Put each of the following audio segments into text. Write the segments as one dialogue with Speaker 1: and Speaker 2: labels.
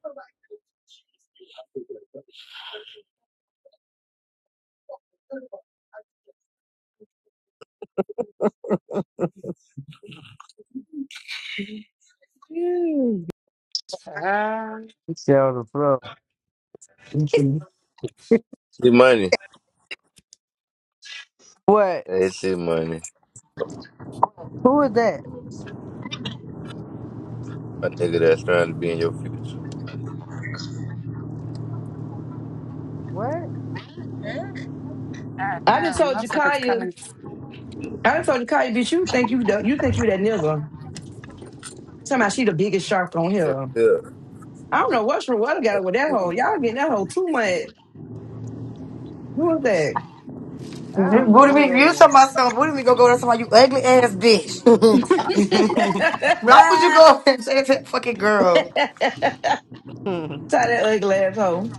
Speaker 1: Shoot
Speaker 2: Ah,
Speaker 1: the floor.
Speaker 3: Get money.
Speaker 1: What?
Speaker 3: That's it, money.
Speaker 1: Who is that?
Speaker 3: A nigga that's trying to be in your future.
Speaker 1: What?
Speaker 4: I just
Speaker 2: damn,
Speaker 4: told
Speaker 2: motherfuckers
Speaker 4: Jakaya,
Speaker 2: coming.
Speaker 4: I just told Jakaya, bitch, you think you the, you think you that nigga. Somehow she the biggest shark on
Speaker 3: That's
Speaker 4: here. I don't know what's what got with that
Speaker 3: it.
Speaker 4: hoe. Y'all getting that hoe too much. Who is that?
Speaker 1: I don't know
Speaker 5: Booty
Speaker 1: who
Speaker 5: me, you
Speaker 1: that is.
Speaker 5: talking about something? Booty me, go go to somebody you ugly ass bitch. Why would you go and say to that fucking girl?
Speaker 1: Mhm.
Speaker 4: Try that ugly ass hoe.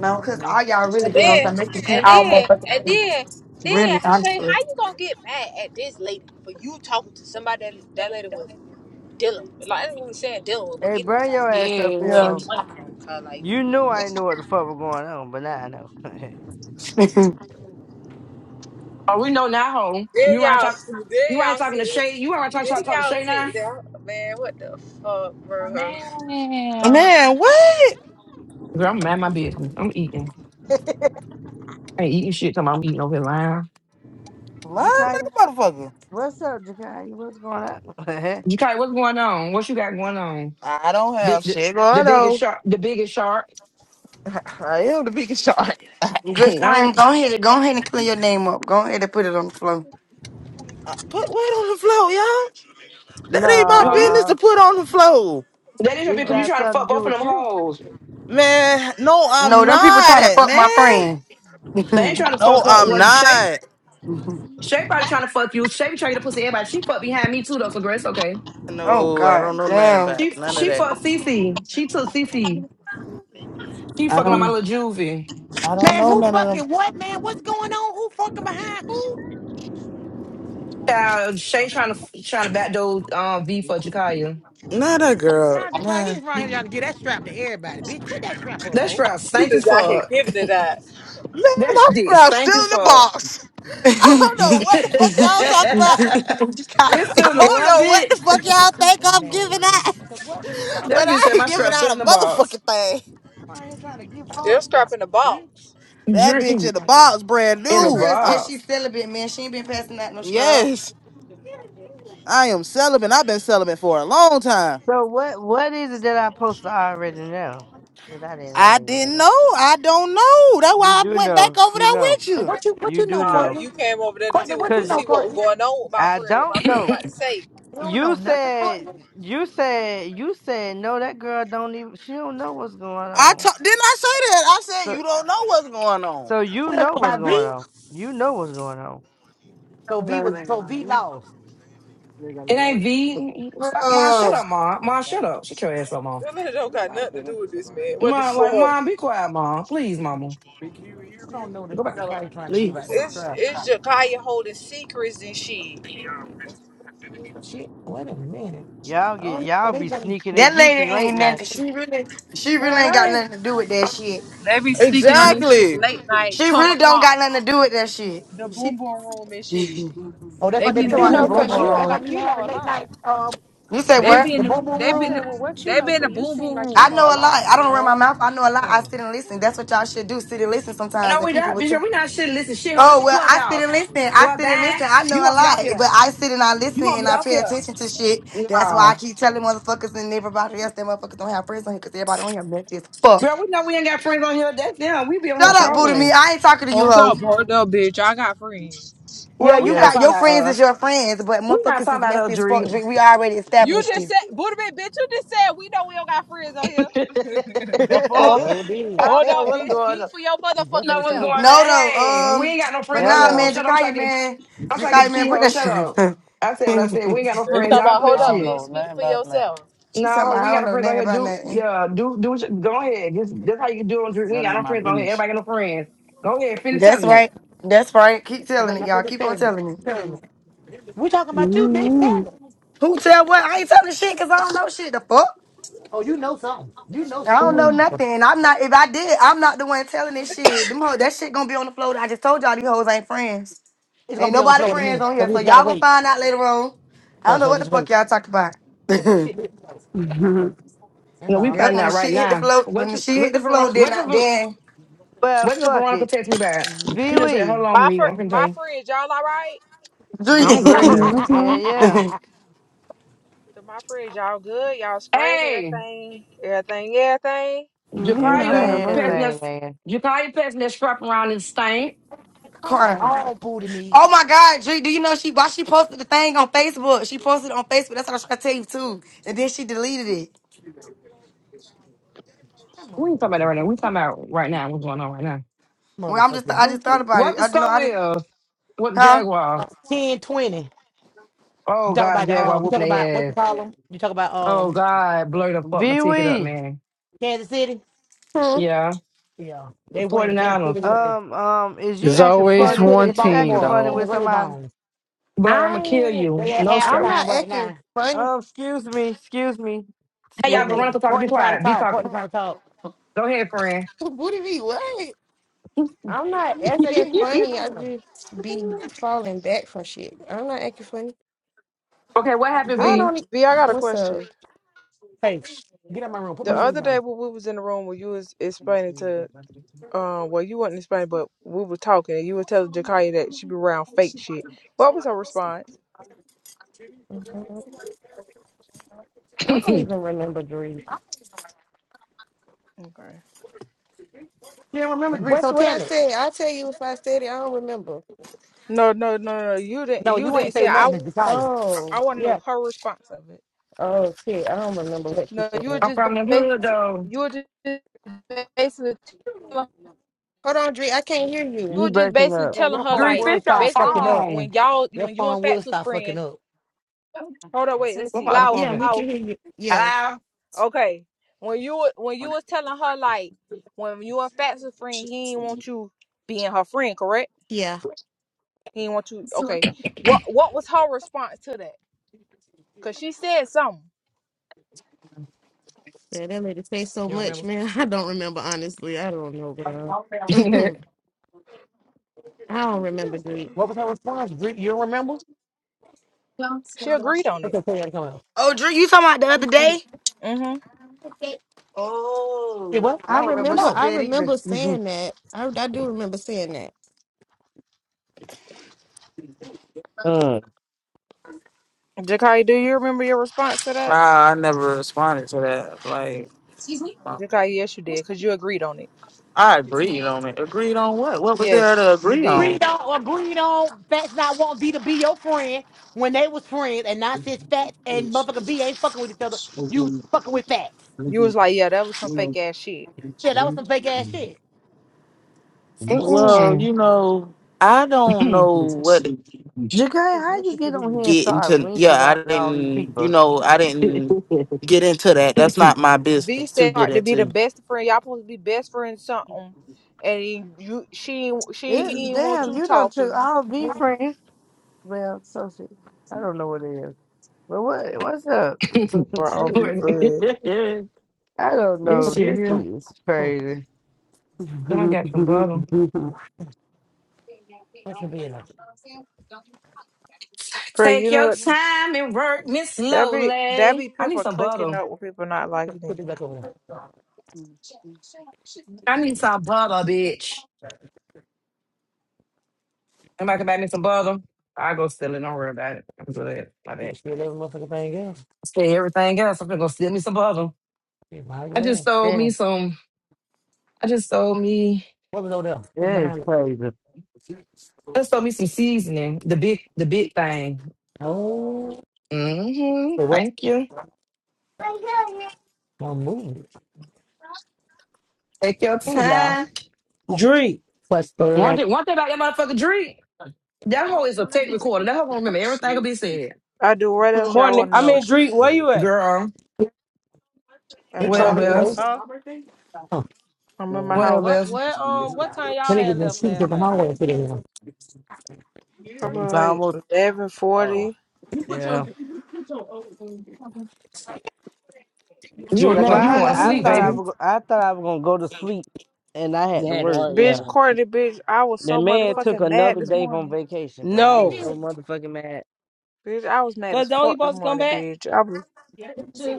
Speaker 5: No, cause
Speaker 1: Mm-mm.
Speaker 5: all y'all really
Speaker 6: And
Speaker 5: been on
Speaker 6: then,
Speaker 5: some messy shit
Speaker 6: and
Speaker 5: all
Speaker 6: then, and
Speaker 5: motherfucking day.
Speaker 6: then,
Speaker 5: Really,
Speaker 6: then, Shay,
Speaker 5: honestly.
Speaker 6: how you gonna get mad at this lady for you talking to somebody that that lady was dealing with? Like, I ain't even saying dealing with, but
Speaker 1: hey,
Speaker 6: getting,
Speaker 1: bring your ass up here,
Speaker 2: Yes.
Speaker 5: Yeah.
Speaker 6: getting
Speaker 1: ho.
Speaker 6: money from, cause like,
Speaker 1: You knew I knew what the fuck was going on, but now I know.
Speaker 4: Oh, we know now, hoe.
Speaker 6: then
Speaker 4: You right
Speaker 6: y'all,
Speaker 4: talk.
Speaker 6: then
Speaker 4: You right
Speaker 6: y'all
Speaker 4: talking to
Speaker 6: sit,
Speaker 4: Shay. You right talking
Speaker 6: then
Speaker 4: talk, talk to
Speaker 6: y'all
Speaker 4: Shay now.
Speaker 6: sit down, man, what the fuck,
Speaker 2: Oh,
Speaker 6: bro?
Speaker 2: Man.
Speaker 7: Man, what?
Speaker 4: Girl, I'm mad my business. I'm eating. I ain't eating shit. Talking about I'm eating over here lying.
Speaker 7: Lying
Speaker 1: Jakai,
Speaker 7: like a motherfucker.
Speaker 1: what's up, Jakai? What's going on?
Speaker 4: Jakaya, what's going on? What you got going on?
Speaker 7: I don't
Speaker 4: Big
Speaker 7: have
Speaker 4: the,
Speaker 7: shit
Speaker 4: the
Speaker 7: going
Speaker 4: biggest
Speaker 7: on.
Speaker 4: shark. The biggest shark.
Speaker 7: I am the biggest shark.
Speaker 5: Good
Speaker 4: I
Speaker 5: friend,
Speaker 4: don't.
Speaker 5: go ahead, go ahead and clean your name up. Go ahead and put it on the floor.
Speaker 7: I Put weight on the floor, y'all. That ain't my
Speaker 4: Hoe
Speaker 6: You
Speaker 4: you.
Speaker 7: business
Speaker 1: nah,
Speaker 7: to put on the floor.
Speaker 4: That is your bitch
Speaker 1: it
Speaker 4: because you
Speaker 5: Oh.
Speaker 1: got
Speaker 4: trying to
Speaker 1: something
Speaker 4: fuck
Speaker 1: to do
Speaker 4: both of them hoes.
Speaker 7: Man, no, I'm
Speaker 5: No, them people trying to
Speaker 7: not,
Speaker 5: fuck my
Speaker 1: with
Speaker 7: man.
Speaker 5: friend.
Speaker 4: They ain't trying to fuck
Speaker 7: No,
Speaker 4: her.
Speaker 7: I'm
Speaker 4: Well, Shay,
Speaker 7: not.
Speaker 4: Shay probably trying to fuck you. Shay be trying to get a pussy everybody. She fucked behind me too though, so Grace, okay.
Speaker 5: oh
Speaker 7: No, I
Speaker 5: God,
Speaker 7: don't know nothing
Speaker 5: damn.
Speaker 4: She
Speaker 7: about none of
Speaker 4: she
Speaker 7: that.
Speaker 4: fucked Cece. She took Cece. She
Speaker 7: I
Speaker 4: fucking on my
Speaker 7: don't
Speaker 4: little juvie.
Speaker 7: I don't
Speaker 8: Man,
Speaker 7: know
Speaker 8: who
Speaker 7: none of
Speaker 8: fucking what, man? What's going on? Who fucking behind who?
Speaker 4: Uh, Shay trying to trying to backdoor um, V for Jakaya.
Speaker 7: them. Not a girl.
Speaker 8: Y'all just
Speaker 7: Nah.
Speaker 8: call you
Speaker 7: Man,
Speaker 8: just around here trying to get that strap to everybody, bitch. Put that strap up,
Speaker 4: That's
Speaker 8: ho.
Speaker 4: right. Stank
Speaker 6: just
Speaker 4: as
Speaker 6: out here
Speaker 4: fuck.
Speaker 6: giving it up.
Speaker 4: That's
Speaker 7: my
Speaker 4: dick.
Speaker 7: scrap's
Speaker 4: Stank
Speaker 7: still
Speaker 4: as
Speaker 7: in the
Speaker 4: fuck.
Speaker 7: box. I don't know what the
Speaker 4: it's
Speaker 7: fuck y'all talk about.
Speaker 5: God.
Speaker 4: still
Speaker 7: I
Speaker 4: in the
Speaker 7: don't
Speaker 4: well,
Speaker 7: know what the
Speaker 4: bitch.
Speaker 7: fuck
Speaker 8: The
Speaker 7: y'all think
Speaker 8: coots,
Speaker 7: I'm giving out.
Speaker 8: man. Cause what the fuck
Speaker 4: That
Speaker 7: But
Speaker 4: bitch
Speaker 7: I
Speaker 4: said
Speaker 7: ain't
Speaker 4: my
Speaker 7: giving
Speaker 4: strap still
Speaker 7: out
Speaker 4: in
Speaker 7: a
Speaker 4: the box.
Speaker 7: motherfucking thing.
Speaker 8: around here trying to give all
Speaker 6: They're
Speaker 8: the strap
Speaker 6: strapping the
Speaker 8: up, bitch?
Speaker 6: box.
Speaker 7: That bitch
Speaker 4: Drink
Speaker 7: in the
Speaker 8: Fuck up.
Speaker 7: box, brand
Speaker 4: in a
Speaker 5: That
Speaker 7: new.
Speaker 5: girl
Speaker 7: I,
Speaker 5: said
Speaker 4: box.
Speaker 5: she's celibate, man. She ain't been passing out no scrub.
Speaker 7: Yes.
Speaker 1: you.
Speaker 7: I am celibate. I've been celibate for a long time.
Speaker 1: So what what is it that I'm supposed to already know that I didn't know?
Speaker 7: I didn't
Speaker 1: already?
Speaker 7: know. I don't know. That's why
Speaker 1: You
Speaker 7: I
Speaker 1: do
Speaker 7: went back
Speaker 1: know,
Speaker 7: over
Speaker 1: you
Speaker 7: there
Speaker 1: know,
Speaker 7: with you.
Speaker 8: What you what
Speaker 1: you
Speaker 8: you know,
Speaker 1: do
Speaker 6: Nah,
Speaker 1: know,
Speaker 8: Courtney?
Speaker 6: you came over there to
Speaker 8: Courtney,
Speaker 6: see what,
Speaker 8: what you
Speaker 1: cause
Speaker 8: know,
Speaker 6: see what was
Speaker 8: Courtney?
Speaker 6: going on with my
Speaker 1: I
Speaker 6: friend, what my
Speaker 1: don't
Speaker 6: friend was
Speaker 1: know.
Speaker 6: about to say.
Speaker 8: You don't know
Speaker 1: You
Speaker 8: nothing,
Speaker 1: said,
Speaker 8: Courtney.
Speaker 1: you said, you said no. That girl don't even. She don't know what's going
Speaker 7: I
Speaker 1: on.
Speaker 7: ta- didn't I say that? I said
Speaker 1: So
Speaker 7: you don't know what's going on.
Speaker 1: so you
Speaker 8: We don't
Speaker 1: know
Speaker 8: know
Speaker 1: what's
Speaker 8: about
Speaker 1: going
Speaker 8: V.
Speaker 1: on. You know what's going on.
Speaker 8: So V was
Speaker 2: Hello.
Speaker 8: so V lost.
Speaker 4: It ain't V. Stop, mom. Shut
Speaker 5: Oh,
Speaker 4: up, mom. Mom, shut up. Shut your ass up, mom.
Speaker 6: That lady don't
Speaker 8: We
Speaker 6: got
Speaker 8: trying to
Speaker 6: nothing to
Speaker 8: figure.
Speaker 6: do with
Speaker 8: We
Speaker 6: this, man. What the
Speaker 4: Mom, like,
Speaker 6: fuck?
Speaker 4: mom, be quiet, mom. Please, mama.
Speaker 8: don't know this.
Speaker 4: Go back.
Speaker 8: The guy trying to give out that
Speaker 5: Please.
Speaker 6: It's
Speaker 8: strap.
Speaker 6: it's Jakaya holding secrets and shit.
Speaker 8: Shit. Wait a minute.
Speaker 1: Y'all get
Speaker 8: Oh, no,
Speaker 1: y'all
Speaker 8: they
Speaker 1: be
Speaker 8: better
Speaker 1: sneaking and
Speaker 5: that lady
Speaker 1: geeking late
Speaker 5: ain't
Speaker 1: night.
Speaker 5: nothing. She really, she really ain't got nothing to do with that shit.
Speaker 6: They be sneaking on this shit
Speaker 7: Exactly.
Speaker 6: late night,
Speaker 5: She
Speaker 6: twelve
Speaker 5: really don't
Speaker 6: o'clock.
Speaker 5: got nothing to do with that shit.
Speaker 6: The boom
Speaker 5: She,
Speaker 6: boom room and shit.
Speaker 5: she
Speaker 8: Oh, that's
Speaker 6: They
Speaker 8: what they
Speaker 6: be
Speaker 2: What
Speaker 6: in
Speaker 5: talking
Speaker 8: be
Speaker 6: the
Speaker 2: You
Speaker 5: about
Speaker 8: having.
Speaker 5: the
Speaker 6: boom
Speaker 2: know,
Speaker 8: it-
Speaker 6: boom
Speaker 5: boom
Speaker 8: That's
Speaker 2: because
Speaker 8: what
Speaker 5: boom
Speaker 8: they,
Speaker 2: you act
Speaker 6: room.
Speaker 8: that's
Speaker 5: room.
Speaker 8: what
Speaker 2: like
Speaker 8: they be
Speaker 2: you know
Speaker 8: having
Speaker 2: a
Speaker 8: late
Speaker 2: lot.
Speaker 8: night um
Speaker 5: You say
Speaker 6: They
Speaker 8: brief
Speaker 6: be
Speaker 5: what?
Speaker 6: in
Speaker 8: the
Speaker 6: the
Speaker 8: boom boom
Speaker 6: they
Speaker 2: I
Speaker 6: be in
Speaker 8: room.
Speaker 2: said,
Speaker 6: the,
Speaker 2: well, what you
Speaker 6: they
Speaker 2: know,
Speaker 6: be in the
Speaker 2: because you
Speaker 6: boom
Speaker 2: seem
Speaker 6: boom
Speaker 2: like you
Speaker 5: I
Speaker 2: know
Speaker 5: know
Speaker 2: a
Speaker 6: room.
Speaker 5: a
Speaker 2: lot.
Speaker 5: lot. I don't run my
Speaker 8: Oh,
Speaker 5: mouth. I know a lot. I sit and listen. That's what y'all should do. Sit and listen sometimes,
Speaker 4: No,
Speaker 5: and
Speaker 4: we
Speaker 5: people
Speaker 4: not,
Speaker 5: will tell.
Speaker 4: bitch. We not shit. Listen, shit, hold this
Speaker 5: Oh well, I sit
Speaker 4: clubhouse.
Speaker 5: and listen. I
Speaker 4: What
Speaker 5: sit and
Speaker 4: bad?
Speaker 5: listen. I know
Speaker 4: You
Speaker 5: a
Speaker 4: gonna get
Speaker 5: lot,
Speaker 4: off here?
Speaker 5: but I sit and I
Speaker 4: You
Speaker 5: listen
Speaker 4: gonna
Speaker 5: and
Speaker 4: get
Speaker 5: I
Speaker 4: off
Speaker 5: pay
Speaker 4: here?
Speaker 5: attention to shit. That's why I
Speaker 4: No,
Speaker 5: keep telling motherfuckers and everybody else that motherfuckers don't have friends on here because everybody on here messy as fuck.
Speaker 4: girl. We know we ain't got friends on here. That's them. We be on here
Speaker 5: Shut up,
Speaker 8: okay.
Speaker 5: booty me.
Speaker 4: trolling.
Speaker 5: I ain't talking to you,
Speaker 6: Hold up,
Speaker 5: hoe.
Speaker 6: hold up, bitch. I got friends.
Speaker 5: Yeah,
Speaker 4: Well, we
Speaker 5: you
Speaker 1: Yeah.
Speaker 4: not
Speaker 5: got
Speaker 4: talking
Speaker 5: your
Speaker 4: about
Speaker 5: friends is
Speaker 4: us.
Speaker 5: your friends, but
Speaker 4: We not
Speaker 5: motherfuckers
Speaker 4: talking
Speaker 5: is
Speaker 4: about us,
Speaker 5: messy as
Speaker 4: Dree.
Speaker 5: fuck. Drink. We already
Speaker 6: You
Speaker 5: established
Speaker 6: just
Speaker 5: this.
Speaker 6: said Buddha Man, bitch, you just said we know we don't got friends on here. the fuck?
Speaker 8: Oh,
Speaker 5: Fuck.
Speaker 8: big.
Speaker 4: I don't
Speaker 6: Hold
Speaker 4: know
Speaker 6: up,
Speaker 4: what's
Speaker 6: bitch.
Speaker 4: going
Speaker 6: Speak
Speaker 4: on.
Speaker 6: for your
Speaker 8: You
Speaker 4: know
Speaker 8: definitely
Speaker 6: motherfucking
Speaker 4: what's
Speaker 8: said
Speaker 4: going on.
Speaker 8: it.
Speaker 6: self.
Speaker 5: No
Speaker 4: Hey,
Speaker 5: though.
Speaker 4: we
Speaker 5: Um,
Speaker 4: ain't got no
Speaker 5: but
Speaker 4: friends on
Speaker 5: nah,
Speaker 4: here. Ho,
Speaker 5: man,
Speaker 1: Hello.
Speaker 4: shut up. I'm trying
Speaker 5: Jakaya,
Speaker 4: to get,
Speaker 5: man,
Speaker 4: I'm trying to get
Speaker 5: Jakaya,
Speaker 4: the tea.
Speaker 5: man, put
Speaker 4: Ho,
Speaker 5: that
Speaker 4: shut up. I said what I
Speaker 5: shit.
Speaker 4: said. We ain't got no
Speaker 6: They
Speaker 4: friends.
Speaker 6: talk
Speaker 4: Y'all
Speaker 6: about
Speaker 4: do
Speaker 6: hold
Speaker 4: that
Speaker 6: up,
Speaker 4: shit.
Speaker 6: bitch. Speak for yourself.
Speaker 5: She talking
Speaker 4: Nah, ho,
Speaker 5: about
Speaker 4: we
Speaker 5: I
Speaker 4: got
Speaker 5: don't
Speaker 4: no
Speaker 5: know
Speaker 4: friends on
Speaker 5: nothing
Speaker 4: here.
Speaker 5: about
Speaker 4: Do,
Speaker 5: nothing.
Speaker 4: yeah, do, do. what you- Go ahead. This, that's how you do on drink. We ain't got no friends on here. Everybody got no friends. Go ahead. Finish
Speaker 5: That's
Speaker 4: telling it.
Speaker 5: right. That's right. Keep telling
Speaker 8: Okay,
Speaker 5: it,
Speaker 8: now
Speaker 5: y'all.
Speaker 8: finish
Speaker 5: Keep on
Speaker 8: saying it.
Speaker 5: telling it.
Speaker 8: Saying it. We talking about you, big
Speaker 2: Mhm.
Speaker 8: Sanders.
Speaker 5: Who tell what? I ain't telling shit because I don't know shit. The fuck?
Speaker 8: Oh, you know something. You know
Speaker 5: I
Speaker 8: something,
Speaker 5: don't know
Speaker 4: Mm.
Speaker 8: motherfucker.
Speaker 5: nothing. I'm not. If I did, I'm not the one telling this shit. Them hoes, that shit gonna be on the floor. I just told y'all these hoes ain't friends.
Speaker 8: It's gonna
Speaker 5: Ain't
Speaker 8: be on the
Speaker 5: nobody
Speaker 8: floor in a
Speaker 5: friends
Speaker 8: minute,
Speaker 5: on
Speaker 8: so
Speaker 5: here.
Speaker 8: we
Speaker 5: So
Speaker 8: just gotta
Speaker 5: y'all gonna
Speaker 8: wait.
Speaker 5: find out later on. I
Speaker 8: Oh,
Speaker 5: don't know
Speaker 8: so
Speaker 5: what the
Speaker 8: just
Speaker 5: fuck
Speaker 8: wait.
Speaker 5: y'all talk about.
Speaker 8: Wait for the shit. to
Speaker 5: yep.
Speaker 8: hit the floor. Okay,
Speaker 2: Mhm.
Speaker 8: that's
Speaker 4: No, we
Speaker 8: all.
Speaker 4: finding
Speaker 5: When the
Speaker 4: out right
Speaker 5: shit hit the
Speaker 4: now.
Speaker 5: floor, when
Speaker 4: What's
Speaker 5: the
Speaker 4: the,
Speaker 5: shit
Speaker 4: what's
Speaker 5: hit the
Speaker 4: the, Veron-
Speaker 5: floor, then
Speaker 4: what's
Speaker 5: I
Speaker 4: the,
Speaker 1: Well,
Speaker 4: what's the
Speaker 1: fuck
Speaker 4: Veronica
Speaker 1: it.
Speaker 4: text me back? She
Speaker 1: Be
Speaker 4: just said,
Speaker 1: we.
Speaker 4: "Hold on,
Speaker 6: My
Speaker 4: me. I'm
Speaker 6: fr-
Speaker 4: gonna tell
Speaker 6: my
Speaker 4: you.
Speaker 6: friends, y'all all right?
Speaker 5: then
Speaker 1: We
Speaker 4: I'm
Speaker 1: great.
Speaker 4: good."
Speaker 1: Yeah,
Speaker 2: Mhm.
Speaker 1: yeah.
Speaker 5: Dre-
Speaker 6: To my friends, y'all good? Y'all straight?
Speaker 4: Hey,
Speaker 6: Everything, everything, everything.
Speaker 2: Mhm. I'm at
Speaker 4: Jakaya,
Speaker 1: Everything,
Speaker 2: work.
Speaker 4: passing
Speaker 1: everything,
Speaker 4: us.
Speaker 1: man.
Speaker 4: Jakaya passing that scrap around this thing.
Speaker 8: Come
Speaker 5: crying.
Speaker 8: on, booty me.
Speaker 5: Oh my God, Dree, do you know she why she posted the thing on Facebook? She posted it on Facebook. That's what I was trying to tell you too. And then she deleted it.
Speaker 8: That
Speaker 4: We ain't talking about that right now. We
Speaker 8: motherfucker,
Speaker 4: talking about right now what's going on right now.
Speaker 5: Well, I'm just
Speaker 8: motherfucker,
Speaker 5: I just thought
Speaker 8: booty.
Speaker 5: about it.
Speaker 4: What the
Speaker 5: I just know I
Speaker 4: score
Speaker 5: just
Speaker 4: is? What the
Speaker 5: huh?
Speaker 4: Jaguar?
Speaker 8: 10, 20. You
Speaker 4: Oh
Speaker 8: talk
Speaker 4: God, the
Speaker 8: about the
Speaker 4: Jaguar
Speaker 8: um, you
Speaker 4: whooping
Speaker 8: talk about what
Speaker 4: their
Speaker 8: the
Speaker 4: ass.
Speaker 8: problem. You talk about
Speaker 4: Oh
Speaker 8: um
Speaker 4: God, blur the fuck my
Speaker 1: Vee
Speaker 4: ticket up,
Speaker 1: Wee,
Speaker 4: man.
Speaker 8: Kansas City?
Speaker 9: Hmm.
Speaker 4: Yeah,
Speaker 8: Yeah. They win Kansas
Speaker 4: 49ers.
Speaker 8: City win.
Speaker 1: um, um, is you
Speaker 10: It's
Speaker 1: acting
Speaker 10: always
Speaker 8: Kansas
Speaker 1: funny?
Speaker 8: City
Speaker 10: one
Speaker 8: to
Speaker 1: Is you
Speaker 10: team,
Speaker 1: acting
Speaker 8: Baltimore
Speaker 1: funny
Speaker 8: and
Speaker 10: dog.
Speaker 8: the
Speaker 1: with somebody?
Speaker 8: Ravens.
Speaker 4: Blur, I'm gonna
Speaker 9: I
Speaker 4: kill
Speaker 8: They
Speaker 4: you.
Speaker 8: at
Speaker 4: No
Speaker 9: I'm
Speaker 4: script.
Speaker 8: halftime
Speaker 9: not
Speaker 8: right
Speaker 9: acting
Speaker 8: now.
Speaker 9: funny.
Speaker 1: Um, excuse me, excuse me,
Speaker 4: Hey,
Speaker 8: Wait a
Speaker 1: excuse
Speaker 4: y'all,
Speaker 1: me.
Speaker 8: minute.
Speaker 4: Veronica talking. Be
Speaker 8: Courtney trying to
Speaker 4: quiet. Be
Speaker 8: talk.
Speaker 4: talking.
Speaker 8: Courtney trying to talk.
Speaker 4: Go ahead, friend.
Speaker 9: Booty be what? I'm
Speaker 8: What
Speaker 9: not
Speaker 8: do you mean? Say you
Speaker 9: acting
Speaker 8: ain't had nothing
Speaker 4: okay,
Speaker 9: funny. I
Speaker 8: on her.
Speaker 9: just be falling back from shit. I'm not acting funny.
Speaker 4: what happened,
Speaker 9: I
Speaker 6: V,
Speaker 4: V?
Speaker 9: don't. e-
Speaker 6: V, I got a
Speaker 9: What's up?
Speaker 6: question.
Speaker 8: Hey, get out my room. Put
Speaker 6: The
Speaker 8: my shoes
Speaker 6: other day
Speaker 8: on.
Speaker 6: when we was in the room where you was explaining to, um, well, you wasn't explaining, but we were talking, and you were telling Jakaya that she be around fake shit. What was her response?
Speaker 9: Mm-hmm. I don't even remember Dree.
Speaker 6: Okay.
Speaker 8: You do not remember to be
Speaker 9: What's
Speaker 8: so
Speaker 9: what I
Speaker 8: talented.
Speaker 9: said? I'll tell you if I said it. I don't remember.
Speaker 6: No, no, no, no. You didn't.
Speaker 8: No,
Speaker 6: You
Speaker 8: you
Speaker 6: didn't
Speaker 8: ain't
Speaker 6: say.
Speaker 8: say
Speaker 6: I,
Speaker 8: nothing to Jakaya.
Speaker 6: I
Speaker 9: Oh
Speaker 6: want to know
Speaker 9: yeah.
Speaker 6: her response of it.
Speaker 9: Oh shit. I don't remember what you
Speaker 6: No, you were
Speaker 9: said.
Speaker 4: I'm
Speaker 6: just
Speaker 4: from the hood,
Speaker 6: basic.
Speaker 4: though.
Speaker 6: You were just basically.
Speaker 9: Hold on, Dree. I can't hear
Speaker 6: You
Speaker 9: you.
Speaker 1: You
Speaker 6: were just
Speaker 1: breaking
Speaker 6: basically
Speaker 1: up?
Speaker 8: Yeah,
Speaker 6: telling
Speaker 8: your
Speaker 6: her
Speaker 8: phone
Speaker 4: Dree,
Speaker 6: like
Speaker 8: will
Speaker 4: fix your
Speaker 8: start
Speaker 6: basically
Speaker 8: fucking
Speaker 6: when
Speaker 8: up.
Speaker 4: phone.
Speaker 6: when y'all
Speaker 8: Your
Speaker 6: when you and
Speaker 8: phone will
Speaker 6: Fats was
Speaker 8: start fucking
Speaker 6: friends.
Speaker 8: up.
Speaker 6: Hold on, wait, let me
Speaker 4: What
Speaker 6: see. Low,
Speaker 9: Yeah, we
Speaker 4: motherfucker?
Speaker 9: can
Speaker 6: low.
Speaker 9: hear you. Yeah.
Speaker 4: Hello.
Speaker 6: Okay. When you were- when you was telling her like when you and Fats was friend, he didn't want you being her friend, correct?
Speaker 9: Yeah.
Speaker 6: He didn't want you. Okay. What what was her response to that? Cause she said something.
Speaker 9: Yeah. That made it say so
Speaker 8: You
Speaker 9: much,
Speaker 8: remember?
Speaker 9: man. I don't remember honestly. I don't know, bro. I don't remember
Speaker 6: Okay.
Speaker 9: Greek.
Speaker 8: What was her response? Dre- You remember?
Speaker 6: She agreed on it.
Speaker 8: Okay, tell you how to come out.
Speaker 5: Oh, Dree, you talking about the other day?
Speaker 6: Mm-hmm.
Speaker 8: It
Speaker 5: Oh,
Speaker 8: what?
Speaker 5: I
Speaker 9: I
Speaker 5: don't remember what
Speaker 9: remember
Speaker 5: she
Speaker 8: No.
Speaker 9: I
Speaker 5: said either.
Speaker 9: remember saying that. I, I do remember saying that.
Speaker 1: Uh.
Speaker 6: Jakai, do you remember your response to that?
Speaker 7: Nah, I never responded to that. Like,
Speaker 6: Jakai, yes, you did. Cause you agreed on it.
Speaker 7: I agreed on it. Agreed on what? What was
Speaker 6: Yes,
Speaker 7: there to
Speaker 6: you
Speaker 7: agree
Speaker 6: did.
Speaker 7: on?
Speaker 8: Greed on or greed on Fats not wanting V to be your friend when they was friends and not since Fats and motherfucking V ain't fucking with each other. You fucking with Fats.
Speaker 6: You was like, yeah, that was some fake ass shit.
Speaker 8: Yeah, that was some fake ass shit.
Speaker 7: Well,
Speaker 4: Mm-mm.
Speaker 7: you know, I don't know what.
Speaker 1: Jakay, how
Speaker 8: Look
Speaker 1: you
Speaker 8: at the
Speaker 1: get on here and
Speaker 7: get
Speaker 1: start
Speaker 7: into
Speaker 1: reaching
Speaker 7: yeah i
Speaker 1: out to all these
Speaker 7: didn't you
Speaker 1: people?
Speaker 7: know i didn't get into that that's not my
Speaker 6: V
Speaker 7: business to
Speaker 6: said
Speaker 7: get
Speaker 6: hard to be the
Speaker 7: into
Speaker 6: best friend. Y'all supposed to be best friends something. And he, you she she
Speaker 1: It,
Speaker 6: he didn't want
Speaker 1: damn,
Speaker 6: you
Speaker 1: you done took
Speaker 6: talking.
Speaker 1: all be friends. Well, so shit. I don't know what it is. But what what's up?
Speaker 6: Or I'll be
Speaker 4: Courtney.
Speaker 6: friends.
Speaker 1: I don't
Speaker 4: this
Speaker 1: know.
Speaker 4: shit
Speaker 1: This
Speaker 4: here.
Speaker 8: Boom,
Speaker 1: is
Speaker 8: boom.
Speaker 1: crazy.
Speaker 4: Then I
Speaker 2: Mhm.
Speaker 4: got some butter.
Speaker 2: Mhm. Mhm.
Speaker 8: That's the bed.
Speaker 6: Bro, you
Speaker 4: Take
Speaker 6: know
Speaker 4: your
Speaker 6: what?
Speaker 4: time and work me
Speaker 6: That be that be
Speaker 4: slowly. I need
Speaker 6: people
Speaker 4: some
Speaker 6: clicking
Speaker 4: butter.
Speaker 6: up with people not liking
Speaker 8: Put
Speaker 6: it.
Speaker 8: put it back over there.
Speaker 4: I need some butter, bitch. Somebody can buy me some butter. I go steal it. Don't worry about it. I'm good at it. My bad.
Speaker 8: You still living motherfucking thing else?
Speaker 4: I steal everything else. I'm gonna go steal me some butter.
Speaker 8: Yeah, behind
Speaker 4: I
Speaker 8: your
Speaker 4: just
Speaker 8: ass.
Speaker 4: sold
Speaker 1: Yeah,
Speaker 4: me some. I just sold me.
Speaker 8: What was over there?
Speaker 1: it
Speaker 8: What's
Speaker 1: is
Speaker 8: behind
Speaker 1: crazy.
Speaker 4: I
Speaker 8: it?
Speaker 4: just sold me some seasoning. The big, the big thing.
Speaker 8: Oh,
Speaker 4: Mm-hmm.
Speaker 8: wait, what?
Speaker 4: Thank you.
Speaker 8: Don't move.
Speaker 4: Take your
Speaker 8: Hey, y'all.
Speaker 4: time.
Speaker 11: Dree,
Speaker 8: What's the
Speaker 4: One thing, one thing about that motherfucker drink, that hoe is a tape recorder. That hoe gonna remember everything will be said.
Speaker 6: I do what else y'all
Speaker 11: Courtney,
Speaker 6: wanna
Speaker 11: I
Speaker 6: know
Speaker 11: mean Dree, where you at?
Speaker 4: Girl,
Speaker 8: right?
Speaker 6: at
Speaker 8: It's
Speaker 6: my
Speaker 8: on
Speaker 4: whatever
Speaker 6: crib.
Speaker 4: else,
Speaker 8: the
Speaker 11: Huh?
Speaker 8: way.
Speaker 6: I'm in my
Speaker 4: whatever
Speaker 6: house.
Speaker 11: What
Speaker 4: else.
Speaker 11: what um what time y'all
Speaker 8: When you
Speaker 11: had
Speaker 8: get the
Speaker 11: left
Speaker 8: news,
Speaker 11: last
Speaker 8: you're going
Speaker 11: night?
Speaker 8: to hang
Speaker 1: I
Speaker 6: Probably
Speaker 1: almost
Speaker 6: like eleven
Speaker 11: Oh,
Speaker 6: forty.
Speaker 1: yeah.
Speaker 4: You
Speaker 8: over.
Speaker 1: Dree,
Speaker 4: look like
Speaker 8: I'm
Speaker 4: you
Speaker 8: not
Speaker 1: why
Speaker 4: want to
Speaker 1: I
Speaker 4: sleep,
Speaker 1: thought I
Speaker 8: young
Speaker 4: baby.
Speaker 1: was I thought I was gonna go to sleep and I
Speaker 11: you
Speaker 1: had to
Speaker 11: had to
Speaker 1: work,
Speaker 11: work,
Speaker 6: Bitch
Speaker 11: yeah.
Speaker 1: man.
Speaker 6: Courtney, bitch, I was
Speaker 1: The
Speaker 6: so
Speaker 1: man took
Speaker 6: motherfucking mad
Speaker 1: another
Speaker 6: this
Speaker 1: day from
Speaker 6: morning.
Speaker 1: vacation, bro. I was
Speaker 11: No.
Speaker 1: so motherfucking mad.
Speaker 6: Bitch, I was mad
Speaker 11: Cause
Speaker 6: as
Speaker 11: don't you
Speaker 6: fuck this
Speaker 11: supposed to come
Speaker 6: morning,
Speaker 11: back?
Speaker 6: bitch. I was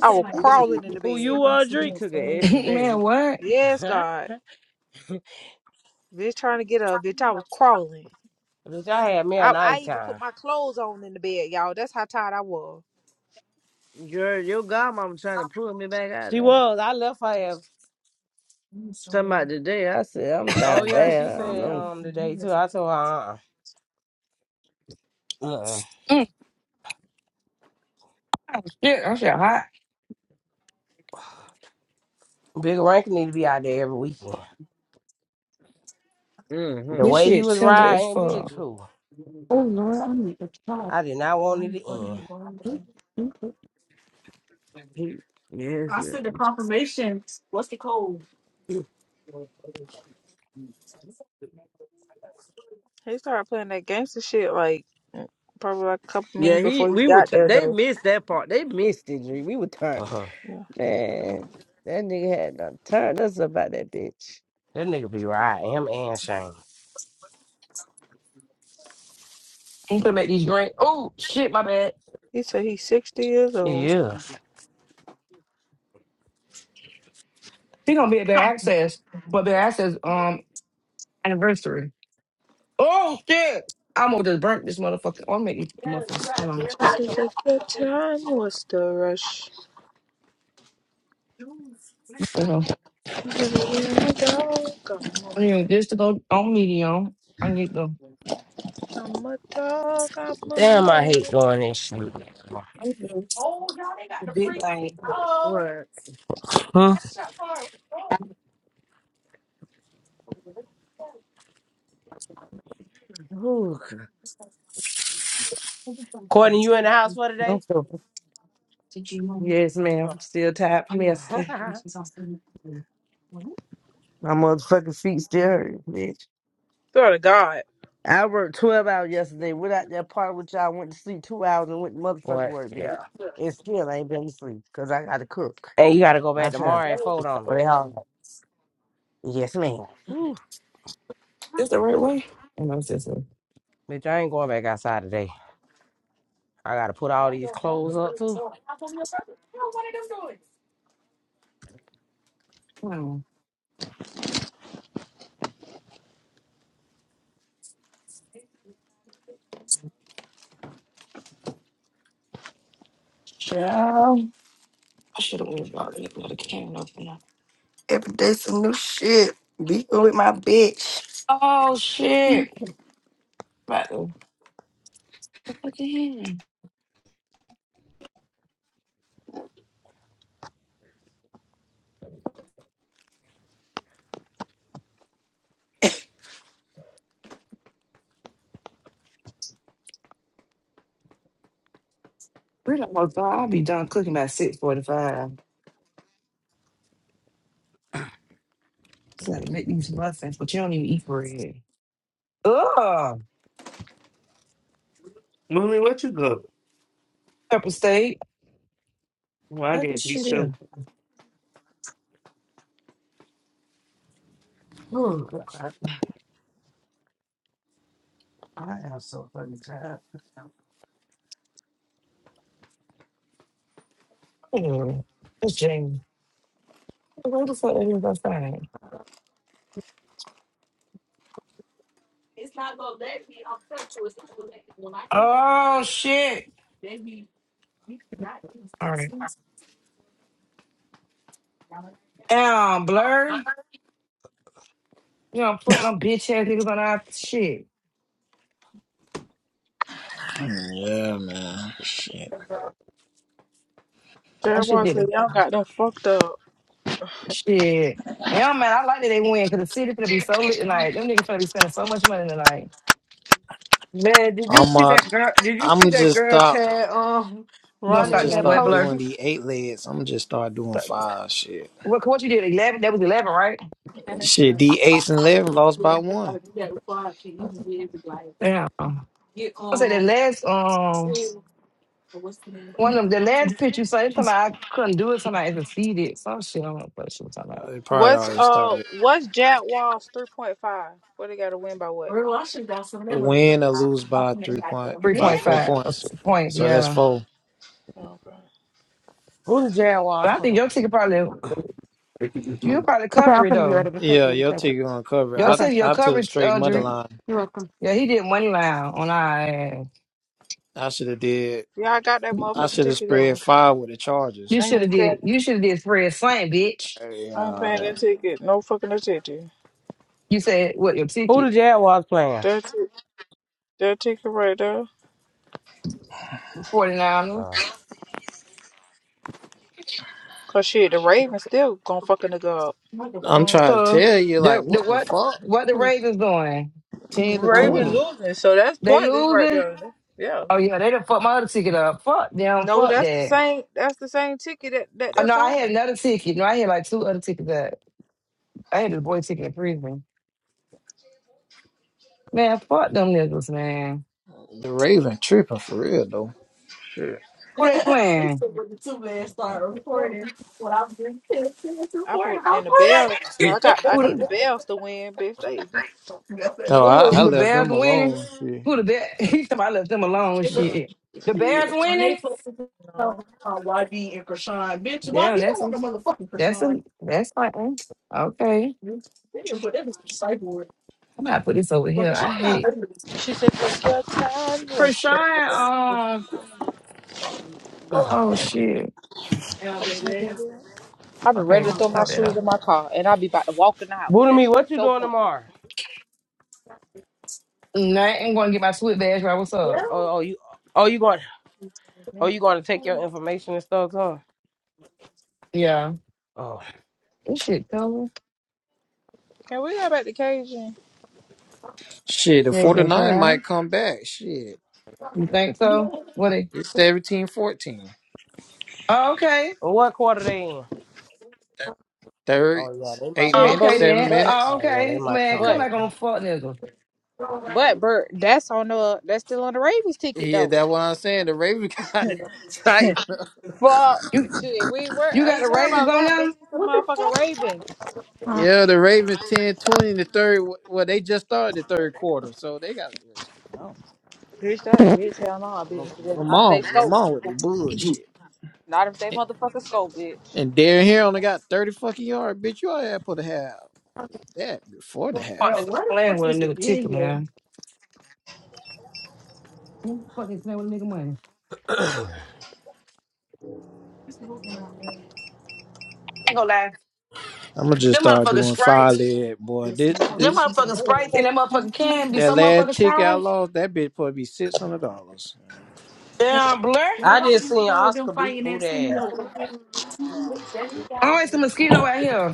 Speaker 6: I was
Speaker 8: anymore.
Speaker 6: crawling in the
Speaker 11: Who you
Speaker 6: bed.
Speaker 11: were,
Speaker 1: He
Speaker 11: Dree?
Speaker 1: took an extra
Speaker 4: Man,
Speaker 1: day.
Speaker 4: what?
Speaker 6: Yes, God. Bitch trying to get up. Bitch, I was crawling.
Speaker 11: Bitch, y'all had me a
Speaker 6: I, I
Speaker 11: nice
Speaker 6: even put
Speaker 11: time.
Speaker 6: my clothes on in the bed, y'all. That's how tired I was.
Speaker 1: Girl, your godmama trying to pull me back out
Speaker 11: She
Speaker 1: there.
Speaker 11: was. I left her ass.
Speaker 1: Talking about today, I said I'm
Speaker 11: Oh
Speaker 1: down
Speaker 11: yeah, she
Speaker 1: bad. I don't
Speaker 11: said
Speaker 1: know.
Speaker 11: um today too. I told her uh uh-uh. uh.
Speaker 4: Mm, shit, that shit hot.
Speaker 11: Big Rank need to be out there every weekend. The
Speaker 1: Mm-hmm.
Speaker 4: This
Speaker 11: way he
Speaker 4: shit
Speaker 11: was
Speaker 4: tender as
Speaker 11: riding, bitch,
Speaker 4: fuck.
Speaker 11: who?
Speaker 2: oh, Lord, I need to stop.
Speaker 11: I did not want it to end.
Speaker 1: He, yes, yeah,
Speaker 6: He started playing that gangster shit like mm, probably like a couple
Speaker 1: yeah.
Speaker 6: minutes
Speaker 1: He,
Speaker 6: before he
Speaker 1: we were.
Speaker 6: got
Speaker 1: T-
Speaker 6: there
Speaker 1: they
Speaker 6: though.
Speaker 1: missed that part. They missed it. G. We were tired.
Speaker 11: Uh-huh.
Speaker 6: Yeah.
Speaker 1: Man, that nigga had done turned us about that bitch.
Speaker 11: That nigga be riding him and Shane.
Speaker 4: I'm gonna make these drink. Oh shit, my bad.
Speaker 6: He said he's sixty years old.
Speaker 11: Yeah.
Speaker 4: She gonna be at their access for their access um anniversary. Oh shit. I'm gonna just burn this motherfucker. I'm gonna make these muffins. Hold on.
Speaker 6: This is the good time, Was the rush?
Speaker 4: You know,
Speaker 6: I'm a dog, I'm a
Speaker 4: I need
Speaker 6: mutt.
Speaker 4: this to go on medium. I need the
Speaker 6: I'm a dog, I'm a
Speaker 11: Damn, I
Speaker 6: mutt.
Speaker 11: hate doing this shit.
Speaker 4: I'm doing the big thing.
Speaker 1: What?
Speaker 11: Huh?
Speaker 1: Ooh,
Speaker 11: Courtney, you in the house for
Speaker 1: I'm
Speaker 11: today?
Speaker 1: so, yes, ma'am.
Speaker 11: Huh.
Speaker 1: I'm still tired from yesterday. My motherfucking feet still hurt, bitch.
Speaker 6: Swear to God.
Speaker 1: I worked 12 hours yesterday. Went out there party with y'all, went to sleep two hours and went to motherfucking
Speaker 11: what?
Speaker 1: work, bitch.
Speaker 11: Yeah.
Speaker 1: And still I ain't been to sleep because I got to cook.
Speaker 11: And you gotta go
Speaker 1: My
Speaker 11: back
Speaker 1: turn.
Speaker 11: tomorrow and fold on.
Speaker 1: What they all like. Yes, ma'am.
Speaker 11: 'em. Ooh,
Speaker 4: Is the right way? And I was just like,
Speaker 11: bitch, I ain't going back outside today. I gotta put all these clothes up too.
Speaker 4: hmm, I should have went about it with a can opener.
Speaker 5: Every day some new shit. Be with my bitch.
Speaker 4: Oh shit! But the fucking hand. Really almost done. I'll be done cooking by six forty-five. Just gotta make these muffins, but you don't even eat bread. Ugh,
Speaker 1: Mooney, what you got?
Speaker 4: pepper steak.
Speaker 1: Well, I
Speaker 4: What this
Speaker 1: did You
Speaker 4: shit is?
Speaker 1: too. Oh, God. I am so fucking tired.
Speaker 4: Anyway, it's Jamie. Where the fuck is that thing? Oh shit! All right, damn, blur. You don't put them bitch ass niggas on our shit.
Speaker 10: Yeah, man. Shit.
Speaker 4: I should
Speaker 6: Jaguar
Speaker 4: did it.
Speaker 6: said y'all got them fucked up.
Speaker 4: Shit. Yeah, man, I like that they win because the city finna be so lit tonight. Them niggas finna be spending so much money tonight.
Speaker 1: Man, did you
Speaker 10: I'm
Speaker 1: see
Speaker 10: uh,
Speaker 1: that girl? Did you see
Speaker 10: I'm
Speaker 1: that
Speaker 10: just
Speaker 1: girl
Speaker 10: stop.
Speaker 1: Tad um
Speaker 4: You gonna
Speaker 10: I'm
Speaker 4: start
Speaker 1: running
Speaker 10: just
Speaker 4: doing
Speaker 1: that
Speaker 4: what,
Speaker 10: start
Speaker 1: post?
Speaker 4: Blur?
Speaker 10: doing the eight legs. I'm just start doing
Speaker 4: But
Speaker 10: five. Shit.
Speaker 4: what, what you did, 11? That was 11, right?
Speaker 10: Shit. The eights and eleven lost by one.
Speaker 4: Yeah. I said the last, um, one of them, the last pitch you saw, it's somebody I couldn't do it, somebody I succeeded. Some shit, I don't know what she was talking about.
Speaker 10: Uh, It probably
Speaker 6: What's
Speaker 10: already
Speaker 6: uh
Speaker 10: started.
Speaker 6: what's Jaguar's three point five? What they gotta win by what?
Speaker 10: Win or lose by three point by four
Speaker 4: 3.5 up
Speaker 10: points.
Speaker 4: to point,
Speaker 10: So that's
Speaker 4: yeah.
Speaker 10: four.
Speaker 6: Okay.
Speaker 11: Who the
Speaker 4: But
Speaker 11: Jaguars
Speaker 4: I think
Speaker 11: playing?
Speaker 4: your ticket probably, you'll probably
Speaker 2: Okay,
Speaker 4: cover
Speaker 2: I'm
Speaker 4: it
Speaker 2: gonna be
Speaker 4: though.
Speaker 2: ready to take
Speaker 10: Yeah,
Speaker 2: me
Speaker 10: your
Speaker 2: a second.
Speaker 10: ticket gonna cover.
Speaker 4: Your
Speaker 10: I
Speaker 2: Okay.
Speaker 4: ticket, your
Speaker 10: I took
Speaker 4: coverage,
Speaker 10: straight
Speaker 4: uh,
Speaker 10: money
Speaker 4: Drew,
Speaker 2: Thanks.
Speaker 10: line.
Speaker 2: You're welcome.
Speaker 4: yeah, he did money line on our ass.
Speaker 10: I should have did.
Speaker 6: Yeah, I got that
Speaker 10: I
Speaker 6: motherfucking
Speaker 10: should have
Speaker 6: ticket in.
Speaker 10: spread five with the Chargers.
Speaker 4: You
Speaker 6: I ain't
Speaker 4: should
Speaker 6: even
Speaker 4: have
Speaker 6: paying.
Speaker 4: did, you should have did Fred Saint, bitch.
Speaker 6: I ain't paying
Speaker 10: Yeah,
Speaker 6: that ticket. No fucking attention.
Speaker 4: You said what your
Speaker 11: Who the
Speaker 4: ticket?
Speaker 11: Jaguars playing?
Speaker 6: That ti- that ticket right there.
Speaker 4: 49.
Speaker 11: Uh,
Speaker 6: Cause shit, the Ravens still gonna fucking nigga up.
Speaker 10: I'm trying to
Speaker 4: So
Speaker 10: tell you, like,
Speaker 4: the the
Speaker 10: what the
Speaker 4: what
Speaker 10: fuck?
Speaker 4: what the
Speaker 2: Please.
Speaker 4: Ravens doing?
Speaker 10: ten to
Speaker 6: Raven
Speaker 2: Oh,
Speaker 10: twenty.
Speaker 6: losing, so that's
Speaker 4: They
Speaker 6: pointless right
Speaker 4: losing?
Speaker 6: there. Yeah.
Speaker 4: Oh yeah, they done fucked my other ticket up. Fuck them,
Speaker 6: No,
Speaker 4: fuck
Speaker 6: that's the
Speaker 4: that.
Speaker 6: same. That's the same ticket that, that
Speaker 4: Oh no,
Speaker 6: that's on.
Speaker 4: I had another ticket. No, I had like two other tickets that I had this boy ticket in prison. Man, fuck them niggas, man.
Speaker 10: The Raven tripping for real though. Shit.
Speaker 4: Who they playing?
Speaker 6: I put in the Bells. I got. I need the
Speaker 4: Who
Speaker 6: Bells to win, bitch. They. tri-
Speaker 10: No, I, I
Speaker 4: the, the
Speaker 10: left
Speaker 4: Bears
Speaker 10: them
Speaker 4: winning?
Speaker 10: alone. Shit.
Speaker 4: Who the Bears? He said I left them alone.
Speaker 10: Yeah.
Speaker 4: Shit. The Bears winning?
Speaker 6: No.
Speaker 4: Damn, that's a that's a that's like mm, okay. I'm gonna put this over here. I hate
Speaker 6: She said, "What's your time? What's
Speaker 4: Krishan, um, oh shit.
Speaker 6: the?" I've been ready
Speaker 4: Okay,
Speaker 6: to throw my
Speaker 4: cover it
Speaker 6: shoes
Speaker 4: up.
Speaker 6: in my car, and I'll be about to walk in the house.
Speaker 11: Boo to
Speaker 6: That
Speaker 11: me,
Speaker 6: shit be
Speaker 11: what you
Speaker 6: so
Speaker 11: doing
Speaker 6: pointless.
Speaker 11: tomorrow?
Speaker 4: Nah, i Nothing gonna get my sweet badge right. What's up?
Speaker 11: Oh, oh, you, oh, you going, oh, you going to take your information and stuff too?
Speaker 4: Yeah,
Speaker 11: Oh,
Speaker 4: this shit covered.
Speaker 6: Can we go back to Cajun?
Speaker 10: Shit, the
Speaker 4: They didn't
Speaker 10: 49
Speaker 4: cry.
Speaker 10: might come back. Shit.
Speaker 4: You think so? What? It,
Speaker 10: It's seventeen fourteen.
Speaker 4: oh, okay.
Speaker 11: And what quarter they in?
Speaker 10: Third,
Speaker 11: Oh yeah, they might.
Speaker 10: eight
Speaker 4: Oh,
Speaker 6: Shit, but
Speaker 10: minutes,
Speaker 4: okay
Speaker 6: we,
Speaker 10: seven
Speaker 4: then.
Speaker 6: but
Speaker 10: minutes.
Speaker 4: Oh,
Speaker 11: Oh yeah, they
Speaker 4: okay,
Speaker 11: might
Speaker 4: man.
Speaker 11: come
Speaker 4: Come
Speaker 6: but
Speaker 11: back.
Speaker 4: back on the fuck niggas.
Speaker 6: but Bert, that's on the that's still on the Ravens ticket
Speaker 10: Yeah,
Speaker 6: though.
Speaker 10: that's what I'm saying. The Ravens got it tight.
Speaker 6: Fuck,
Speaker 4: You
Speaker 6: shit, we were
Speaker 4: you
Speaker 6: I
Speaker 4: got the
Speaker 6: ain't worried
Speaker 4: Ravens
Speaker 6: about
Speaker 4: on
Speaker 6: that bitch.
Speaker 4: them?
Speaker 6: It's the motherfucking Ravens.
Speaker 2: yeah. Uh,
Speaker 10: Yeah, the Ravens ten twenty 20 in the third. Well, they just started the third quarter, so they got. I don't
Speaker 6: Bitch, that bitch, hell no,
Speaker 10: know.
Speaker 6: bitch. Not if
Speaker 10: Lamar,
Speaker 6: they scope.
Speaker 10: Lamar with this bullshit.
Speaker 6: Not if they motherfucking scope, bitch.
Speaker 10: And Darren here only got 30 fucking yards. Bitch, you ought to put a half. that before the
Speaker 4: You Fuck
Speaker 10: half.
Speaker 4: niggas playing with a nigga ticket, man. Who the Fuck is playing with a nigga money. I ain't gonna lie.
Speaker 10: I'm gonna just
Speaker 4: Them
Speaker 10: start
Speaker 4: motherfucking
Speaker 10: doing five
Speaker 4: sprites,
Speaker 10: leg, boy. This
Speaker 4: them
Speaker 10: this
Speaker 4: motherfucking sprites, and them motherfucking can be
Speaker 10: that
Speaker 4: so
Speaker 10: last
Speaker 4: motherfucking
Speaker 10: ticket I
Speaker 4: strong.
Speaker 10: lost, that bitch probably be six hundred dollars.
Speaker 4: Damn blur.
Speaker 11: I just seen Oscar beat Boo ass.
Speaker 4: Always some mosquito out here.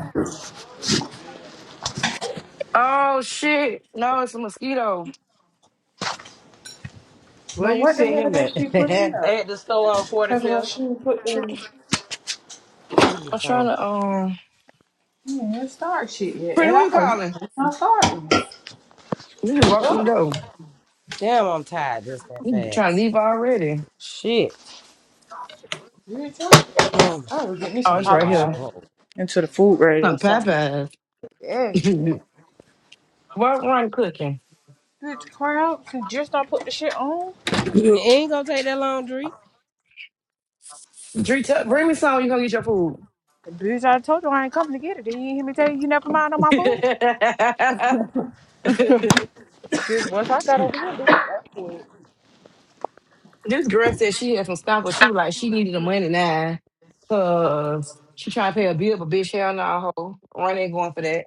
Speaker 4: Oh shit! No, it's a mosquito.
Speaker 1: Where
Speaker 6: But
Speaker 1: you
Speaker 6: what the
Speaker 1: see
Speaker 6: hell
Speaker 1: him at?
Speaker 6: did she put in
Speaker 11: I
Speaker 6: though?
Speaker 11: had to store on
Speaker 6: Talk about
Speaker 11: 45th.
Speaker 6: she didn't put the.
Speaker 4: I'm trying
Speaker 1: oh,
Speaker 4: to um.
Speaker 6: You ain't even start shit yet
Speaker 4: Pretty, who you
Speaker 6: at all.
Speaker 4: calling?
Speaker 6: It's not starting.
Speaker 4: You just walked through the
Speaker 6: Look.
Speaker 4: door.
Speaker 11: Damn, I'm tired just that
Speaker 4: You trying to
Speaker 11: fast.
Speaker 4: leave already?
Speaker 11: Shit.
Speaker 6: you ain't telling
Speaker 11: Oh,
Speaker 6: I would
Speaker 11: I
Speaker 6: get me
Speaker 4: Oh,
Speaker 6: some
Speaker 4: it's
Speaker 11: hate
Speaker 4: right
Speaker 11: washing
Speaker 4: here.
Speaker 6: Popeyes
Speaker 11: clothes.
Speaker 6: into the food ready
Speaker 4: Some
Speaker 6: or something.
Speaker 4: Popeyes.
Speaker 6: Yes, man.
Speaker 4: what run cooking?
Speaker 6: Bitch, cry out and just not put the shit on.
Speaker 11: it ain't gonna take that long, Dre.
Speaker 4: Dree, tell- bring me some. You gonna get your food?
Speaker 6: Bitch, I told you I ain't coming to get it. Then you hear me tell you you never mind on my food. Bitch, once I got over here, bitch.
Speaker 4: this girl said she had some stuff, but she was like she needed the money now, cause she trying to pay a bill, but bitch hell no, hoe. Run ain't going for that.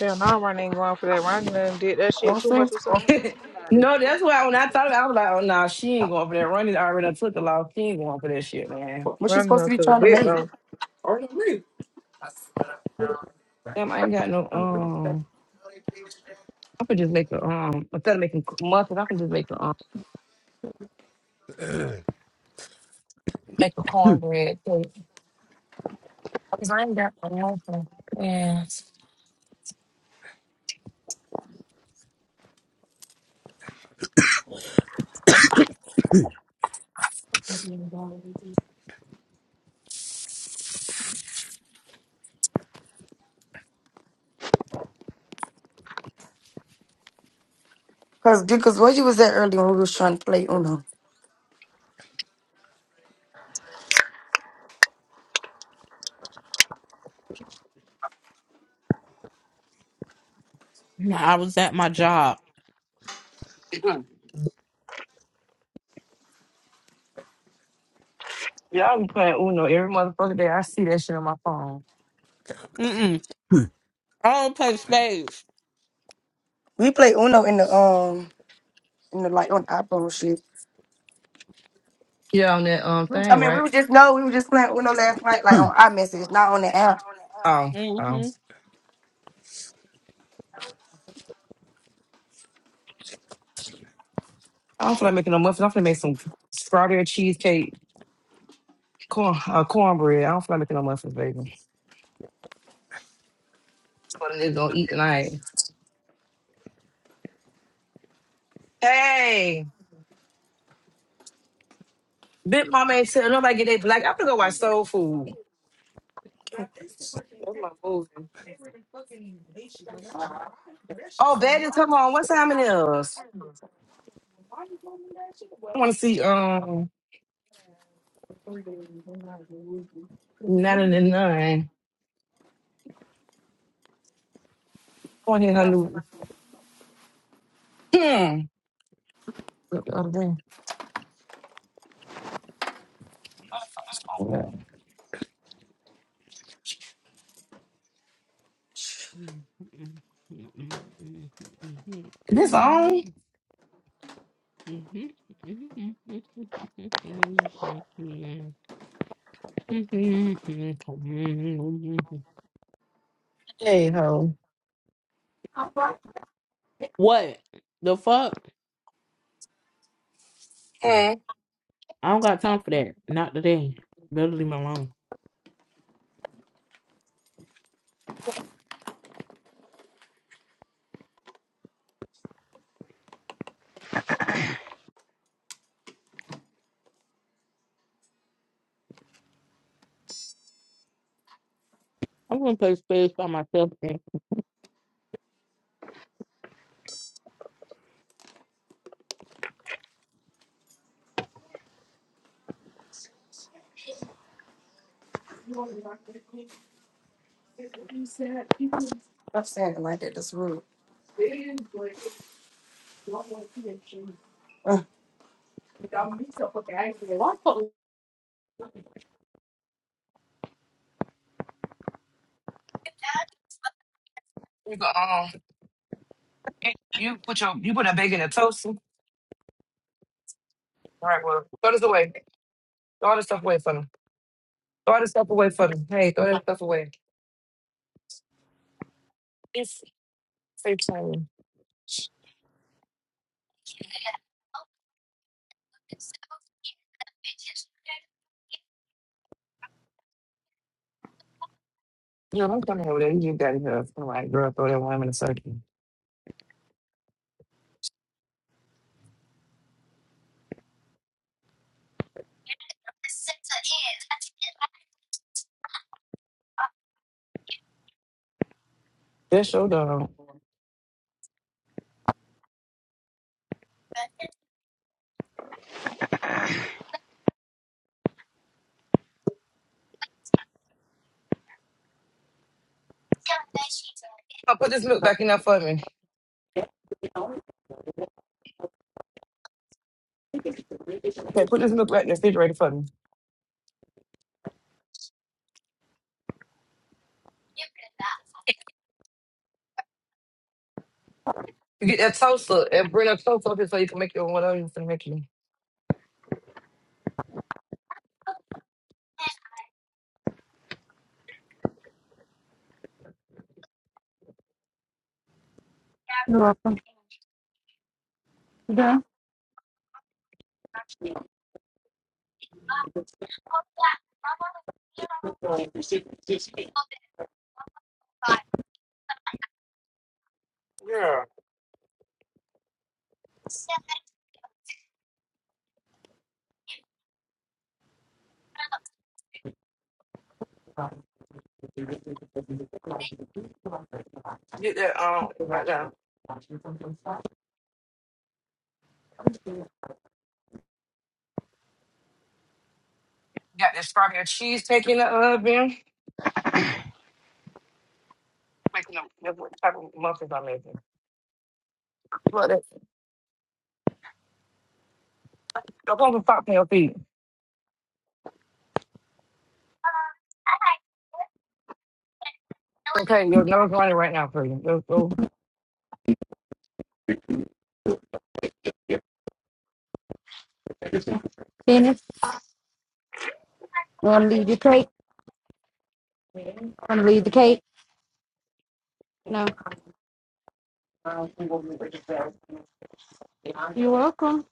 Speaker 6: Hell no, Ron ain't going for that. Ron done did that shit too much with something.
Speaker 4: no, that's why when I thought about it, I was like, oh, no, she ain't going for that. Ronnie already done took the loss. She ain't going for that shit, man.
Speaker 6: Ron done took a bit though.
Speaker 4: Damn, I ain't got no, um, I could just make a, um, instead of making muffins, I can just make a, um, make a cornbread cake. Because I ain't got no muffins. Yeah.
Speaker 5: Cause because where you was at earlier when we was trying to play Uno.
Speaker 12: No, I was at my job.
Speaker 4: Y'all be playing Uno every motherfucking day. I see that shit on my phone.
Speaker 12: Mm-mm. I don't play spades.
Speaker 5: We played Uno in the um in the like on the iPhone shit.
Speaker 4: Yeah, on that, um,
Speaker 5: I
Speaker 4: thing,
Speaker 5: mean we
Speaker 4: right?
Speaker 5: were just no, we were just playing Uno last night like on iMessage, not on the app.
Speaker 4: Oh, oh.
Speaker 12: Mm-hmm.
Speaker 4: I don't feel like making no muffins. I'm gonna make some strawberry cheesecake corn, uh, cornbread. I don't feel like making no muffins, baby. What it is gonna eat tonight. Hey, Big Mama ain't tell nobody get they black. I'm gonna go watch Soul Food. That's my movie. Oh, Betty, come on. What time it is? I want to see um nine and nine. I want to hear her new. Hmm. What the other thing? What the fuck's wrong with that? This on? Hey ho.
Speaker 12: What the fuck?
Speaker 4: Hmm.
Speaker 12: I don't got time for that. Not today. Better leave me alone. I'm gonna play spades by myself. Then.
Speaker 5: I'm saying it like that. That's rude. Uh,
Speaker 4: You go um. You put your you put that bacon in a toaster. All right, well, throw this away. Throw all this stuff away for them. Throw all this stuff away for them. Hey, throw that stuff away. It's safe time. You know, don't come here with You just got here. I'm like, girl, throw that one in a circle. That's your dog. Oh, put this milk back in there for me. Okay,
Speaker 2: You're
Speaker 4: put this milk back in the refrigerator for me. You get that toaster and bring a toast up here so you can make your whatever you're to make you.
Speaker 2: welcome. Yeah.
Speaker 4: Girl, get that um right now. Got that strawberry cheesecake in the oven. Making them that's what type of muffins I'm making. Look that. Don't come and fuck your feet. Okay, your nose running right now for you. Go go.
Speaker 2: Dennis, you want to leave the cake? Want to leave the cake? No. You're welcome.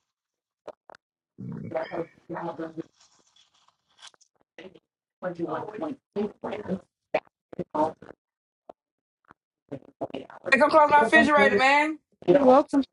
Speaker 2: You're
Speaker 4: Hey, come close my refrigerator, man.
Speaker 2: welcome.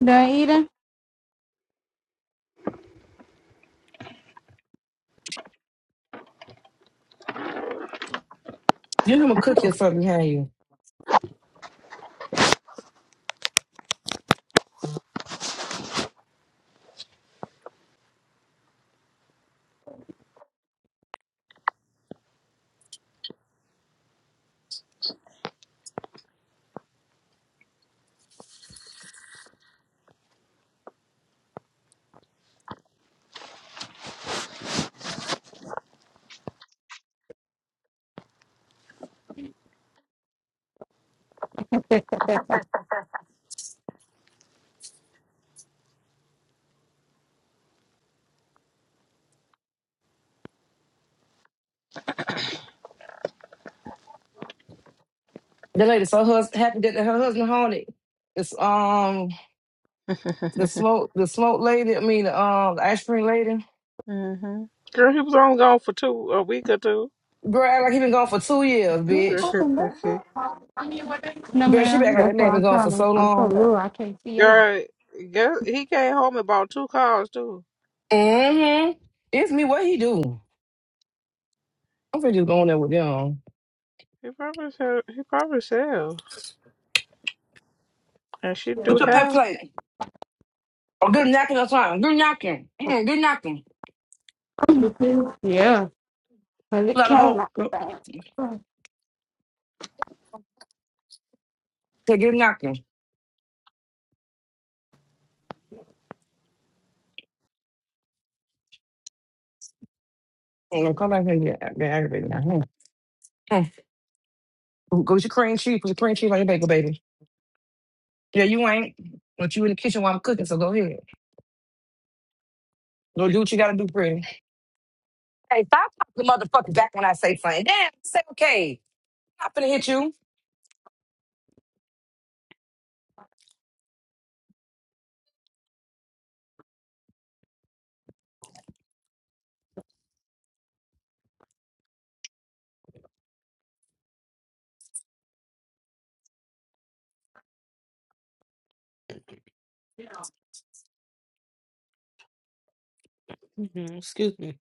Speaker 2: Naida,
Speaker 4: You know I'm gonna cook you something, have you? The lady, so her hus- happened that her husband haunted. It's um the smoke the smoke lady, I mean the um the ice cream lady.
Speaker 6: Mm-hmm. Girl, he was only gone for two a week or two.
Speaker 4: Girl, act like he been gone for two years,
Speaker 2: No,
Speaker 4: bitch.
Speaker 2: I can look up. No,
Speaker 4: Girl, she
Speaker 2: ma'am.
Speaker 4: back like
Speaker 2: That's
Speaker 4: that
Speaker 2: what
Speaker 4: man been
Speaker 2: I'm
Speaker 4: gone
Speaker 2: trying
Speaker 4: for so
Speaker 2: I'm so
Speaker 4: long.
Speaker 2: low, I can't see you.
Speaker 6: Girl, girl he came home and bought two cars too.
Speaker 4: Mm-hmm. It's me, what he do? I'm finna just go in there with them.
Speaker 6: He probably sell. He probably sell, and she do
Speaker 4: Put your
Speaker 6: have.
Speaker 4: pet plate. Or good knocking or something. Good knocking. Mm, good knocking.
Speaker 2: Yeah, cause it
Speaker 4: Let her
Speaker 2: came
Speaker 4: hope.
Speaker 2: out the
Speaker 4: Go.
Speaker 2: bag.
Speaker 4: Say good knocking. Mm, come back here and get, get aggravated now. Hmm. Go go get your cream cheese. Put your cream cheese on your bagel, baby. Yeah, you ain't. But you in the kitchen while I'm cooking, so go ahead. Go do what you gotta do, pretty. Hey, stop popping the motherfucker back when I say something. Damn, say okay. I'm not finna hit you.
Speaker 12: Mhm. Excuse me.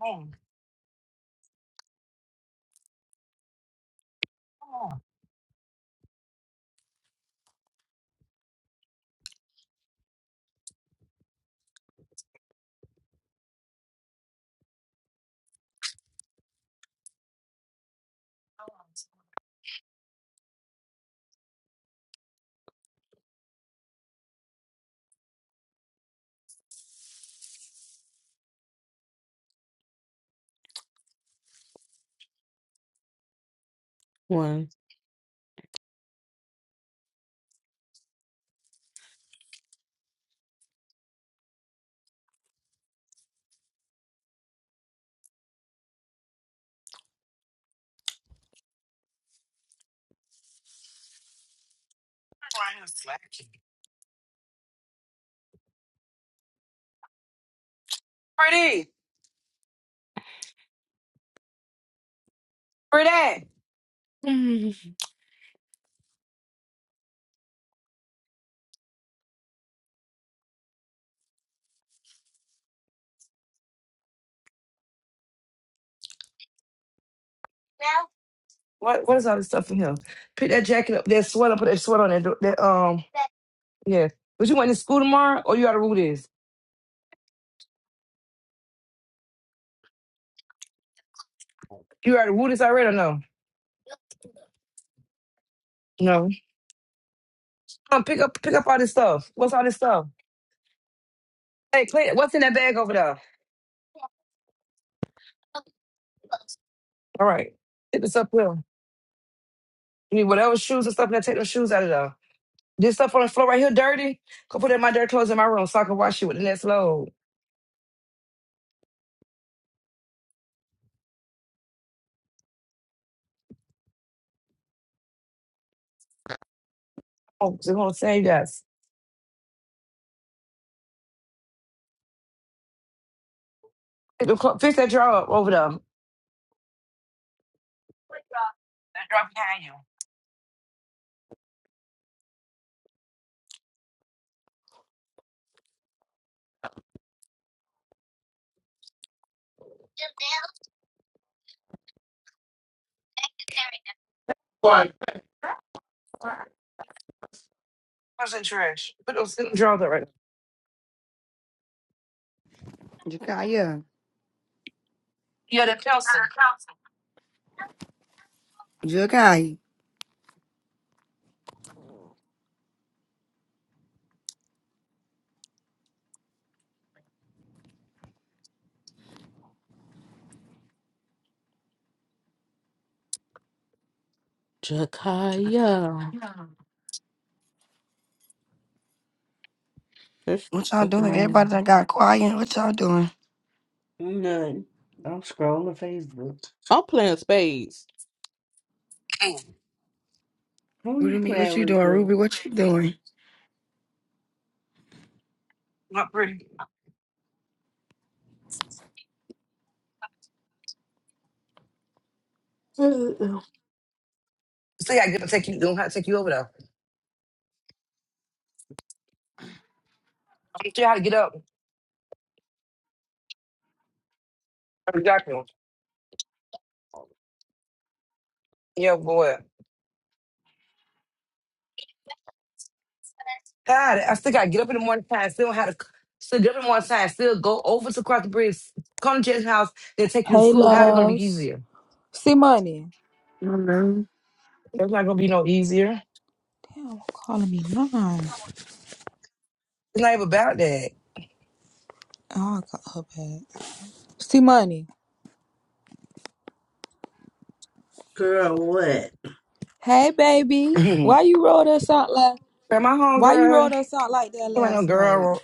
Speaker 4: Come on, come on. Come
Speaker 12: One.
Speaker 4: around here slacking. Pretty, pretty.
Speaker 12: Mm.
Speaker 4: What what is all this stuff in here? Pick that jacket up, that sweater, put that sweater on that, do- that um yeah. But you went to school tomorrow or you already woo this? You already woo this already or no? No. Come pick up pick up all this stuff. What's all this stuff? Hey, Clint, what's in that bag over there? All right. Pick this up here. You need whatever shoes and stuff, now take those shoes out of there. This stuff on the floor right here dirty. Go put it in my dirty clothes in my room so I can wash it with the next load. Oh, just gonna save us. Get the clo- Fix that drawer up over there. That drawer behind you.
Speaker 2: Why?
Speaker 4: What's in trash? Put those in the drawer there right now.
Speaker 5: Jakaya,
Speaker 4: Yeah, that pencil.
Speaker 5: Jakai,
Speaker 12: Jakaya. That shit's
Speaker 5: what y'all
Speaker 12: stuck in my
Speaker 5: doing?
Speaker 12: hand.
Speaker 5: Everybody that got quiet, what y'all doing?
Speaker 1: None. I'm scrolling Facebook.
Speaker 12: I'm playing spades.
Speaker 4: Mm,
Speaker 1: Who you
Speaker 5: Ruby, what
Speaker 1: playing
Speaker 5: you
Speaker 1: with,
Speaker 5: doing? Ruby,
Speaker 1: dude?
Speaker 5: what you doing?
Speaker 4: not pretty.
Speaker 1: Uh,
Speaker 4: See, I get to take you. Don't have to take you over there. I'm still how to get up. I'm doctor. Yeah, boy. God, I still gotta get up in the morning time. Still how to. Still get up in the morning time. Still go over to cross the bridge. Come to Jen's house. They take you to
Speaker 13: Hey
Speaker 4: school. How's it gonna be
Speaker 13: loves.
Speaker 4: easier?
Speaker 13: See money.
Speaker 4: It's not gonna be no easier.
Speaker 13: Damn, calling me mine.
Speaker 4: It's not even about that.
Speaker 13: Oh, I got her back. See money.
Speaker 1: Girl, what?
Speaker 13: Hey baby. Why you rolled us out like
Speaker 4: Man, my
Speaker 13: why you
Speaker 4: homegirl,
Speaker 13: rolled us out like that
Speaker 4: come ain't no
Speaker 13: last night?
Speaker 4: girl.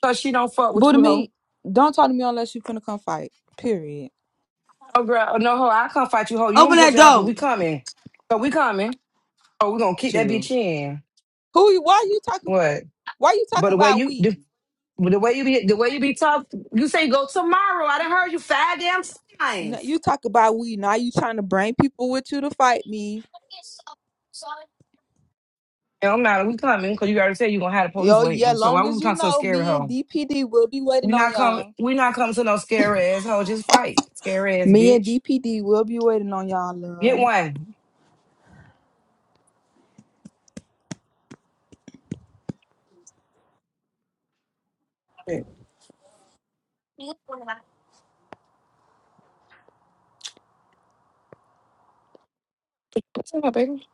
Speaker 4: Cause she don't fuck with
Speaker 13: Buddha
Speaker 4: you, hoe.
Speaker 13: me, don't talk to me unless you finna come fight. Period.
Speaker 4: Oh, girl, Oh, no, hoe, I can't fight you, hoe. You
Speaker 5: Open
Speaker 4: want to put
Speaker 5: that
Speaker 4: your hoe, 'cause
Speaker 5: door.
Speaker 4: we coming. So we coming. Oh, we gonna kick that
Speaker 13: You.
Speaker 4: bitch in.
Speaker 13: Who you why you talking
Speaker 4: What?
Speaker 13: why you talk
Speaker 4: But the way
Speaker 13: about
Speaker 4: you,
Speaker 13: we?
Speaker 4: the, the way you be, the way you be tough, you say go tomorrow. I done heard you five damn
Speaker 13: No,
Speaker 4: times.
Speaker 13: you talk about we. Now you trying to bring people with you to fight me.
Speaker 4: It don't matter. We coming, cause you already said you gonna have the police
Speaker 13: Yo, yeah,
Speaker 4: waiting. So why
Speaker 13: long
Speaker 4: we
Speaker 13: as you
Speaker 4: come to a
Speaker 13: know,
Speaker 4: scary
Speaker 13: me and
Speaker 4: hoe?
Speaker 13: DPD will be waiting
Speaker 4: We
Speaker 13: on
Speaker 4: not coming.
Speaker 13: y'all.
Speaker 4: We not coming to no scary ass hoe. Just fight, scary ass
Speaker 13: Me and
Speaker 4: bitch.
Speaker 13: DPD will be waiting on y'all,
Speaker 4: Get
Speaker 13: love.
Speaker 4: one. What's up, baby?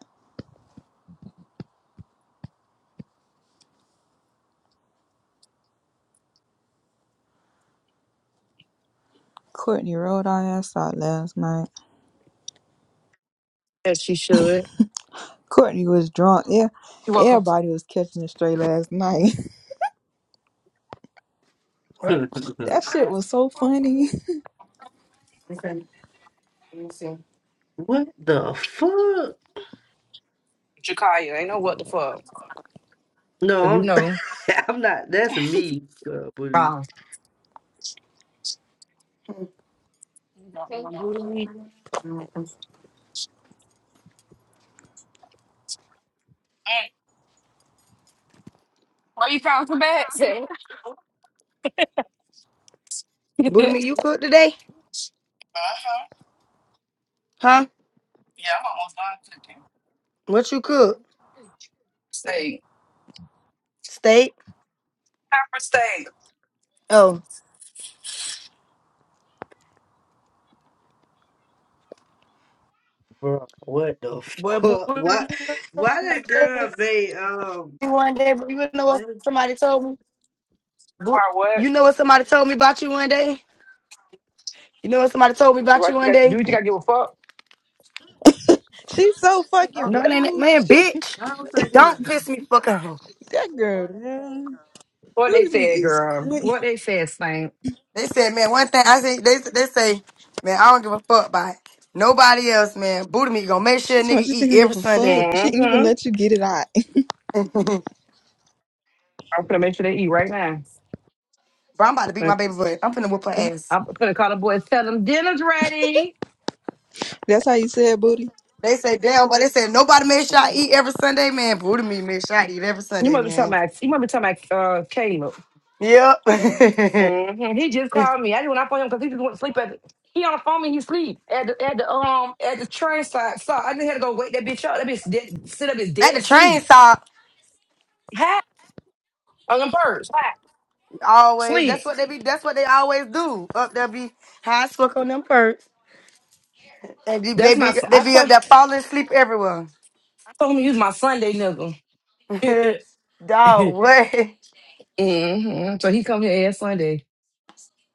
Speaker 13: Courtney rolled our ass out last night.
Speaker 4: As she should.
Speaker 13: Courtney was drunk. Yeah,
Speaker 4: You welcome.
Speaker 13: everybody was catching it straight last night.
Speaker 5: What?
Speaker 13: That shit was so funny.
Speaker 5: Okay, let me see.
Speaker 1: What the fuck?
Speaker 4: Jakaya, ain't know what the fuck. But you
Speaker 1: No, I'm
Speaker 4: know,
Speaker 1: I'm not. That's me, girl, booty.
Speaker 4: Wrong.
Speaker 2: You got one booty Why you found some bags? eh?
Speaker 5: Booty me, you cook today? Huh? What you cook?
Speaker 4: state.
Speaker 5: Steak?
Speaker 4: Copper state.
Speaker 5: Oh.
Speaker 1: Bro, what the
Speaker 5: boy, Booty,
Speaker 1: fuck? Why? Why that girl? They um.
Speaker 5: me one day, but you know
Speaker 1: They,
Speaker 5: what somebody told me?
Speaker 4: Why
Speaker 5: Boot- You
Speaker 4: what?
Speaker 5: know what somebody told me about you one day? You know what somebody told me
Speaker 4: Do
Speaker 5: about
Speaker 4: I,
Speaker 5: you
Speaker 4: think
Speaker 5: one
Speaker 4: I-
Speaker 5: day?
Speaker 4: do you think I give a fuck?
Speaker 13: She's so fucking
Speaker 5: No, it ain't,
Speaker 13: rude.
Speaker 5: man,
Speaker 13: She
Speaker 5: bitch.
Speaker 1: I don't think it was
Speaker 5: Don't piss me fucking off.
Speaker 13: that girl, man.
Speaker 4: What they
Speaker 13: Rude to me
Speaker 4: said,
Speaker 13: is
Speaker 4: girl.
Speaker 13: crazy.
Speaker 4: What they said, Saint.
Speaker 5: They said, man, one thing I say, they they say, man, I don't give a fuck about nobody else, man. Booty meat gonna make sure a
Speaker 13: She's much.
Speaker 5: nigga
Speaker 13: You think
Speaker 5: eat
Speaker 13: I
Speaker 5: every
Speaker 13: give a fuck?
Speaker 5: Sunday.
Speaker 13: She didn't even
Speaker 4: Mm-hmm.
Speaker 13: let you get it out.
Speaker 4: I'm gonna make sure they eat right now.
Speaker 5: Bro, I'm about to beat my
Speaker 4: Like,
Speaker 5: baby butt. I'm finna whip her ass.
Speaker 4: I'm gonna call the boys, tell them dinner's ready.
Speaker 13: That's how you said, booty.
Speaker 5: They say, damn, but they said nobody make sure I eat every Sunday, man. Booty meat make sure I eat every
Speaker 4: you
Speaker 5: Sunday,
Speaker 4: must be talking
Speaker 5: man.
Speaker 4: about you must be talking about uh Caleb.
Speaker 5: Yep.
Speaker 4: Mm-hmm. He just called me. I didn't want to phone him because he just went to sleep at the, he on the phone and he sleep at the at the um at the train side. So I just had to go wake that bitch up. That bitch dead, sit up his
Speaker 5: At
Speaker 4: dead
Speaker 5: the train
Speaker 4: sleep.
Speaker 5: stop,
Speaker 4: On the purse, hot,
Speaker 5: always. That's
Speaker 4: sleep.
Speaker 5: what they be. That's what they always do. Up there be high as fuck on them perks. They be
Speaker 4: That's
Speaker 5: they
Speaker 4: my.
Speaker 5: be
Speaker 4: s-
Speaker 5: they
Speaker 4: I
Speaker 5: be up
Speaker 4: told,
Speaker 5: there falling asleep everywhere.
Speaker 4: I told him to use my Sunday nigga.
Speaker 5: Dog, what?
Speaker 4: hmm So he come here every Sunday.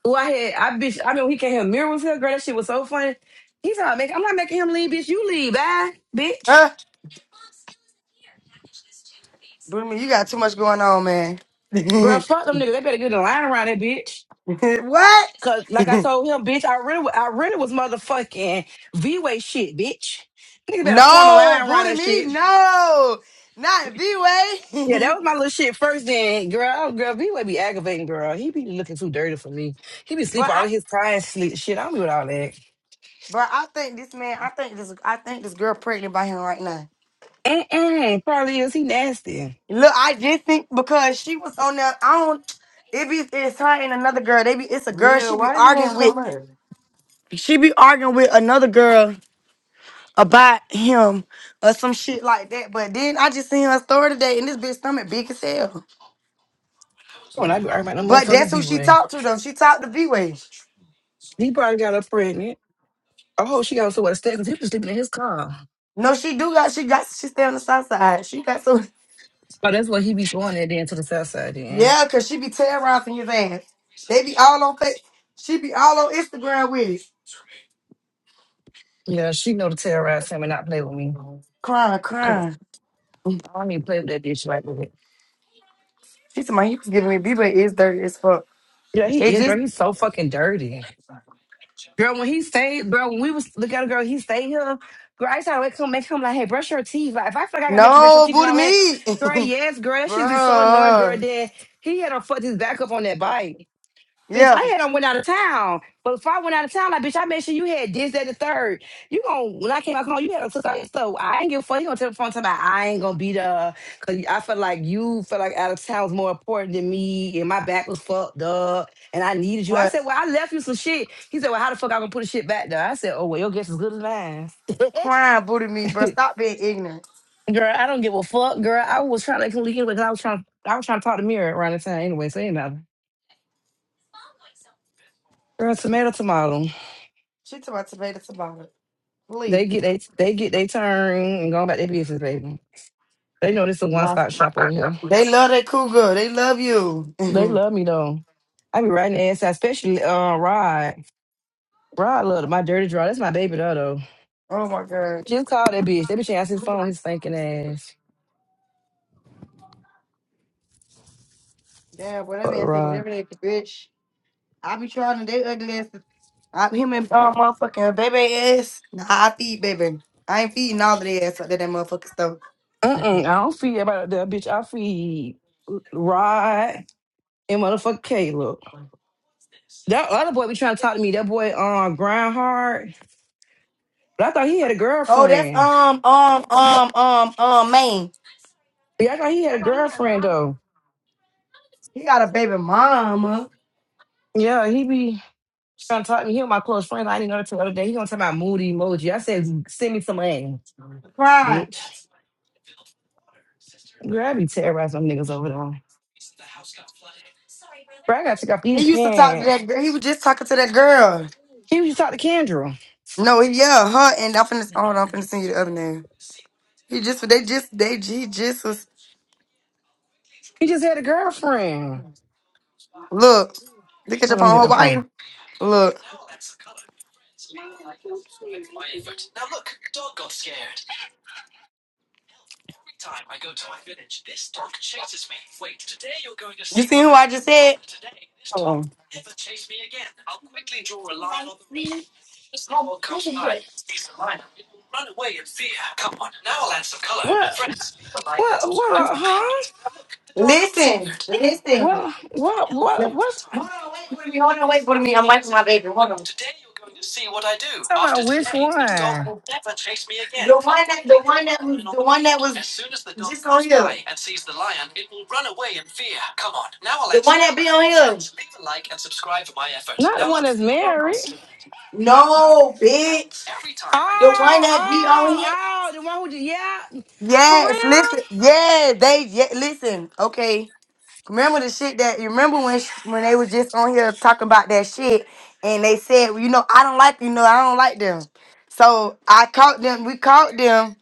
Speaker 4: Who I had, I bitch. I mean, he came here. Mirror was here, girl. That shit was so funny. He's not making. I'm not making him leave, bitch. You leave, bye,
Speaker 5: Huh?
Speaker 4: bitch.
Speaker 5: Boomy, you got too much going on, man.
Speaker 4: Girl, fuck them niggas. They better get in line around that bitch.
Speaker 5: what?
Speaker 4: Cause like I told him, bitch, I really, I really was motherfucking V-way shit, bitch. Nigga better form a
Speaker 5: no,
Speaker 4: line around
Speaker 5: booty
Speaker 4: that
Speaker 5: me,
Speaker 4: shit.
Speaker 5: no, not V way.
Speaker 4: Yeah, that was my little shit first. Then, girl, girl, B way be aggravating, girl. He be looking too dirty for me. He be sleep
Speaker 5: but
Speaker 4: all
Speaker 5: I,
Speaker 4: in his ties sleep shit. I don't be with all that.
Speaker 5: but I think this man, I think this, I think this girl pregnant by him right now.
Speaker 4: Mm-mm, probably is. He nasty.
Speaker 5: Look, I just think because she was on that, I don't. It be it's her and another girl. They be it's a girl.
Speaker 1: Mia.
Speaker 5: She be
Speaker 1: Why you
Speaker 5: arguing
Speaker 1: won't
Speaker 5: with,
Speaker 1: come up?
Speaker 5: she be arguing with another girl about him or some shit like that. But then I just seen her story today, and this bitch stomach big as hell.
Speaker 4: When
Speaker 1: Oh.
Speaker 4: I be arguing about no
Speaker 5: But
Speaker 4: motherfucking
Speaker 5: that's who she
Speaker 4: V-Way.
Speaker 5: talked to though. She talked to V Way.
Speaker 4: He probably got her pregnant. Oh, she got so what step because he was sleeping in his car.
Speaker 5: No, she do got she got she stay on the south side. She got so
Speaker 4: But that's what he be going there then to the south side then.
Speaker 5: yeah, cause she be terrorizing your ass. They be all on fa- she be all on Instagram with it.
Speaker 4: Yeah, she know to terrorize him and not play with me.
Speaker 5: Crying,
Speaker 4: Cause
Speaker 5: crying.
Speaker 4: I don't even play with that bitch right with it.
Speaker 5: She said my he was giving me B Way is dirty as fuck.
Speaker 4: Yeah, he
Speaker 5: It
Speaker 4: is,
Speaker 5: just
Speaker 4: girl. He's so fucking dirty. Girl, when he stayed, girl, when we was looking at a girl, he stayed here. Girl, I used to have to wake him, make him like, hey, brush your teeth. Like, if I feel like I gotta make you brush your
Speaker 5: no
Speaker 4: teeth and
Speaker 5: booty
Speaker 4: all that,
Speaker 5: meat.
Speaker 4: girl, yes, girl, that should be so annoying, girl.
Speaker 5: Bruh.
Speaker 4: Then he had to fuck his back up on that bike. Bitch, I
Speaker 5: Yeah.
Speaker 4: had on went out of town. But before I went out of town, like, bitch, I made sure you had this, that, the third. You gon' when I came back home, you had a sister. like, So I ain't give a fuck. You gonna tell the phone time about I ain't gonna be there. Cause I felt like you felt like out of town was more important than me and my back was fucked up and I needed you. I
Speaker 5: But
Speaker 4: said, Well, I left you some shit. He said, Well, how the fuck I gonna put the shit back there? I said, Oh, well, your guess is good as mine.
Speaker 5: crying booty meat, bro. Stop being ignorant.
Speaker 4: girl, I don't give a fuck, girl. I was trying to communicate because I was trying I was trying to talk to Mirror around the time anyway, so ain't nothing. Girl, tomato tomato.
Speaker 5: She took my tomato tomato.
Speaker 4: They
Speaker 5: Please.
Speaker 4: get they they get they turn and go about their business, baby. They know this is a one
Speaker 5: Nah.
Speaker 4: stop shop over here.
Speaker 5: They love that cougar. They love you.
Speaker 4: They
Speaker 5: oh
Speaker 4: love me though. I be riding the ass out, especially uh Rod. Rod love my dirty draw. That's my baby though though.
Speaker 5: my god.
Speaker 4: Just called that bitch. That bitch ain't answer his phone, his thinking ass.
Speaker 5: Damn, boy, that
Speaker 4: Fuck
Speaker 5: man said it
Speaker 4: Rod.
Speaker 5: every day at the bitch. I be trying to date ugly asses. I him and uh, motherfucking baby ass. Nah, I feed baby. I ain't feeding all of the ass up there, that motherfucking stuff.
Speaker 4: Uh uh I don't feed about that bitch. I feed Rod and motherfucker Caleb. That other boy be trying to talk to me. That boy uh grind hard. But I thought he had a
Speaker 5: Oh, that's
Speaker 4: girlfriend.
Speaker 5: um um um um um man.
Speaker 4: Yeah, I thought he had a girlfriend though.
Speaker 5: He got a baby mama.
Speaker 4: Yeah, he be trying to talk to me. He was my close friend. I didn't know that till the other day. He gonna talk about moody emoji. I said, send me some money,
Speaker 5: Cry.
Speaker 4: bitch. Girl, I be terrorizing them niggas over there. Bro, I gotta take off
Speaker 5: He
Speaker 4: these
Speaker 5: used to talk to
Speaker 4: pants.
Speaker 5: that girl. He was just talking to that girl.
Speaker 4: He used to talk to Kendra.
Speaker 5: No, he- yeah, her and I'm finna hold on, I'm finna send you the other name. He just they just they he just was
Speaker 4: He just had a girlfriend.
Speaker 5: look. Look at
Speaker 4: Hold on,
Speaker 5: your
Speaker 4: let me get
Speaker 5: phone,
Speaker 4: my
Speaker 5: Hawaii.
Speaker 4: phone.
Speaker 5: Look. who I just said?
Speaker 4: Hold on. What? What? What? uh, huh?
Speaker 5: listen.
Speaker 4: What? What? What? What's
Speaker 5: Wait for me. I'm waiting for my baby. Hold on.
Speaker 4: talking about? Which one?
Speaker 5: that, that on here.
Speaker 4: Not the one that's married.
Speaker 5: No, bitch. one
Speaker 4: Oh,
Speaker 5: that be on
Speaker 4: oh,
Speaker 5: here.
Speaker 4: oh, the one who just yeah. For
Speaker 5: Yes, listen.
Speaker 4: real?
Speaker 5: Yeah, they. Yeah, listen. Okay. Remember the shit that you remember when sh- when they were just on here talking about that shit, and they said, well, you know, I don't like you know, I don't like them. So I caught them. We caught them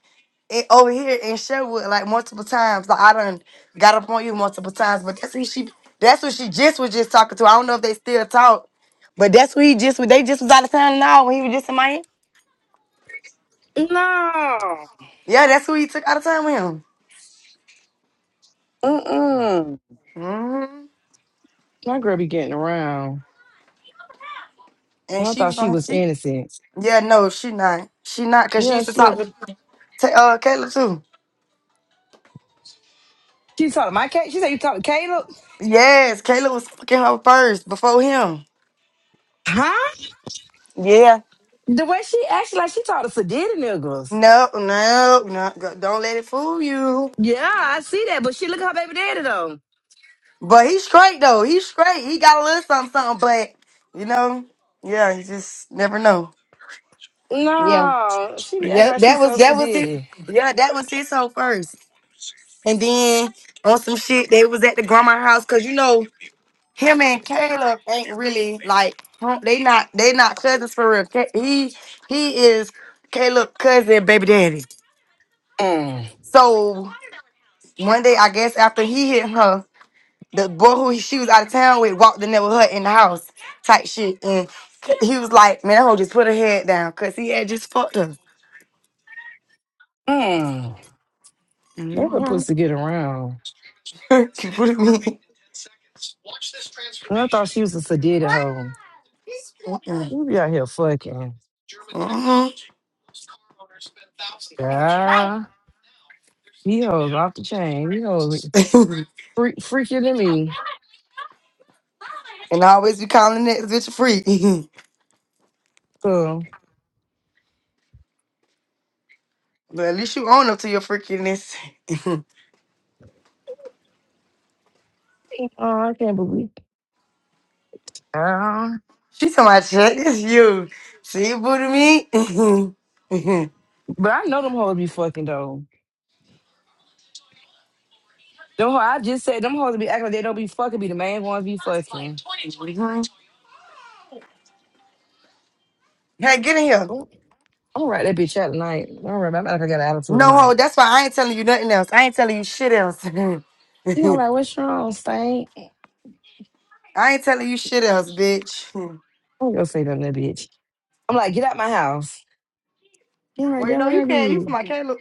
Speaker 5: in, over here in Sherwood like multiple times. Like I done got up on you multiple times, but that's who she. That's what she just was just talking to. I don't know if they still talk, but that's who he just They just was out of town now when he was just in Miami.
Speaker 4: No.
Speaker 5: Yeah, that's who he took out of town with him.
Speaker 4: Mm-mm.
Speaker 5: hmm
Speaker 4: My girl be getting around. And
Speaker 5: And
Speaker 4: I
Speaker 5: she
Speaker 4: thought
Speaker 5: was
Speaker 4: she
Speaker 5: on.
Speaker 4: was innocent.
Speaker 5: Yeah, no, she not. She not because she
Speaker 4: Yeah,
Speaker 5: used to
Speaker 4: she
Speaker 5: talk to
Speaker 4: lived.
Speaker 5: to, uh Kayla too.
Speaker 4: She talked to my Kate. She said you talked to Caleb.
Speaker 5: Yes, Kayla was fucking her first before him.
Speaker 4: Huh?
Speaker 5: Yeah.
Speaker 4: The way she acted like she talked to Sadiddy niggas.
Speaker 5: No, no, no. g- Don't let it fool you.
Speaker 4: Yeah, I see that. But she look at her baby daddy though.
Speaker 5: But he's straight though. He's straight. He got a little something, something. But you know, yeah, you just never know. Yeah,
Speaker 4: No, she be acting
Speaker 5: yeah.
Speaker 4: like she
Speaker 5: That was
Speaker 4: so
Speaker 5: that was it.
Speaker 4: Sadiddy.
Speaker 5: Yeah, that was his whole first. And then on some shit, they was at the grandma house because you know him and Caleb ain't really like huh, they not they not cousins for real. Ca- He he is Caleb cousin baby daddy.
Speaker 4: Mm.
Speaker 5: So one day I guess after he hit her, the boy who she was out of town with walked in there with her in the house type shit, and he was like, "Man, that hoe just put her head down because he had just fucked her."
Speaker 4: Mm. That little
Speaker 5: hmm
Speaker 4: pussy get around.
Speaker 5: she put it me.
Speaker 4: And I thought she was a Sadiddy hoe.
Speaker 5: Mm-mm.
Speaker 4: You be out here fucking.
Speaker 5: Mhm.
Speaker 4: Yeah. He hoes off the chain. He hoes freak, freakier than me.
Speaker 5: and I always be calling that bitch a freak.
Speaker 4: So,
Speaker 5: but at least you own up to your freakiness.
Speaker 4: oh, I can't believe.
Speaker 5: She told my check it's you. See you booty me.
Speaker 4: But I know them hoes be fucking though. Them ho I just said them hoes be acting like they don't be fucking, be the main ones be fucking.
Speaker 5: hey, get in here.
Speaker 4: I'm I'm gonna write that bitch out tonight. I'm gonna write, I'm like I got an attitude
Speaker 5: No ho,
Speaker 4: tonight.
Speaker 5: that's why I ain't telling you nothing else. I ain't telling you shit else. I
Speaker 4: You know, like, what's wrong, Stank?
Speaker 5: ain't telling you shit else, bitch.
Speaker 4: I'm gonna say nothing to that bitch. I'm like, get out my house. He like,
Speaker 5: Wait,
Speaker 4: that
Speaker 5: no,
Speaker 4: what
Speaker 5: you
Speaker 4: I
Speaker 5: can't. You from
Speaker 4: did.
Speaker 5: my Caleb.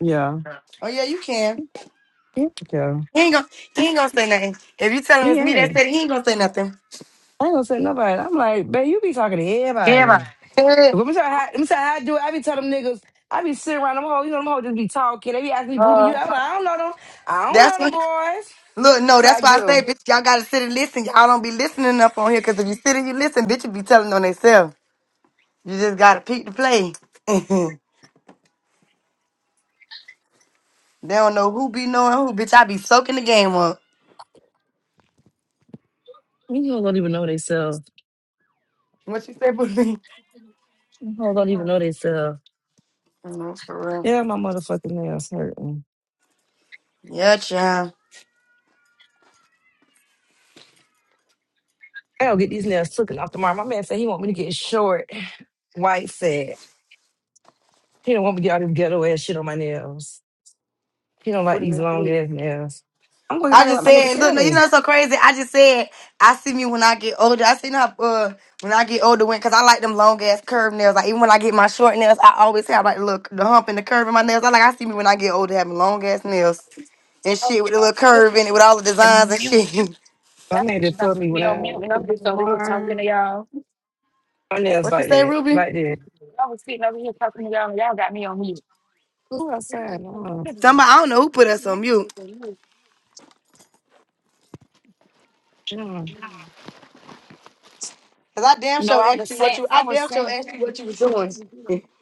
Speaker 4: Yeah.
Speaker 5: Oh yeah, you can.
Speaker 4: Yeah, okay.
Speaker 5: He ain't gonna he
Speaker 4: He,
Speaker 5: ain't gonna say nothing. If you tell him
Speaker 4: he
Speaker 5: it's me that
Speaker 4: ain't.
Speaker 5: said it, he ain't gonna say nothing.
Speaker 4: I ain't gonna say nobody. I'm like, babe, you be talking to everybody. Let me tell you how, let me tell you how I do it. I be telling them niggas, I be sitting around them hoes, you know, them hoes just be talking. They be asking me, booty, you out. I don't know them. I don't
Speaker 5: that's
Speaker 4: know them
Speaker 5: what
Speaker 4: boys.
Speaker 5: look, no,
Speaker 4: So I
Speaker 5: that's why
Speaker 4: get
Speaker 5: I say
Speaker 4: them.
Speaker 5: bitch, y'all gotta sit and listen. Y'all don't be listening up on here, cause if you sit and you listen, bitch you be telling on themselves. You just gotta peek the play. They don't know who be knowing who, bitch. I be soaking the game up.
Speaker 4: You know, don't even know they sell.
Speaker 5: What you say, Booty?
Speaker 4: You know, don't even know they sell.
Speaker 5: No, for real.
Speaker 4: Yeah, my motherfucking nails hurting.
Speaker 5: Yeah, child.
Speaker 4: I gotta get these nails taken off tomorrow. My man said he want me to get short, white said He don't want me to get all this ghetto ass shit on my nails. He don't like
Speaker 5: Booty,
Speaker 4: these
Speaker 5: man,
Speaker 4: long
Speaker 5: please.
Speaker 4: ass nails. I'm going to get
Speaker 5: I
Speaker 4: my nails
Speaker 5: just
Speaker 4: like my nigga
Speaker 5: said, look,
Speaker 4: tell
Speaker 5: no, you know
Speaker 4: me.
Speaker 5: it's so crazy. I just said, I see me when I get older. I seen how uh when I get older, when cause I like them long ass curved nails. Like even when I get my short nails, I always have like the look the hump and the curve in my nails. I like I see me when I get older having long ass nails and shit with the little curve in it with all the
Speaker 2: You're
Speaker 5: designs and
Speaker 2: mute.
Speaker 5: shit.
Speaker 4: My
Speaker 2: That's
Speaker 4: man
Speaker 2: what you
Speaker 4: just
Speaker 2: about
Speaker 4: told
Speaker 2: to
Speaker 4: me when
Speaker 2: be on
Speaker 4: I
Speaker 2: mute, and
Speaker 4: come
Speaker 2: I'm
Speaker 4: back
Speaker 2: just over here talking
Speaker 4: tomorrow.
Speaker 2: to y'all.
Speaker 4: My nails
Speaker 5: what you
Speaker 4: like
Speaker 5: say,
Speaker 4: that,
Speaker 5: Ruby?
Speaker 4: like that.
Speaker 2: Y'all was sitting over here talking to y'all, and y'all got me on mute.
Speaker 4: Who outside? No,
Speaker 5: Somebody I don't know who put us on mute.
Speaker 4: no.
Speaker 5: Cause I damn
Speaker 2: No,
Speaker 5: sure
Speaker 2: I
Speaker 5: asked
Speaker 2: was
Speaker 5: you what
Speaker 2: saying,
Speaker 5: you.
Speaker 2: I
Speaker 5: I
Speaker 2: was
Speaker 5: damn sure
Speaker 2: saying,
Speaker 5: asked you what you was doing.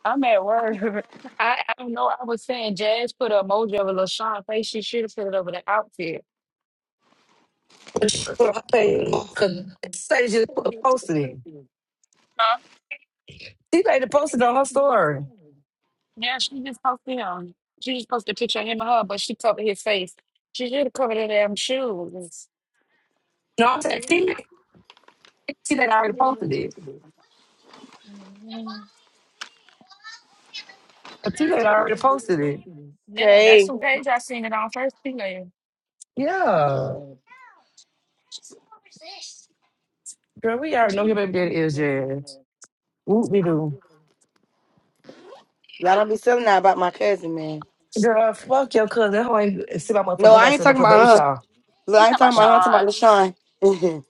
Speaker 2: I'm at work. I, I don't know. I was saying, Jazz put an emoji of a LaShawn face. She should have put it over the outfit.
Speaker 4: Put on my
Speaker 2: Huh?
Speaker 4: page. Say just put-
Speaker 2: Yeah,
Speaker 4: posted it. She made the posted on her story.
Speaker 2: she just posted him. She just posted a picture of him and her, but she covered his face. She should have covered her damn shoes.
Speaker 4: No, I'm saying? she T Lane already posted it. T Lane already posted it.
Speaker 2: Yeah,
Speaker 5: Okay,
Speaker 2: that's the page I seen it on first thing. there.
Speaker 4: Yeah. Girl, we
Speaker 2: You
Speaker 4: already know who your baby daddy is, Jazz. Whoop we do.
Speaker 5: y'all don't be telling that about my cousin, man.
Speaker 4: Girl, fuck your cousin. That hoe ain't see my motherfucking
Speaker 5: No, I
Speaker 4: invite
Speaker 5: ain't
Speaker 4: to the
Speaker 5: talking
Speaker 4: motherfucking baby
Speaker 5: about her.
Speaker 4: shower.
Speaker 5: Look, I
Speaker 2: talking
Speaker 5: ain't
Speaker 2: about
Speaker 5: talking about
Speaker 4: Oh,
Speaker 5: her. I'm talking
Speaker 2: Sean?
Speaker 5: about LaShawn.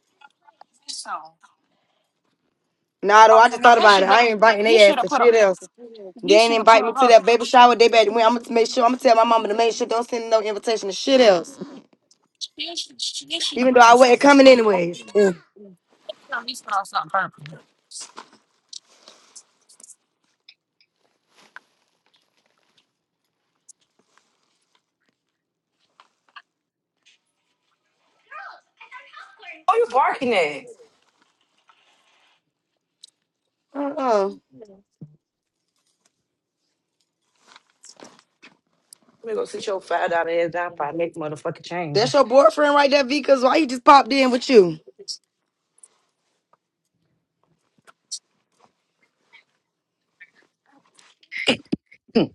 Speaker 5: nah, though, I just thought
Speaker 2: He
Speaker 5: about it.
Speaker 2: should have.
Speaker 5: I ain't inviting
Speaker 2: He
Speaker 5: their ass
Speaker 2: should have
Speaker 5: to
Speaker 2: put. A,
Speaker 5: shit else. They
Speaker 2: he
Speaker 5: ain't
Speaker 2: should have put
Speaker 5: invite me to
Speaker 2: her.
Speaker 5: that baby shower. They better. I'm gonna make sure. I'm gonna tell my mama to
Speaker 2: He
Speaker 5: make sure don't send no invitation to shit else.
Speaker 2: should. He should have
Speaker 5: Even
Speaker 2: put
Speaker 5: though
Speaker 2: her.
Speaker 5: I wasn't coming anyways.
Speaker 2: No, he's put on something
Speaker 4: you barking at?
Speaker 5: uh-uh.
Speaker 4: Let me go sit your five dollar ass down before I make motherfucking
Speaker 5: That's
Speaker 4: change.
Speaker 5: your boyfriend right there, V. Cause why he just popped in with you,
Speaker 4: Hmm.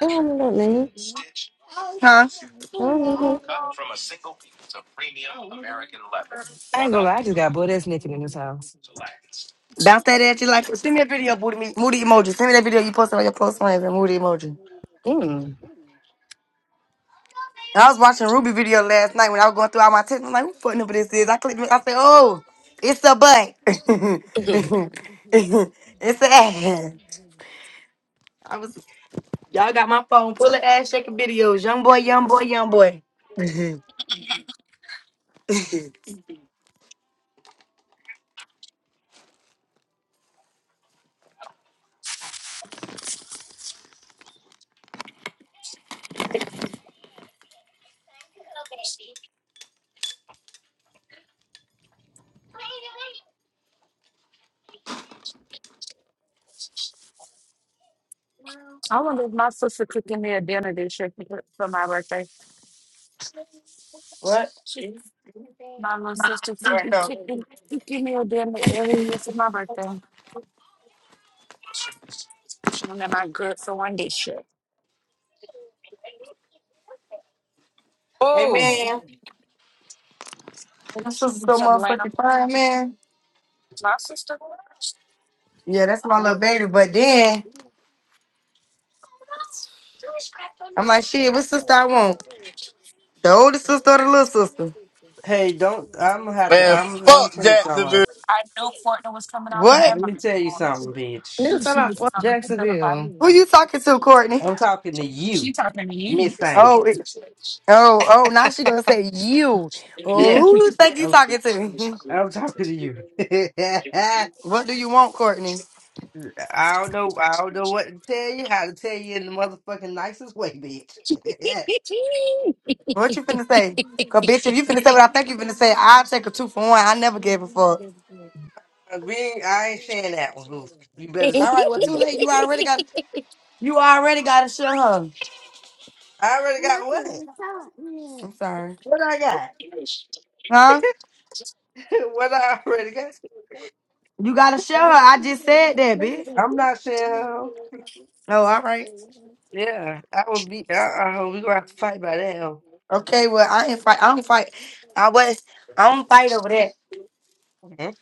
Speaker 9: I don't know that name.
Speaker 5: huh?
Speaker 9: I don't know him.
Speaker 2: purple.
Speaker 4: I ain't gonna lie, I
Speaker 2: I
Speaker 4: just got butt ass naked in this house.
Speaker 5: Bounce that at you like send me a video, booty me moody emoji. Send me that video you posted on your post on and moody emoji. And
Speaker 4: Mm.
Speaker 5: I was watching Ruby video last night when I was going through all my texts. I'm like, who fucking number this is? I clicked it. I said, oh, it's a butt. it's a ass. I was y'all got my phone full of ass shaking videos. Young boy, young boy, young boy.
Speaker 2: wonder if my sister cooking me a dinner this year for for my birthday.
Speaker 5: What?
Speaker 2: She, my little sister, she
Speaker 5: Sorry,
Speaker 2: be
Speaker 5: now.
Speaker 2: cooking, cooking me a dinner every year for my birthday. She don't got my good for one dish. shit.
Speaker 5: Hey
Speaker 4: oh,
Speaker 5: man.
Speaker 2: And
Speaker 5: My sister's so
Speaker 2: Some random,
Speaker 5: motherfucking fine, man.
Speaker 2: my sister.
Speaker 5: Yeah, that's my little baby. But then I'm like, shit, what sister I want? The older sister or the little sister?
Speaker 1: Hey, don't. I'm gonna have to.
Speaker 3: Man,
Speaker 1: I'm. Let me
Speaker 3: fuck
Speaker 1: tell you
Speaker 3: Jacksonville.
Speaker 1: something.
Speaker 2: I knew Fortnum was coming out to
Speaker 5: What?
Speaker 1: Let me
Speaker 2: Belmont.
Speaker 1: tell
Speaker 2: boy.
Speaker 1: you something,
Speaker 2: I
Speaker 4: nigga
Speaker 1: bitch.
Speaker 2: knew
Speaker 4: talking
Speaker 2: she
Speaker 4: about
Speaker 2: was
Speaker 4: fuck
Speaker 2: coming to
Speaker 4: Jacksonville.
Speaker 5: Who
Speaker 2: Belmont.
Speaker 5: you talking to, Courtney?
Speaker 1: I'm talking to you,
Speaker 2: She talking
Speaker 1: Miss Thing.
Speaker 5: Oh, it- oh, oh! Now she gonna say you. Oh,
Speaker 1: Yeah,
Speaker 5: who you think you
Speaker 1: I'm.
Speaker 5: talking to?
Speaker 1: I'm talking to you. I
Speaker 5: what do you want, Courtney?
Speaker 1: don't know. I don't know what to tell you. How to tell you in the motherfucking nicest way, bitch.
Speaker 2: to
Speaker 5: What you finna say? Cause bitch, if you finna say what I think you finna say, I'll take a two for one. I never gave a fuck.
Speaker 1: Being, I ain't saying that one, Goof. You better
Speaker 5: All
Speaker 1: see.
Speaker 5: right, well, too late. You already got. You already gotta show her.
Speaker 1: I already got what?
Speaker 5: I'm sorry.
Speaker 1: What I got?
Speaker 5: Huh?
Speaker 1: what I already got?
Speaker 2: you.
Speaker 5: You gotta show her.
Speaker 2: Everybody
Speaker 5: I just said that, bitch.
Speaker 1: I'm not saying. Hoe.
Speaker 5: Oh, all right.
Speaker 1: Yeah, I would be. Uh, uh, we gonna have to fight by that. huh?
Speaker 5: Okay, well, I ain't fight. I don't fight. I was. I don't fight over that.
Speaker 1: Okay.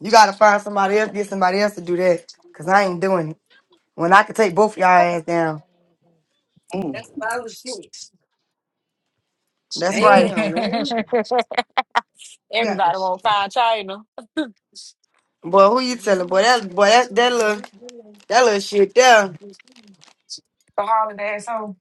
Speaker 5: You gotta find somebody else. Get somebody else to do that. Cause I ain't doing it. When I could take both y'all ass down.
Speaker 4: Mm.
Speaker 1: That's what I was thinking.
Speaker 5: That's right.
Speaker 1: Damn, man. Yeah.
Speaker 2: won't find China.
Speaker 5: Boy, who you telling? Boy, that boy that, that little that little shit there.
Speaker 4: The Harlan asshole.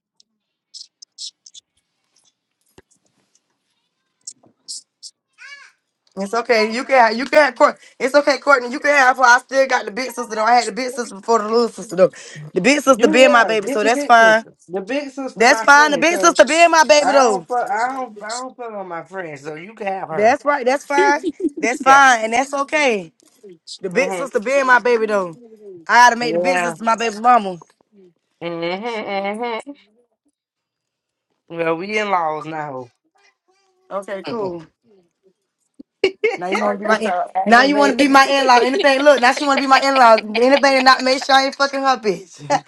Speaker 5: It's okay. You can have you can have Courtney. It's okay, Courtney. You can have her. I still got the big sister though. I had the big sister before the little sister though. The big sister
Speaker 1: You
Speaker 5: being my
Speaker 1: yeah,
Speaker 5: baby,
Speaker 1: get
Speaker 5: so
Speaker 1: your
Speaker 5: that's
Speaker 1: big sister.
Speaker 5: fine.
Speaker 1: The big sister
Speaker 5: That's
Speaker 1: my
Speaker 5: fine. The
Speaker 1: friend.
Speaker 5: big
Speaker 1: So
Speaker 5: sister being my baby
Speaker 1: I
Speaker 5: though.
Speaker 1: don't fuck I don't I don't fuck on my friend, so you can have her.
Speaker 5: That's right. That's fine. That's
Speaker 1: Yeah.
Speaker 5: fine. And that's okay. The big
Speaker 1: hmm
Speaker 5: sister being my baby though. I gotta make the big
Speaker 1: Yeah.
Speaker 5: sister my baby mama.
Speaker 1: hmm hmm Well, we in laws now.
Speaker 5: Okay,
Speaker 4: Mm-mm.
Speaker 5: cool. Now you want to be
Speaker 2: Courtney
Speaker 5: my in.
Speaker 2: so
Speaker 5: Now you want to be
Speaker 2: aggravating.
Speaker 5: my in-law. Anything, look. Now she want to be my in-law. Anything to not make sure I ain't fucking her bitch.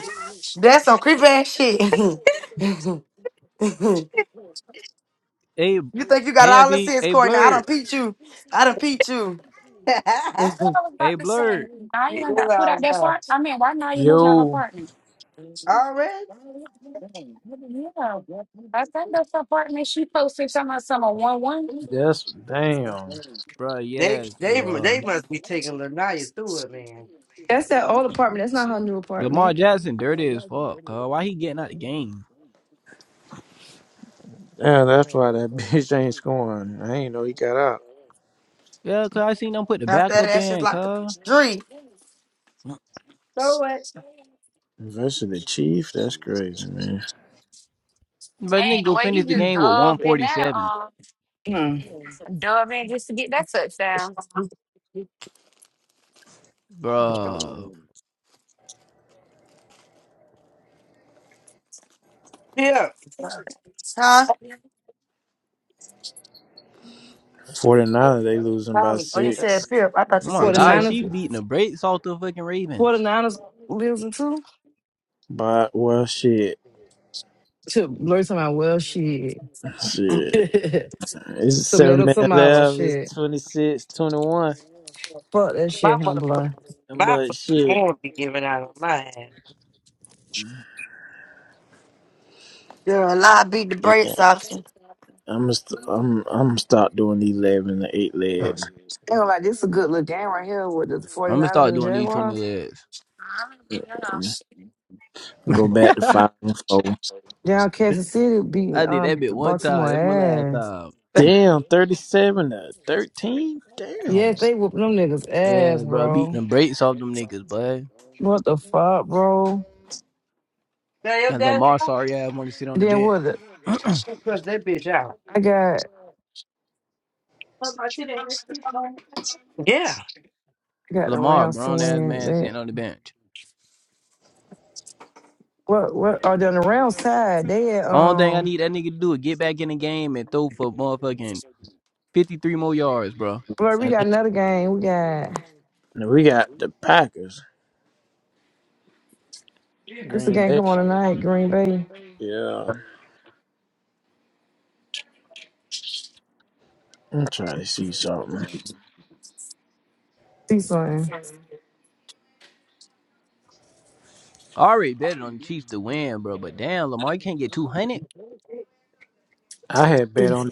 Speaker 2: What
Speaker 5: That's some creepy ass shit. you
Speaker 14: Hey,
Speaker 5: think you got
Speaker 14: hey,
Speaker 5: all the
Speaker 14: Auntie.
Speaker 5: sense,
Speaker 14: Hey,
Speaker 5: Courtney? I
Speaker 14: Blurred.
Speaker 5: done peeped you. I done peeped you.
Speaker 2: I was about
Speaker 14: Hey,
Speaker 2: to say,
Speaker 14: Blurred.
Speaker 2: now you
Speaker 1: we
Speaker 2: done
Speaker 1: in
Speaker 2: got put out
Speaker 1: laws
Speaker 2: that
Speaker 1: now.
Speaker 2: part. I mean, why now you moving out her
Speaker 10: Yo,
Speaker 2: apartment?
Speaker 1: Already?
Speaker 2: Yeah, I think that's the apartment she posted something about some one one. Man,
Speaker 10: that's damn.
Speaker 14: Bruh,
Speaker 1: They
Speaker 14: yes,
Speaker 1: they they
Speaker 14: bruh.
Speaker 1: must be taking Lanaya through it, man.
Speaker 4: That's that old apartment. That's not her new
Speaker 14: Lamar
Speaker 4: apartment.
Speaker 14: Jackson, dirty as fuck, cuz. Why he getting out the game?
Speaker 10: Yeah, that's why that bitch ain't scoring. I ain't know he got out.
Speaker 14: Yeah, cuz I seen them put the
Speaker 5: I said
Speaker 14: backup
Speaker 5: that shit's
Speaker 14: in,
Speaker 5: like a
Speaker 14: cuz.
Speaker 5: dream,
Speaker 1: So what?
Speaker 10: Versus the Chief, that's crazy, man.
Speaker 14: But nigga
Speaker 2: the
Speaker 14: go
Speaker 2: way
Speaker 14: finish
Speaker 2: you
Speaker 14: the
Speaker 2: just
Speaker 14: game with
Speaker 2: dove in that,
Speaker 14: 147.
Speaker 2: um,
Speaker 4: Mm.
Speaker 2: dove in just to get that touchdown.
Speaker 14: Bruh. Oh
Speaker 1: Yeah.
Speaker 5: huh?
Speaker 10: 49, they losing by
Speaker 1: Probably.
Speaker 5: Oh, you
Speaker 10: six.
Speaker 5: said pimp. I thought you
Speaker 14: my
Speaker 5: said
Speaker 4: 49
Speaker 14: god,
Speaker 5: tip.
Speaker 14: she
Speaker 4: niners.
Speaker 14: beating the brakes off the fucking
Speaker 4: Forty
Speaker 14: Ravens.
Speaker 4: Niners lives in too.
Speaker 10: But, well, shit.
Speaker 4: To blurt to my well shit.
Speaker 5: you
Speaker 10: Shit. It's seven
Speaker 4: tomato,
Speaker 10: minutes
Speaker 4: tomato
Speaker 10: left. It's
Speaker 4: shit.
Speaker 10: 26, 21.
Speaker 4: Fuck that
Speaker 1: My
Speaker 4: shit, huh, boy?
Speaker 1: motherfuckers, my
Speaker 10: But,
Speaker 1: fucking
Speaker 10: shit.
Speaker 1: phone be giving out on my ass.
Speaker 5: a lie. Beat the
Speaker 10: yeah.
Speaker 5: brakes off you.
Speaker 10: I'm gonna st- I'm I'm gonna start doing these eleven to eight legs.
Speaker 4: i Hell, like this is a good little game right here with the
Speaker 14: I'm gonna
Speaker 4: 49ers
Speaker 14: start
Speaker 4: and the
Speaker 14: doing these 20
Speaker 4: Jaguars.
Speaker 14: legs.
Speaker 2: I don't know.
Speaker 10: Go back to five and four.
Speaker 4: Down Kansas City beat
Speaker 14: I did that
Speaker 4: um
Speaker 14: bit one time.
Speaker 4: Baltimore
Speaker 14: That's my last
Speaker 4: ass.
Speaker 14: time.
Speaker 10: Damn, thirty seven to thirteen.
Speaker 4: Yes,
Speaker 10: Damn.
Speaker 4: they whooping them niggas ass,
Speaker 14: Yeah, bro,
Speaker 4: bro.
Speaker 14: beating the brakes off them niggas, bud.
Speaker 4: What the fuck, bro?
Speaker 1: Now your
Speaker 14: And
Speaker 1: dad
Speaker 14: Lamar, sorry, I want to sit on
Speaker 4: And
Speaker 14: the
Speaker 4: then
Speaker 14: bench.
Speaker 4: what the,
Speaker 1: cuss that bitch out.
Speaker 4: I got
Speaker 1: Yeah,
Speaker 4: I got the
Speaker 14: Lamar,
Speaker 4: Rams to
Speaker 14: grown ass
Speaker 4: win.
Speaker 14: man
Speaker 4: They,
Speaker 14: sitting on the bench.
Speaker 4: what what are they on the Rams side? They at
Speaker 14: Only thing I
Speaker 4: um
Speaker 14: need that nigga to do is get back in the game and throw for motherfucking 53 more yards, bro.
Speaker 4: blur, we
Speaker 10: And
Speaker 4: got another game. We got
Speaker 10: then we got the Packers,
Speaker 4: It's a
Speaker 10: Green
Speaker 4: game
Speaker 10: Bay.
Speaker 4: come on tonight, Green Bay.
Speaker 10: Yeah, I'm trying to see something.
Speaker 4: See
Speaker 2: She
Speaker 4: something.
Speaker 14: I already bet on the Chiefs to win, bro. But damn, Lamar, you can't get 200?
Speaker 10: I had bet on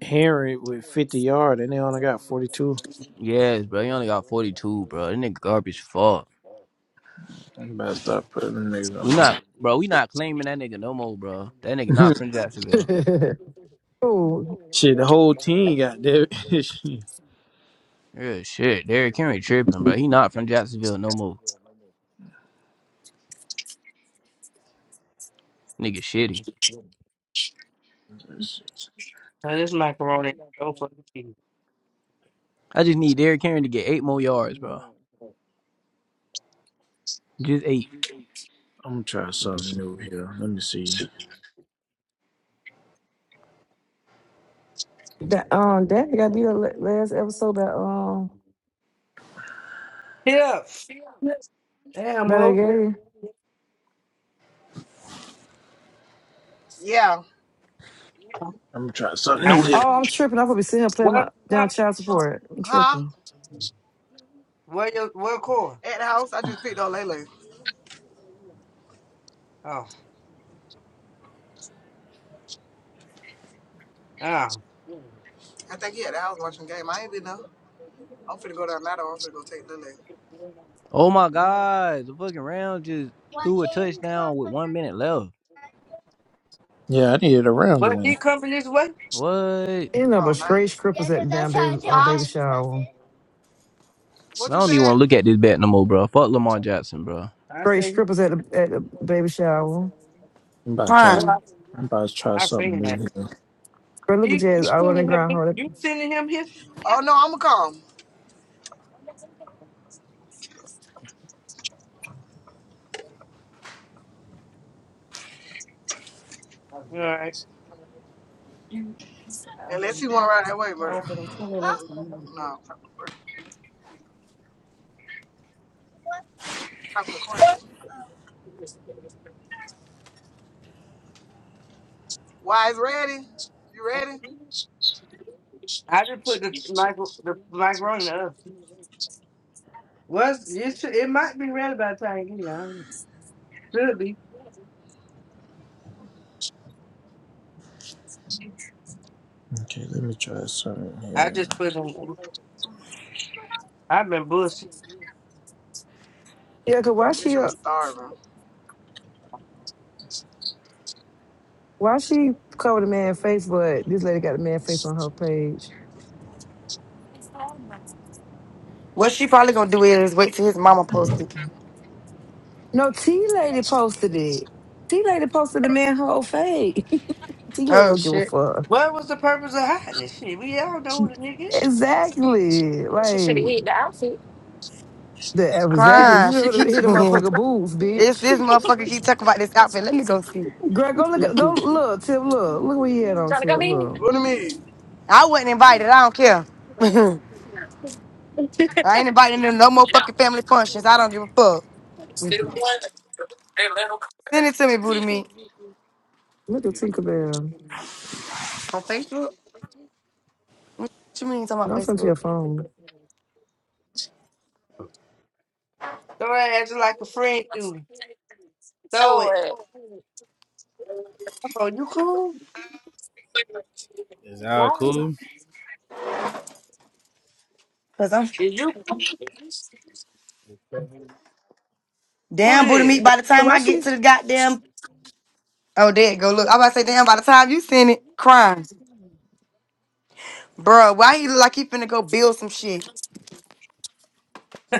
Speaker 10: Henry with fifty yard, and they only got forty two.
Speaker 14: Yes, bro. He only got 42, bro. That nigga garbage fuck.
Speaker 10: I'm about to start putting them niggas
Speaker 14: We not,
Speaker 10: on.
Speaker 14: bro, we not claiming that nigga no more, bro. That nigga
Speaker 10: my-
Speaker 14: not from Jacksonville.
Speaker 4: oh,
Speaker 10: Shit, the whole team got that. Let's
Speaker 14: Yeah, shit. Derrick Henry tripping, bro. He not from Jacksonville no more. Nigga shitty.
Speaker 10: see.
Speaker 1: now this macaroni is so fucking cheap.
Speaker 14: I just need Derrick Henry to get eight more yards, bro. Just eight.
Speaker 10: I'm gonna try something new here. Let me see.
Speaker 4: that um, Danny got beat up la- last episode by um
Speaker 1: Yeah, damn
Speaker 4: by that
Speaker 1: ho.
Speaker 4: game.
Speaker 15: Yeah.
Speaker 10: I'm gonna try something
Speaker 1: I
Speaker 10: new here.
Speaker 4: Oh, I'm tripping. I probably see her playing
Speaker 1: swear,
Speaker 4: my
Speaker 1: uh,
Speaker 4: down child support. I'm
Speaker 15: Huh?
Speaker 4: tripping.
Speaker 1: where your where core?
Speaker 15: At the house, I just picked up Lele.
Speaker 1: Oh, oh.
Speaker 15: I think he at the house watching the game. I ain't been there. I'm finna go down that or I'm finna go take Lele.
Speaker 14: Oh my God, the fucking round just
Speaker 15: Why
Speaker 14: threw a
Speaker 15: can't you come
Speaker 14: touchdown with
Speaker 15: on?
Speaker 14: one minute left.
Speaker 10: Yeah, I needed a round
Speaker 15: You
Speaker 10: to
Speaker 1: But
Speaker 15: come
Speaker 10: win.
Speaker 1: he
Speaker 15: on?
Speaker 1: coming this way.
Speaker 14: What? I
Speaker 4: You know,
Speaker 15: Oh,
Speaker 4: but
Speaker 15: not
Speaker 4: great scrippers
Speaker 15: yet.
Speaker 4: at the damn baby uh,
Speaker 15: Huh?
Speaker 4: baby shower.
Speaker 15: What you
Speaker 14: don't even
Speaker 15: said?
Speaker 14: want to look at this bet no more, bro. Fuck Lamar Jackson, bro.
Speaker 1: I
Speaker 4: Great
Speaker 1: say he.
Speaker 4: scrippers at the at the baby shower.
Speaker 10: I'm about to try.
Speaker 5: Crying.
Speaker 1: Well,
Speaker 10: I'm about to try
Speaker 1: I, I
Speaker 10: something
Speaker 1: seen
Speaker 10: new
Speaker 1: that.
Speaker 10: here.
Speaker 4: Girl, look at
Speaker 1: He,
Speaker 4: Jazz
Speaker 1: you
Speaker 4: all on the
Speaker 1: sending him?
Speaker 4: ground.
Speaker 1: here?
Speaker 4: hard.
Speaker 1: You sending him here?
Speaker 15: Oh, no, I'm gonna come.
Speaker 1: All right.
Speaker 15: Unless he wanna ride that way, but. Huh? No, I'm talking to Courtney. What? I'm Talking to Courtney. Why is ready? You ready?
Speaker 1: I just put the micro the macaroni up. Was it? should- It might be ready by the time you get here. I don't know. Could be.
Speaker 10: Okay, let me try something
Speaker 1: I
Speaker 10: here.
Speaker 1: just put them. I've been bullshit.
Speaker 4: Yeah, cause why
Speaker 15: Mitch,
Speaker 4: she
Speaker 15: I'm
Speaker 4: uh,
Speaker 15: starving.
Speaker 4: why she covered the man face, but this lady got the man face on her page.
Speaker 5: What she probably gonna do is wait till his mama post it.
Speaker 4: No, T Lady posted it. T Lady posted the man whole fade. T Lady
Speaker 5: Oh
Speaker 4: don't give a
Speaker 5: shit.
Speaker 4: fuck.
Speaker 1: What was the purpose of hiding this shit? We all know the nigga.
Speaker 4: Exactly.
Speaker 2: should have
Speaker 4: Like
Speaker 2: hit the outfit.
Speaker 4: the exactly. She
Speaker 5: Crying. She
Speaker 4: should have
Speaker 5: keeps.
Speaker 4: hit a motherfucker boobs,
Speaker 5: it's
Speaker 4: bitch.
Speaker 5: this motherfucker keep talking about this outfit. Let me go see.
Speaker 4: Greg, go look at go look, Tip, look. Look what he had on
Speaker 2: Trying to
Speaker 4: Tip.
Speaker 2: come in?
Speaker 4: Look.
Speaker 15: What do you mean?
Speaker 5: I wasn't invited. I don't care. I ain't invited to no more fucking family functions.
Speaker 2: Yeah.
Speaker 5: I don't give a fuck. Send it to me, Booty Meat.
Speaker 4: Look at Tinkerbell.
Speaker 5: On Facebook? What you mean talking about
Speaker 4: Don't send to
Speaker 5: Facebook?
Speaker 4: your phone.
Speaker 1: So I acted like a friend do. Throw
Speaker 2: Show
Speaker 1: it.
Speaker 2: it.
Speaker 1: Bro, you cool?
Speaker 16: Is Al cool?
Speaker 5: Cause I'm
Speaker 1: Is you cool?
Speaker 5: damn Booty
Speaker 1: Then?
Speaker 5: Meat. By the
Speaker 4: So
Speaker 5: time
Speaker 4: Why
Speaker 5: I get to
Speaker 4: she's
Speaker 5: the goddamn oh there it go look. I am about to say damn. By the time you send it, crimes, Bruh, Why he look like he finna go build some shit?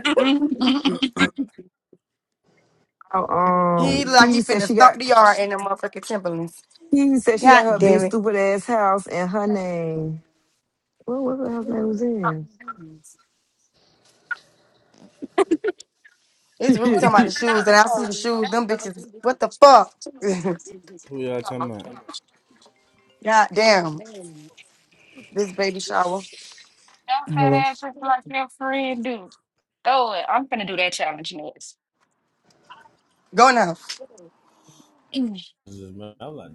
Speaker 4: oh, um
Speaker 5: He look like
Speaker 4: Kiwi
Speaker 5: he
Speaker 4: said
Speaker 5: finna
Speaker 4: she
Speaker 5: stomp
Speaker 4: got
Speaker 5: the yard in the motherfucking Timberlands.
Speaker 4: Kiwi said she got
Speaker 5: God
Speaker 4: her big
Speaker 5: damn it.
Speaker 4: stupid ass house and her name. What what the house name was in?
Speaker 2: That's
Speaker 5: It's Ruby talking about the shoes, and I see the shoes. Them bitches. What the fuck?
Speaker 16: Who y'all talking about?
Speaker 5: God damn. This baby shower.
Speaker 2: that fat
Speaker 7: hello
Speaker 2: ass just like your friend do. Throw it. I'm gonna do that challenge next.
Speaker 5: Go now.
Speaker 16: I'm like,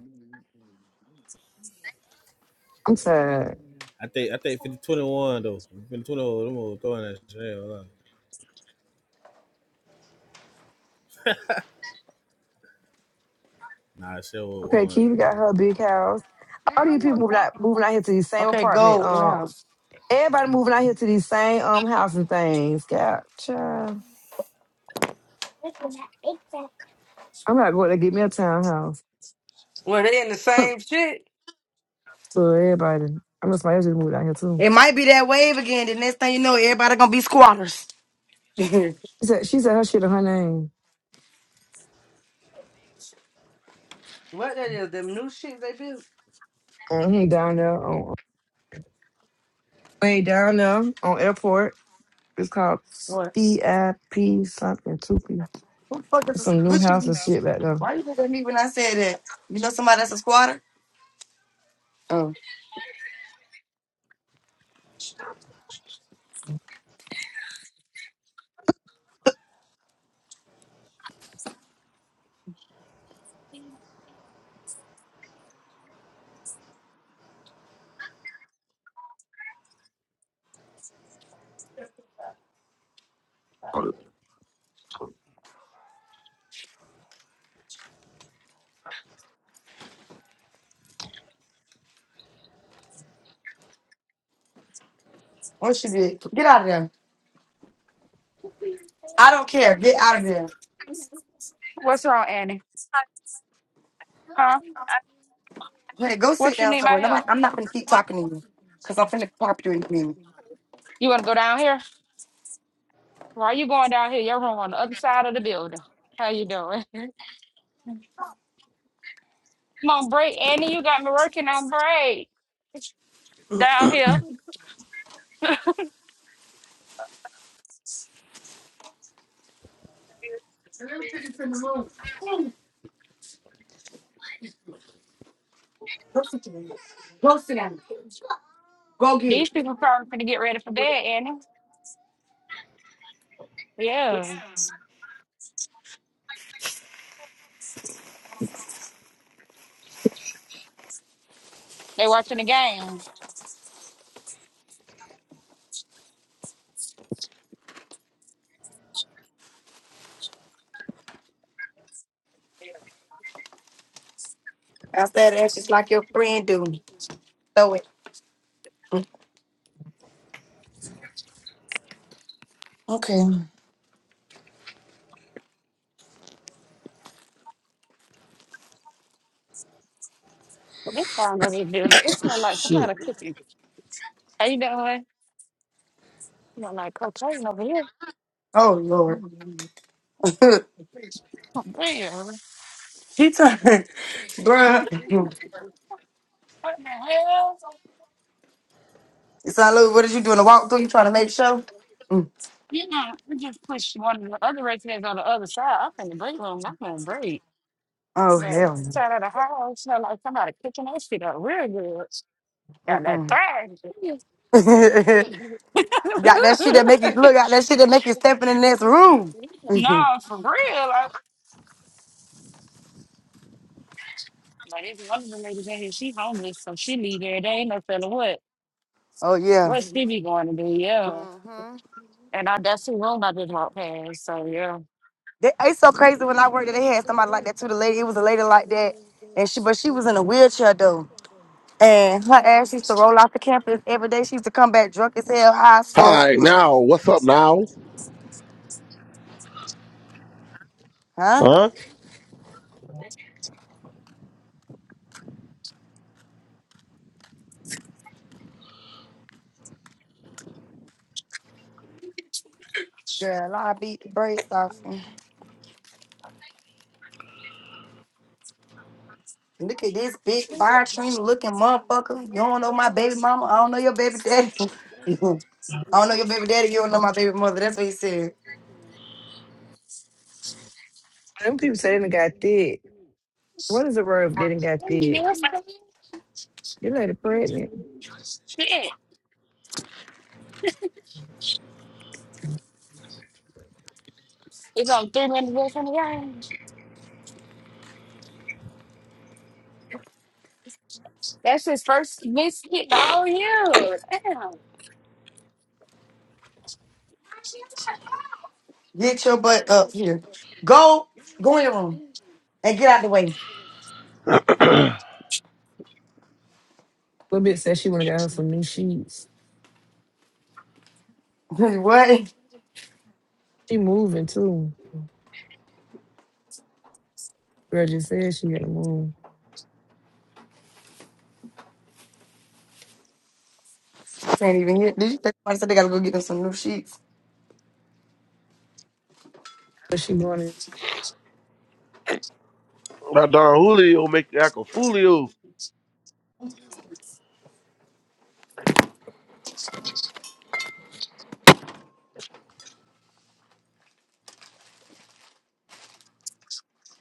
Speaker 4: I'm tired.
Speaker 16: I think I think 50, twenty-one though. 50, twenty-one, them old throwing that shit. Hold on. Nah, that shit was
Speaker 4: Okay,
Speaker 16: on.
Speaker 4: Kiwi got her big house. All these people moving out moving out here to these same
Speaker 5: Okay,
Speaker 4: apartment.
Speaker 5: go now.
Speaker 4: Um, everybody moving out here to these same um house and things. Gotcha. I'm not going to get me a townhouse.
Speaker 1: Were they in the same shit?
Speaker 4: so everybody, I know somebody else just moved out here too.
Speaker 5: It might be that wave again. The next thing you know, everybody gonna be squatters.
Speaker 4: She said she said her shit on her name.
Speaker 1: What that is? Them new shit they built?
Speaker 4: hmm down there on way down there on airport. It's called
Speaker 5: What?
Speaker 4: CIP something two P.
Speaker 5: Who the fuck
Speaker 4: It's
Speaker 5: is
Speaker 4: some new
Speaker 5: what
Speaker 4: house and
Speaker 5: you?
Speaker 4: shit back there.
Speaker 5: Why you look at me when I said that? You know somebody that's a squatter? Oh, what she did? Get out of there. I don't care. Get out of there.
Speaker 2: What's wrong, Annie? Huh?
Speaker 5: Hey, go sit
Speaker 2: What you
Speaker 5: down
Speaker 2: need my
Speaker 5: somewhere. Nobody,
Speaker 2: help?
Speaker 5: I'm not gonna keep talking to you because I'm finna pop you in me.
Speaker 2: You want to go down here? Why you going down here? Your room on the other side of the building. How you doing? i on break, Annie. You got me working on break. Down here.
Speaker 5: Go sit down. Go sit down. Go get
Speaker 2: These
Speaker 5: it.
Speaker 2: people probably finna get ready for bed, Annie. Yeah. They watching the games.
Speaker 5: I said that's just like your friend do. Throw it. Okay.
Speaker 2: This sound of the building. It smell like
Speaker 10: Shit,
Speaker 2: somebody cooking. How you doing? You know, like cocaine over here.
Speaker 5: Oh Lord.
Speaker 2: Mm. Yeah.
Speaker 5: she turned,
Speaker 2: What
Speaker 5: bruh.
Speaker 2: the hell?
Speaker 5: Son Louis, what are you doing? A walkthrough? You trying to make show? Mm.
Speaker 2: You know, we just pushed one of the other residents on the other side up in the break room. I'm gonna break.
Speaker 5: Oh
Speaker 2: But
Speaker 5: hell no.
Speaker 2: inside of the house, smell like somebody kicking that shit up real good. Got that
Speaker 5: Mm-mm.
Speaker 2: thang. no,
Speaker 5: got that shit that make you look out that shit that make you step in the next room.
Speaker 2: for real. Like, like it's one of the ladies in here, she homeless, so she leave every day. No telling what.
Speaker 5: Oh yeah.
Speaker 2: What's Stevie going to do? yeah. And I definitely will not be walk past. So yeah.
Speaker 5: They, it's so crazy when
Speaker 2: Shit.
Speaker 5: I worked there, they had somebody like that too. The lady, it was a lady like that. And she but she was in a wheelchair though. And her ass used to roll off the campus every day. She used to come back drunk as hell, high as fuck.
Speaker 17: Hi, now, what's up now?
Speaker 5: Huh?
Speaker 17: Huh?
Speaker 5: Girl, I beat the brakes off. me. Look at this big fire train looking motherfucker. You don't know my baby mama. I don't know your baby daddy. I don't know your baby daddy. You don't know my baby mother. That's what he said.
Speaker 4: Them people say they done got thick. What is the word if they done got thick? This lady pregnant.
Speaker 2: It's on three minutes away from the game. That's his first miss hit all year. Damn.
Speaker 5: Get your butt up here. Go, go in your room and get out the way.
Speaker 4: Little bit said she wanna got her some new sheets.
Speaker 5: what?
Speaker 4: She moving too. Girl just said she got to move.
Speaker 5: Can't even get. Did you say somebody said they gotta go get them some new sheets?
Speaker 4: But she going
Speaker 17: That Don Julio make you act a foolio.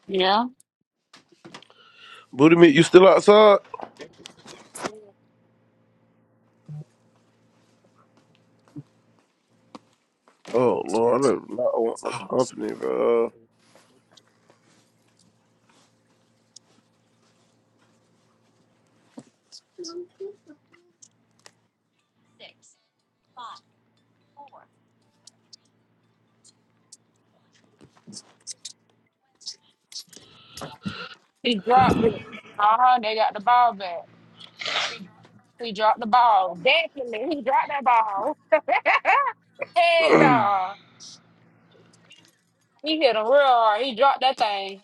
Speaker 2: Yeah.
Speaker 17: Booty meat, you still outside? Oh, Lord, I do not want no company, bro.
Speaker 2: He dropped it. Uh huh. They got the ball back. He dropped the ball. Definitely, he dropped that ball. Heck no. He hit him real hard. He dropped that thing.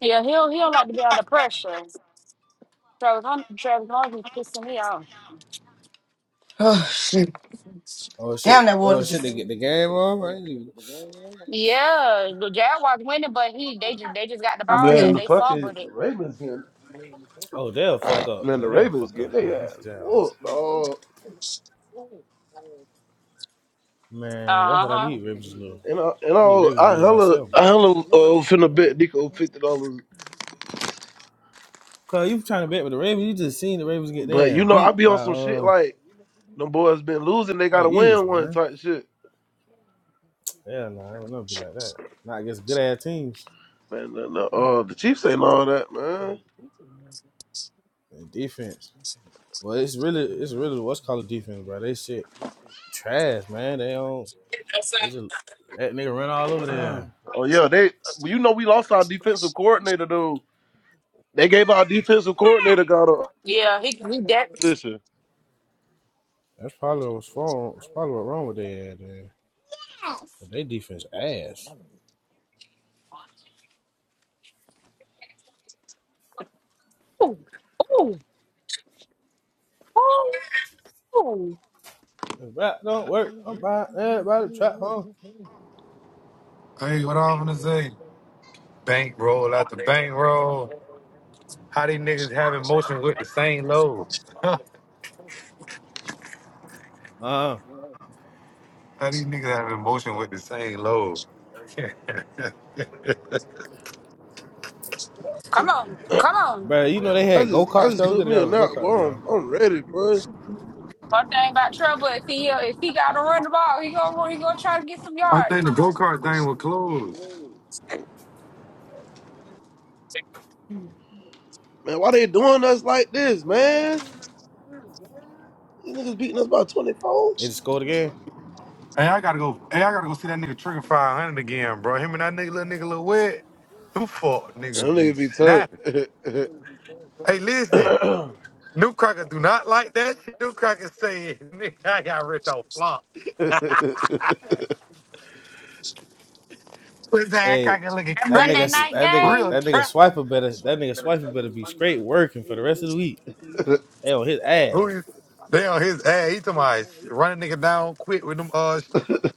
Speaker 2: Yeah, he'll he don't like to be under pressure. Travis Hunt, Travis Hunt is pissing me off.
Speaker 5: Oh shit!
Speaker 16: Oh shit!
Speaker 5: Damn, that water
Speaker 16: Oh shit! They
Speaker 5: just.
Speaker 16: get the game off. I ain't even...
Speaker 2: Yeah, the Jaguars winning, but he they just they just got the
Speaker 5: I
Speaker 2: ball
Speaker 17: Man,
Speaker 2: back.
Speaker 17: the
Speaker 5: feel.
Speaker 2: They fumbled
Speaker 17: fucking
Speaker 2: it.
Speaker 17: Ravens getting,
Speaker 16: Oh, they'll fuck up,
Speaker 17: man, the
Speaker 16: man. They'll
Speaker 17: Ravens
Speaker 16: fuck
Speaker 17: getting
Speaker 16: up. Man,
Speaker 17: their ass
Speaker 16: that's that.
Speaker 17: whooped, dog.
Speaker 16: Man, that's
Speaker 2: Uh
Speaker 16: what I
Speaker 2: huh.
Speaker 16: need. Ravens to lose.
Speaker 17: And I, and
Speaker 16: I need
Speaker 17: I,
Speaker 16: Ravens to
Speaker 17: I
Speaker 16: lose by
Speaker 17: hella,
Speaker 16: seven.
Speaker 17: I hella uh, finna bet Nico $50.
Speaker 16: Cause you trying to bet with the Ravens, you just seen the Ravens get
Speaker 17: But,
Speaker 16: their ass
Speaker 17: you know, I
Speaker 16: beat
Speaker 17: be
Speaker 16: by
Speaker 17: on some shit
Speaker 16: uh
Speaker 17: like, them boys been losing, they
Speaker 16: by the
Speaker 17: gotta
Speaker 16: Eagles,
Speaker 17: win one
Speaker 16: man.
Speaker 17: type shit.
Speaker 16: Yeah, nah, I don't know, be like that. Not against good ass teams
Speaker 17: Man, the, the, uh, the Chiefs ain't all that, man.
Speaker 16: and defense. Well, it's really, it's really what's called defense, bro. They shit trash, man. They don't. They just that nigga run all over there.
Speaker 17: Oh yeah, they. You know, we lost our defensive coordinator, dude. They gave our defensive coordinator got a position.
Speaker 16: That's probably what's wrong. That's probably what's wrong with their ad, man. They defense ass.
Speaker 2: Ooh, ooh, ooh, ooh.
Speaker 16: If that don't work, I'm buying everybody trap home.
Speaker 18: Hey, what I'm gonna say? Bankroll after bankroll. How these niggas having motion with the same load?
Speaker 16: Uh, uh
Speaker 18: How these niggas having motion with the same load?
Speaker 2: Come on,
Speaker 17: I
Speaker 2: come on.
Speaker 16: bro. You know they had go
Speaker 17: just, I
Speaker 16: karts.
Speaker 17: just
Speaker 16: Go, we
Speaker 17: took
Speaker 16: could have
Speaker 17: me
Speaker 16: got
Speaker 17: a
Speaker 16: them
Speaker 17: nap,
Speaker 16: go karts,
Speaker 17: bro. I'm,
Speaker 16: bro.
Speaker 17: I'm ready, bro.
Speaker 2: One thing about trouble, if he uh, if he got to run the ball, he gonna he gonna try to get some
Speaker 18: I
Speaker 2: yards.
Speaker 18: think the
Speaker 2: man.
Speaker 18: go kart thing was closed.
Speaker 17: Man, why they doing us like this, man? These niggas beating us by 24.
Speaker 16: They just scored again.
Speaker 18: Hey, I gotta go. Hey, I gotta go see that nigga Trigger 500 again, bro. Him and that nigga, little nigga, little wet. Them fuck
Speaker 17: Them
Speaker 18: niggas be
Speaker 17: niggas be turned.
Speaker 18: snapping. Hey, listen. New crackers do not like that shit. New crackers say nigga, I got rich off flop. But that
Speaker 16: Hey,
Speaker 18: cracker looking
Speaker 2: That
Speaker 16: that
Speaker 2: Monday
Speaker 16: nigga,
Speaker 18: crazy.
Speaker 2: night
Speaker 16: that nigga,
Speaker 18: Real
Speaker 2: game.
Speaker 16: that nigga
Speaker 18: trap
Speaker 16: swiper better. That nigga swiper better be straight working for the rest of the week. They on his
Speaker 18: Who
Speaker 16: ass.
Speaker 18: is they on his ass? He talking about running nigga down quick with them uh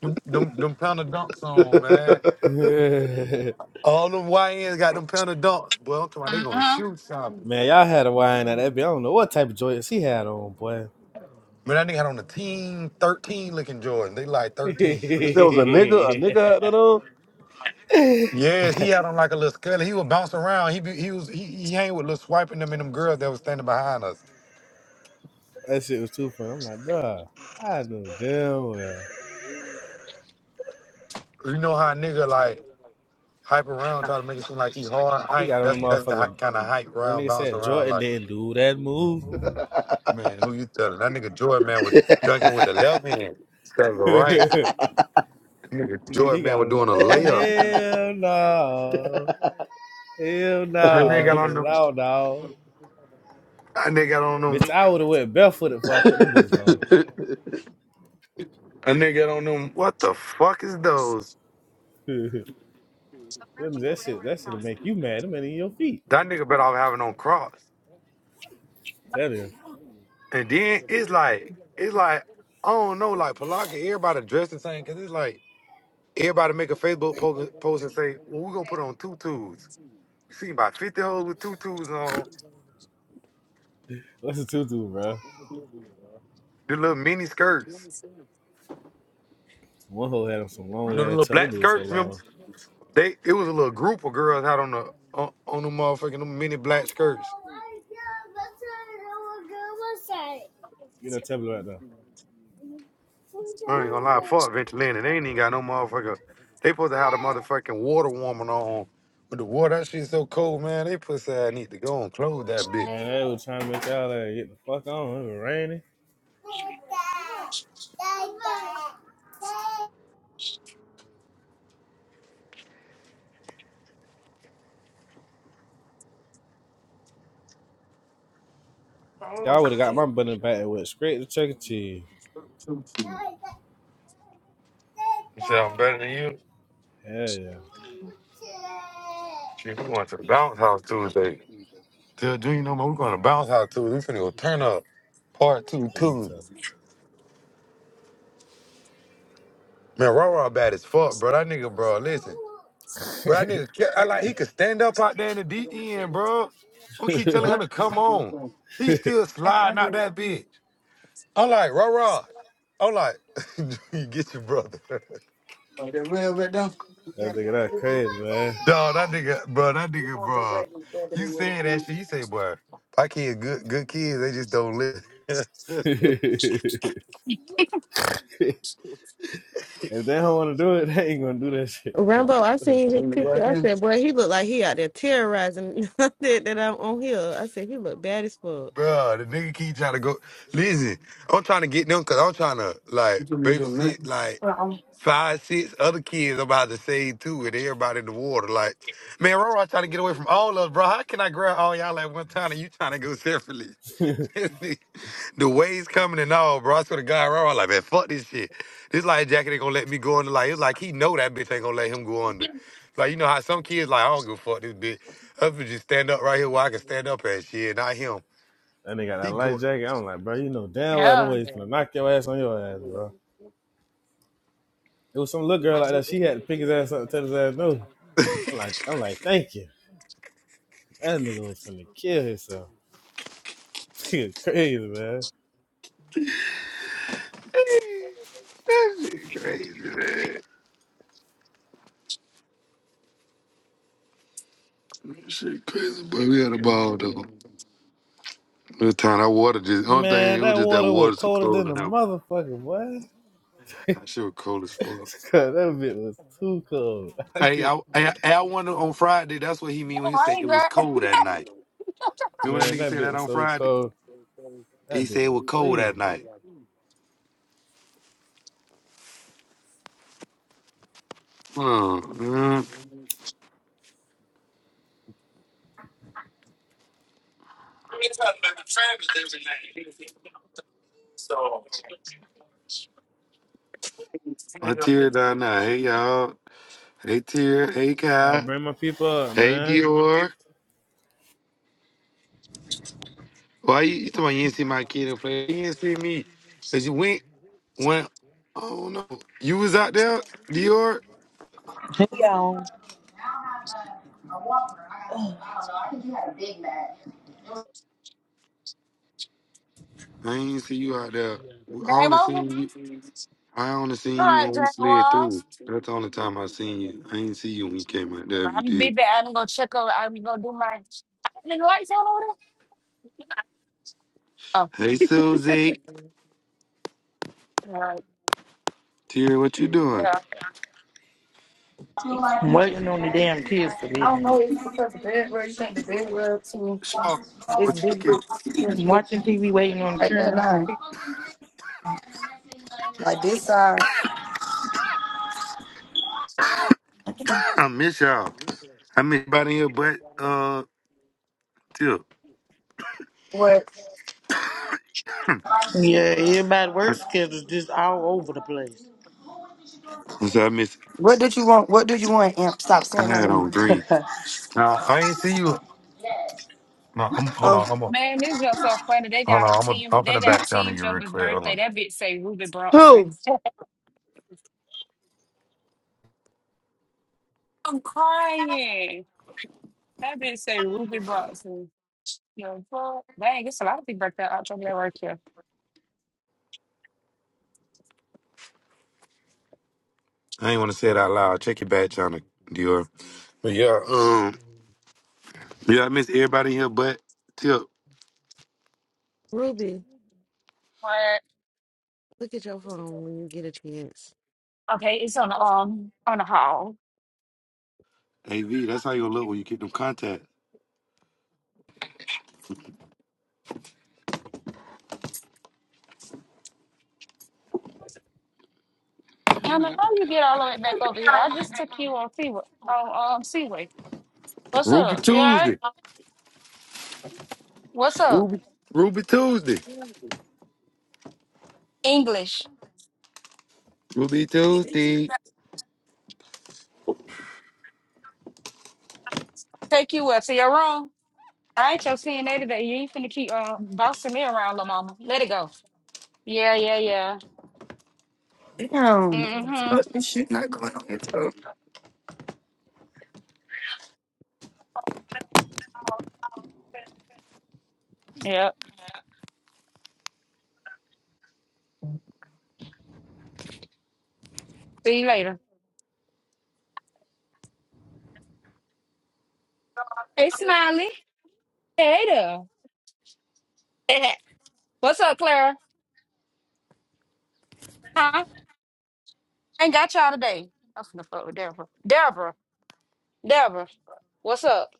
Speaker 18: them them, them pound of dunks on, man. All them YNs got them pound of dunks, boy. I'm talking about they gonna
Speaker 2: Uh-huh.
Speaker 18: shoot something.
Speaker 16: Man, y'all had a wine at that. I don't know what type of joints he had on, boy.
Speaker 18: Man, that nigga had on a team 13 looking Jordan. They like 13.
Speaker 17: If there was a nigga, a nigga out
Speaker 18: yes, he had on like a little scully. He was bouncing around. He be, he was he, he hang with little swiping them and them girls that was standing behind us.
Speaker 16: that shit was too funny. I'm like, bruh, I knew damn well.
Speaker 18: You know how a nigga like hype around, try to make it seem like he hard
Speaker 16: He
Speaker 18: hype.
Speaker 16: got on the
Speaker 18: That's that's the
Speaker 16: motherfucker.
Speaker 18: kind of hype
Speaker 16: That
Speaker 18: round
Speaker 16: nigga
Speaker 18: bounce
Speaker 16: said
Speaker 18: around
Speaker 16: Jordan
Speaker 18: like.
Speaker 16: didn't do that move.
Speaker 18: Man, who you telling? That nigga Jordan man was dunking with the left hand instead of the right.
Speaker 16: he
Speaker 18: Nigga
Speaker 16: got he
Speaker 18: Jordan man
Speaker 16: got
Speaker 18: was
Speaker 16: on the
Speaker 18: doing a
Speaker 16: oh
Speaker 18: layup.
Speaker 16: hell no, hell
Speaker 18: That
Speaker 17: there,
Speaker 18: nigga
Speaker 16: no,
Speaker 18: got
Speaker 16: to the
Speaker 18: on them.
Speaker 16: loud dog.
Speaker 18: That nigga got on them.
Speaker 16: Bitch, I would have went barefooted before I put them bitches on.
Speaker 17: though.
Speaker 18: That nigga got on them. What the fuck is those?
Speaker 16: that shit, that shit will make you mad. Them ain't in your feet.
Speaker 18: That nigga better off having on cross.
Speaker 16: That is.
Speaker 18: And then it's like, it's like, I don't know, like Palaka, everybody dressed the same, cause it's like everybody make a Facebook po- post and say, well, we gonna put on tutus. You see about 50 hoes with tutus on,
Speaker 16: What's a tutu, bro?
Speaker 18: the little mini skirts.
Speaker 16: One hoe had him some
Speaker 18: You
Speaker 16: long
Speaker 18: know the
Speaker 16: ass
Speaker 18: little
Speaker 16: tell
Speaker 18: black
Speaker 16: them it so
Speaker 18: skirts? remember?
Speaker 16: long.
Speaker 18: They it was a little group of girls out on the on, on the motherfucking them mini black skirts.
Speaker 16: Get that tablet right now.
Speaker 18: I ain't gonna lie, fuck Venture Landing. They ain't even got no motherfucker. They supposed to have the motherfucking water warming on. But the water, that shit so cold, man. They pussy I need to go and close that bitch.
Speaker 16: Man, they were trying to make y'all like, get the fuck on. It was raining.
Speaker 5: Oh
Speaker 16: Y'all would have got
Speaker 5: shit!
Speaker 16: my button back and went straight to Chuck E. Cheese.
Speaker 18: You say I'm better than you?
Speaker 16: Hell yeah.
Speaker 18: Shit, we going to the bounce house Tuesday. Tell Junior, no man, we going to bounce house Tuesday. We finna go turn up part two
Speaker 16: Who you
Speaker 18: Tuesday.
Speaker 16: talking?
Speaker 18: Man, Raw Raw bad as fuck, bro. That nigga, bro, listen. But I nigga, ca- I like he could stand up out there in the deep end, bro. We keep telling him to come on. He still sliding out that bitch. I'm like, raw raw. I'm like, you get your brother.
Speaker 5: Well, but don't. Yeah.
Speaker 16: that nigga that crazy, man.
Speaker 18: Dog, that nigga, bro, that nigga, bro. You saying that shit? You say, boy, my kids, good, good kids. They just don't live.
Speaker 16: if they don't want to do it, they ain't gonna do that shit. though.
Speaker 9: Rambo, I seen his picture. I said, boy, he looked like he out there terrorizing that, that I'm on here. I said, he looked bad as fuck.
Speaker 18: Bruh, the nigga keep trying to go. Listen, I'm trying to get them because I'm trying to
Speaker 5: You
Speaker 18: like
Speaker 5: doing- you doing that.
Speaker 18: babysit like five, six other kids I'm about to save too, and everybody in the water. Like, man, Roro trying to get away from all of us, bro. How can I grab all y'all at one time and you trying to go separately? the waves coming and all, bro. I swear to God, Roro, like, man, fuck this shit. This life jacket ain't gonna let me go under. Like, it's like he know that bitch ain't gonna let him go under. Like, you know how some kids like, I don't give a fuck this bitch. Husband just stand up right here where I can stand up at shit, not him.
Speaker 16: That nigga got that
Speaker 18: He
Speaker 16: light
Speaker 18: going
Speaker 16: jacket. I'm like, bro, you know damn well the
Speaker 2: Yeah.
Speaker 16: way he's gonna knock your ass on your ass, bro. It was some little girl like that. She had to pick his ass up and tell his ass no. I'm like, I'm like, thank you. That nigga was finna kill himself. Nigga crazy, man.
Speaker 18: shit crazy, but we had a ball though. This time that water just only thing
Speaker 16: Man,
Speaker 18: it was
Speaker 16: that
Speaker 18: just that
Speaker 16: water was
Speaker 18: water so
Speaker 16: colder than
Speaker 18: cold
Speaker 16: the
Speaker 18: and that
Speaker 16: motherfucker, boy.
Speaker 18: that shit was cold as fuck.
Speaker 16: God, that bit was too cold. I
Speaker 18: Hey,
Speaker 16: could,
Speaker 18: I I, I wonder on Friday. That's what he mean when
Speaker 2: All
Speaker 18: he said
Speaker 2: right,
Speaker 18: it was
Speaker 2: Jack.
Speaker 18: cold that night. Remember when that
Speaker 16: man,
Speaker 18: nigga
Speaker 16: that
Speaker 18: said
Speaker 16: bit
Speaker 18: that
Speaker 16: was
Speaker 18: on
Speaker 16: so
Speaker 18: Friday?
Speaker 16: cold.
Speaker 18: He
Speaker 16: That bit
Speaker 18: said it
Speaker 16: was
Speaker 18: was cold that
Speaker 16: freezing.
Speaker 18: night. Hmm. Mm, my tear down now. Hey y'all. Hey tear. Hey
Speaker 16: I'll
Speaker 18: Kai.
Speaker 16: bring my people up,
Speaker 18: Hey
Speaker 16: man.
Speaker 18: Dior. Why you, you talking? About you didn't see my kid and play. You didn't see me. Cause you went when. I don't know. You was out there, Dior.
Speaker 19: Hey y'all, Ugh.
Speaker 18: I ain't see you out there. I
Speaker 2: Game over.
Speaker 18: only
Speaker 2: All
Speaker 18: seen you. I only seen you
Speaker 2: right,
Speaker 18: when we
Speaker 2: Jack
Speaker 18: slid through.
Speaker 2: Walls.
Speaker 18: That's the only time I seen you. I ain't see you when you came out there. If you
Speaker 2: I'm be
Speaker 18: did.
Speaker 2: back. I'm gonna check over. I'm gonna do my. The lights on over
Speaker 18: Hey, Susie.
Speaker 2: there. Oh, all right,
Speaker 18: Tira, what you doing?
Speaker 2: yeah.
Speaker 19: I'm waiting on the damn kids to get
Speaker 5: I don't
Speaker 19: in.
Speaker 5: know. It's because the bed rug. You think the bed rug too?
Speaker 18: So,
Speaker 5: It's
Speaker 18: what you
Speaker 5: big
Speaker 18: get?
Speaker 5: bricks. It's big
Speaker 19: Watching TV, waiting on the
Speaker 5: right there
Speaker 19: children.
Speaker 5: now. Like this side. Okay.
Speaker 18: I miss y'all. I miss everybody here, but uh, Tira.
Speaker 19: Yeah, everybody work schedules just all over the place.
Speaker 18: I'm I miss.
Speaker 5: What did you want? What do you want? Amp, stop saying
Speaker 18: I
Speaker 5: my
Speaker 18: had
Speaker 5: name.
Speaker 18: on green. Nah, I ain't see you. No, I'm. Hold
Speaker 5: Oh.
Speaker 18: on. I'm. A, hold
Speaker 2: Man, this girl so funny. They
Speaker 18: on.
Speaker 2: got
Speaker 18: I'm. A,
Speaker 2: team.
Speaker 18: I'm in
Speaker 2: They
Speaker 18: the
Speaker 2: got
Speaker 18: back channel.
Speaker 2: team
Speaker 18: You real
Speaker 2: jumper's
Speaker 18: clear. Hold
Speaker 2: birthday.
Speaker 18: on.
Speaker 2: That bitch say Ruby
Speaker 5: Who?
Speaker 2: Bronson. I'm crying. That bitch say Ruby Bronson. No, well, dang, it's a lot of people like that out there that work here.
Speaker 18: I ain't want to say it out loud. Check your back channel, Dior. But yeah. Um. Yeah, I miss everybody here, but. Tip.
Speaker 9: Ruby,
Speaker 2: What?
Speaker 9: look at your phone when you get a chance.
Speaker 2: Okay, it's on the um on the hall.
Speaker 18: AV, that's how you gonna look when you get them contacts.
Speaker 2: And how you get all the way back over here? I just took you on Seaway. on um Seaway. What's
Speaker 18: Ruby
Speaker 2: up? You all right?
Speaker 18: Tuesday.
Speaker 2: What's up?
Speaker 18: Ruby Ruby Tuesday.
Speaker 2: English.
Speaker 18: Ruby Tuesday.
Speaker 2: Take you up to your room. I ain't your CNA today. You ain't finna keep uh, bossing me around, little mama. Let it go. Yeah, yeah, yeah.
Speaker 5: Damn.
Speaker 2: Mm-hmm.
Speaker 5: Fuck this shit not going on your toe.
Speaker 2: Yep. See you later. Hey, Smiley. Hey there. What's up, Clara? Huh? ain't got y'all today. I'm finna fuck with Deborah. Deborah, Deborah, what's up?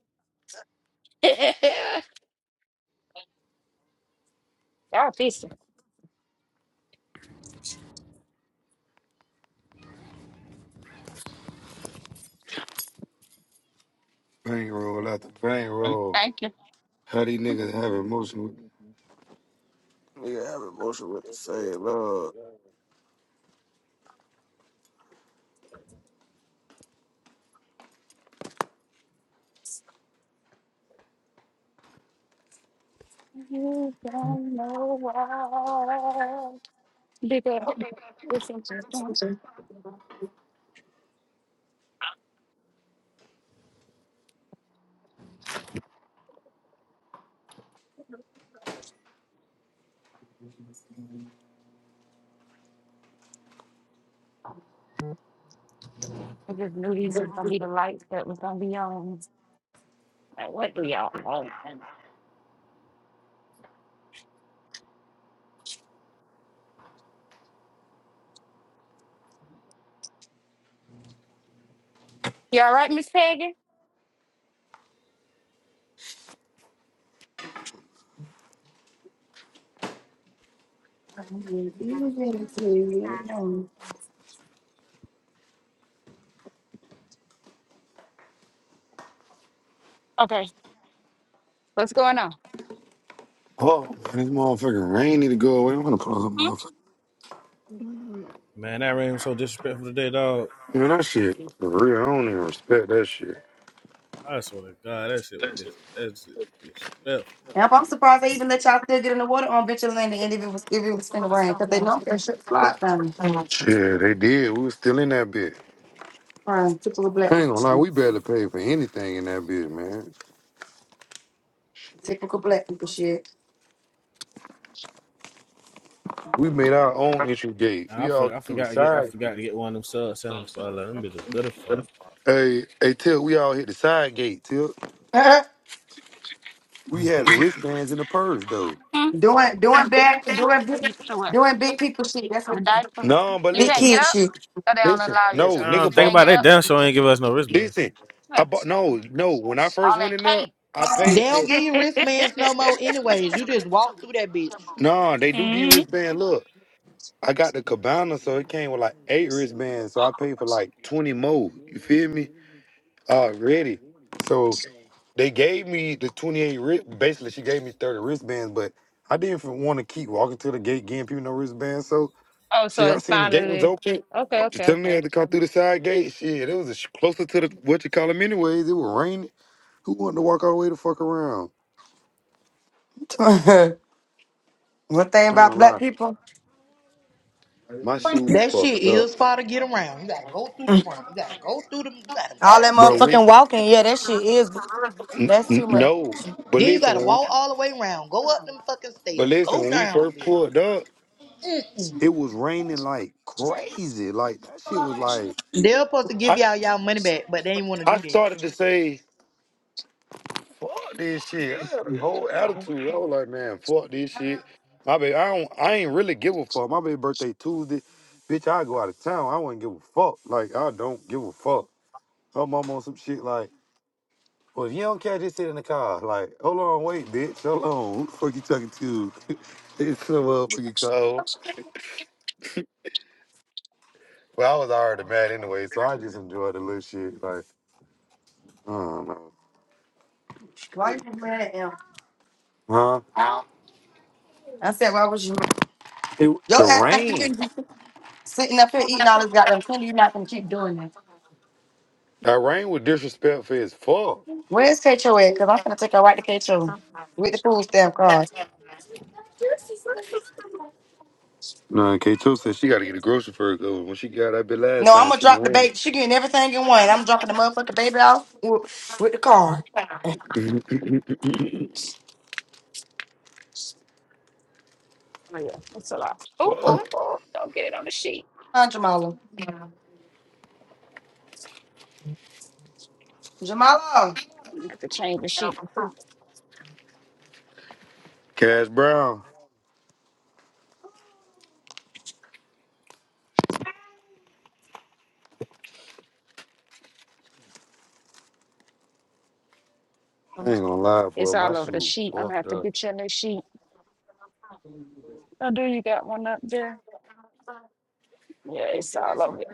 Speaker 2: y'all peace.
Speaker 18: Bang roll after bang roll.
Speaker 2: Thank you.
Speaker 18: How these niggas have emotion with nigga have emotion with the same love.
Speaker 2: You don't know why. Because it's just I just knew these was gonna be the lights that was gonna be on. Like, what do y'all know? You all want? you alright Miss Peggy? Okay, what's going on?
Speaker 18: Oh man, this motherfucking rain need to go away. I'm gonna close up
Speaker 2: hmm
Speaker 18: motherfucker.
Speaker 16: Man, that rain was so disrespectful today, dog.
Speaker 18: Man, that shit for real. I don't even respect that shit.
Speaker 16: I swear to God, that shit was dis- that's disrespectful.
Speaker 5: Yep, I'm surprised they even let y'all still get in the water on Venture Landing and if it was if it was in the rain, because they know that shit fly down.
Speaker 18: Yeah, they did. We was still in that bitch.
Speaker 5: Fine, typical black
Speaker 18: I ain't
Speaker 5: people
Speaker 18: gonna lie,
Speaker 5: shit.
Speaker 18: we barely paid for anything in that bitch, man.
Speaker 5: Typical black people shit.
Speaker 18: We made our own entry gate.
Speaker 16: Nah, I,
Speaker 18: We all
Speaker 16: for, I
Speaker 18: through
Speaker 16: forgot
Speaker 18: the
Speaker 16: to get I
Speaker 18: side.
Speaker 16: forgot to get one of them sub sevens for like, them bitches good as fuck.
Speaker 18: Hey, hey, Till, we all hit the side gate, Till. We had the wristbands in the purse, though.
Speaker 2: Hmm?
Speaker 5: doing doing bad doing big
Speaker 2: You threw it.
Speaker 5: doing big people shit. That's
Speaker 2: The
Speaker 5: what
Speaker 2: diaper.
Speaker 18: No, but
Speaker 2: You
Speaker 5: big
Speaker 2: can't
Speaker 18: listen,
Speaker 2: get
Speaker 5: kid
Speaker 2: up?
Speaker 5: shit.
Speaker 2: Or they don't
Speaker 18: listen.
Speaker 2: allow you
Speaker 16: They,
Speaker 18: No,
Speaker 2: to.
Speaker 16: I don't
Speaker 18: nigga
Speaker 2: You
Speaker 16: think
Speaker 2: can't
Speaker 18: bought.
Speaker 16: about
Speaker 2: get
Speaker 16: it,
Speaker 2: up?
Speaker 16: they damn sure ain't give us no wristbands.
Speaker 18: Listen,
Speaker 2: You
Speaker 18: I bought.
Speaker 2: understand.
Speaker 18: No, no. When I first
Speaker 2: All
Speaker 18: went
Speaker 2: that
Speaker 18: in there, I
Speaker 19: They
Speaker 18: paid
Speaker 19: don't
Speaker 18: for.
Speaker 19: give you wristbands no
Speaker 2: cake.
Speaker 19: more anyways. You just walk through that bitch.
Speaker 18: No, they do give
Speaker 2: Mhm.
Speaker 18: wristband. Look, I got the cabana, so it came with like eight wristbands. So
Speaker 2: Oh,
Speaker 18: I paid for like twenty more. You feel me? Already. So they gave me the twenty-eight. wrist. Basically, she gave me thirty wristbands, but I didn't want to keep walking to the gate, getting people no wristbands. So
Speaker 2: oh, so
Speaker 18: Shit, I
Speaker 2: it's
Speaker 18: seen the gate was
Speaker 2: finally
Speaker 18: open. I
Speaker 2: okay,
Speaker 18: was just
Speaker 2: okay,
Speaker 18: telling they
Speaker 2: okay.
Speaker 18: had to come through the side gate. Shit, it was a sh- closer to the what you call them anyways. It was raining. Who wanted to walk all the way the fuck around?
Speaker 5: One thing
Speaker 18: I ain't
Speaker 5: about
Speaker 18: gonna
Speaker 5: black
Speaker 18: lie.
Speaker 5: people,
Speaker 18: My shoes
Speaker 19: That shit
Speaker 18: fucked up.
Speaker 19: is far to get around. You gotta go through the front. You gotta go through them. You gotta
Speaker 5: all that
Speaker 19: walk through
Speaker 18: Bro,
Speaker 19: that
Speaker 18: we,
Speaker 19: bitch.
Speaker 5: motherfucking walking, yeah, that shit is
Speaker 18: N-
Speaker 5: that's
Speaker 18: n-
Speaker 5: too much.
Speaker 18: no. But
Speaker 19: Then you
Speaker 18: listen,
Speaker 19: gotta
Speaker 18: when,
Speaker 19: walk all the way around. Go up them fucking
Speaker 18: but
Speaker 19: stairs.
Speaker 18: listen,
Speaker 19: Go
Speaker 18: when we
Speaker 19: down them
Speaker 18: first
Speaker 19: bitches.
Speaker 18: pulled up, it was raining like crazy. Like that shit was like
Speaker 19: They're supposed to give
Speaker 18: I
Speaker 19: y'all y'all money back, but they ain't wanna
Speaker 18: I
Speaker 19: do that.
Speaker 18: started to say Fuck this shit. I had a whole attitude. I was like, man, fuck this shit. My baby, I don't I ain't really give a fuck. My baby birthday Tuesday. Bitch, I go out of town. I wouldn't give a fuck. Like, I don't give a fuck. Her mom on some shit like, well, if you don't care, just sit in the car. Like, hold on, wait, bitch. Hold on. Who the fuck you talking to? it's so motherfucking cold. But I was already mad anyway, so I just enjoyed the little shit. Like, I don't know.
Speaker 5: Why you mad at him?
Speaker 18: Huh?
Speaker 5: I said, why was you?
Speaker 18: It,
Speaker 5: Yo,
Speaker 18: the
Speaker 5: act like you can
Speaker 18: rain.
Speaker 5: sitting up here eating all this goddamn candy. You're not gonna keep doing that.
Speaker 18: That rain was disrespectful as fuck.
Speaker 5: Where's Kato at? Because I'm gonna take her right to Kato with the food stamp card.
Speaker 18: No, K two said she got to get a grocery for her. 'cause When she got that bit last
Speaker 5: No, I'm
Speaker 18: time,
Speaker 5: gonna
Speaker 18: she
Speaker 5: drop the
Speaker 18: ran.
Speaker 5: baby. She getting everything in one. I'm dropping the motherfucking baby off with, with the card. Hi,
Speaker 2: Oh yeah, that's a lot. Oh, oh, oh! Don't get it on the sheet.
Speaker 5: Jamala. Jamala.
Speaker 2: You have to change the sheet.
Speaker 18: Cash Brown. I
Speaker 2: Mhm.
Speaker 18: ain't gonna lie,
Speaker 2: It's
Speaker 18: boy. My
Speaker 2: all over the
Speaker 18: shoe
Speaker 2: sheet. I'm gonna
Speaker 18: fucked
Speaker 2: have to
Speaker 18: up.
Speaker 2: get you a new sheet. Oh, do you got one up there? Yeah, it's all over. it.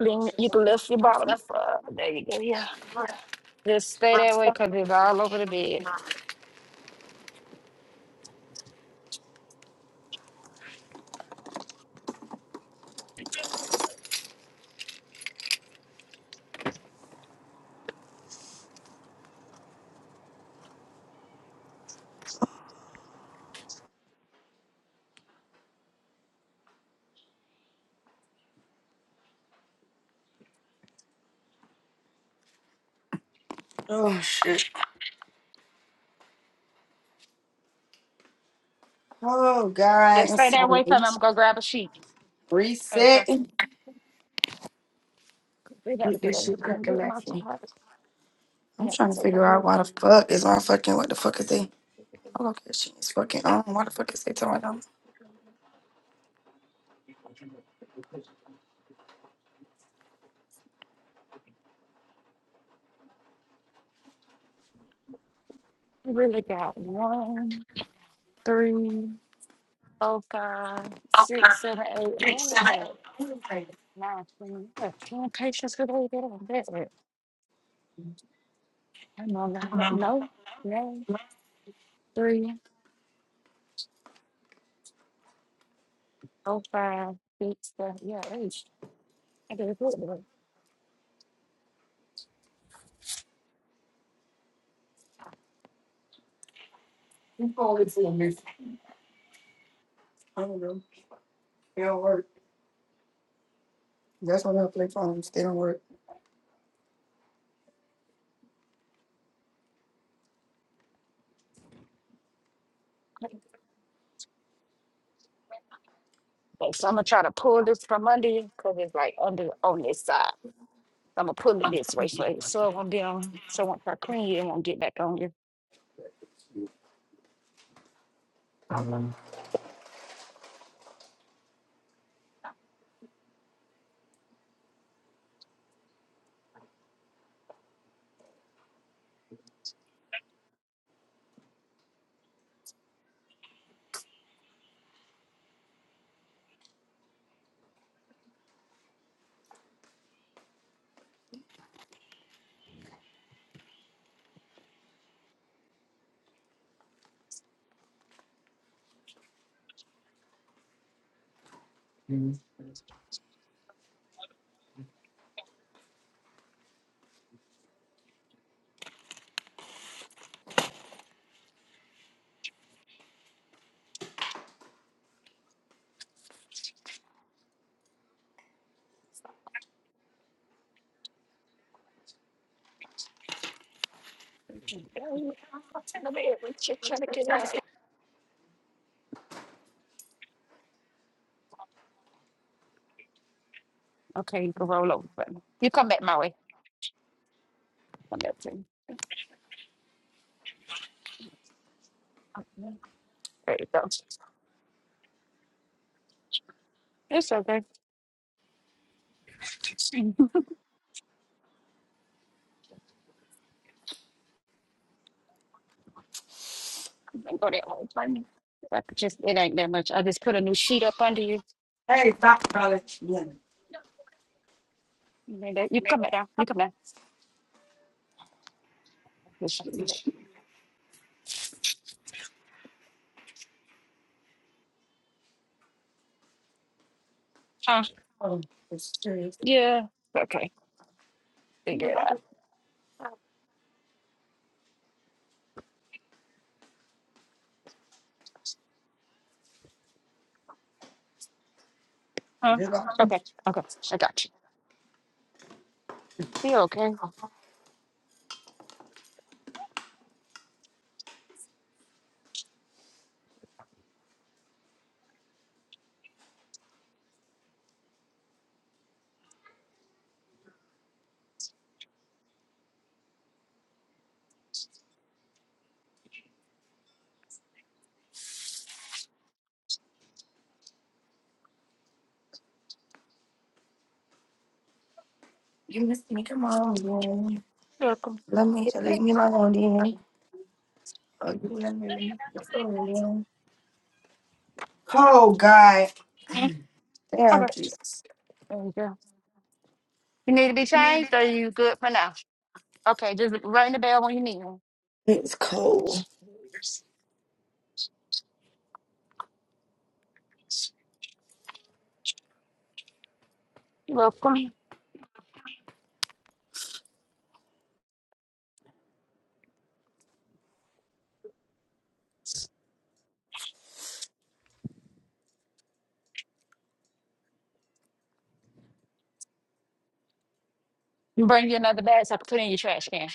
Speaker 2: Lean, you can lift your bottom. Uh, there you go. Yeah, just stay that way because it's all over the bed.
Speaker 5: Oh shit. Oh god,
Speaker 2: Just stay
Speaker 5: it's
Speaker 2: that
Speaker 5: time
Speaker 2: way because
Speaker 5: to
Speaker 2: I'm gonna grab a sheet. Okay.
Speaker 5: reset. and
Speaker 2: We got to
Speaker 5: Get
Speaker 2: be
Speaker 5: this
Speaker 2: like, I'm
Speaker 5: shit
Speaker 2: gonna
Speaker 5: cracking
Speaker 2: get
Speaker 5: back
Speaker 2: my
Speaker 5: in.
Speaker 2: card. I'm
Speaker 5: I'm
Speaker 2: gonna
Speaker 5: trying to figure out why the fuck is on fucking what the fuck is they?
Speaker 2: take a
Speaker 5: Oh, okay, she is fucking on. Why the fuck is they talking about?
Speaker 2: look. I really got one, three, four, five, six, seven, eight. Oh, I only got nine, ten, I have ten patients who don't get on that rate. I'm on No, no, no, three, four, five, six, seven, yeah, eight. I did a good one.
Speaker 5: I don't know. It don't work. That's why I play phones. They don't work.
Speaker 2: Okay, so I'm gonna try to pull this from under you because it's like under on this side. I'm gonna pull it this way so it- so it won't be on. So once I clean you, it won't get back on you. Okay, let me reach it, try to get it out. Okay, you can roll over. But you come back my way. Come back to me. Okay, There you go. It's okay. Don't go that whole thing. I could just it ain't that much. I just put a new sheet up under you. You know that- you come back down. You come down. Just- Huh?
Speaker 5: Oh, it's serious.
Speaker 2: Yeah. Okay. Figure it out. Huh?
Speaker 5: Just what happened.
Speaker 2: Okay. Okay. I got you. Be okay.
Speaker 5: You missed me. Come on, then.
Speaker 2: You're welcome.
Speaker 5: Let me
Speaker 2: Put your back.
Speaker 5: leave me alone, then. Oh, you let me leave me alone, then. Oh, God.
Speaker 2: Hmm?
Speaker 5: Damn,
Speaker 2: Okay.
Speaker 5: Jesus.
Speaker 2: There you go. You need to be changed or you good for now? Okay, just ring the bell when you need one.
Speaker 5: It's cold.
Speaker 2: Look, come Bring you another bag so I can put it in your trash can.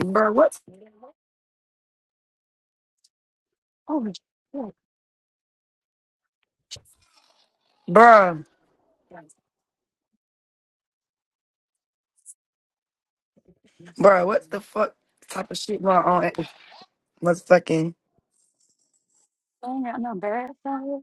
Speaker 5: Bruh, what?
Speaker 2: Oh, shit. I
Speaker 5: Bruh. Bruh, what the fuck type of shit going on at what's fucking?
Speaker 2: ain't got no bags out here.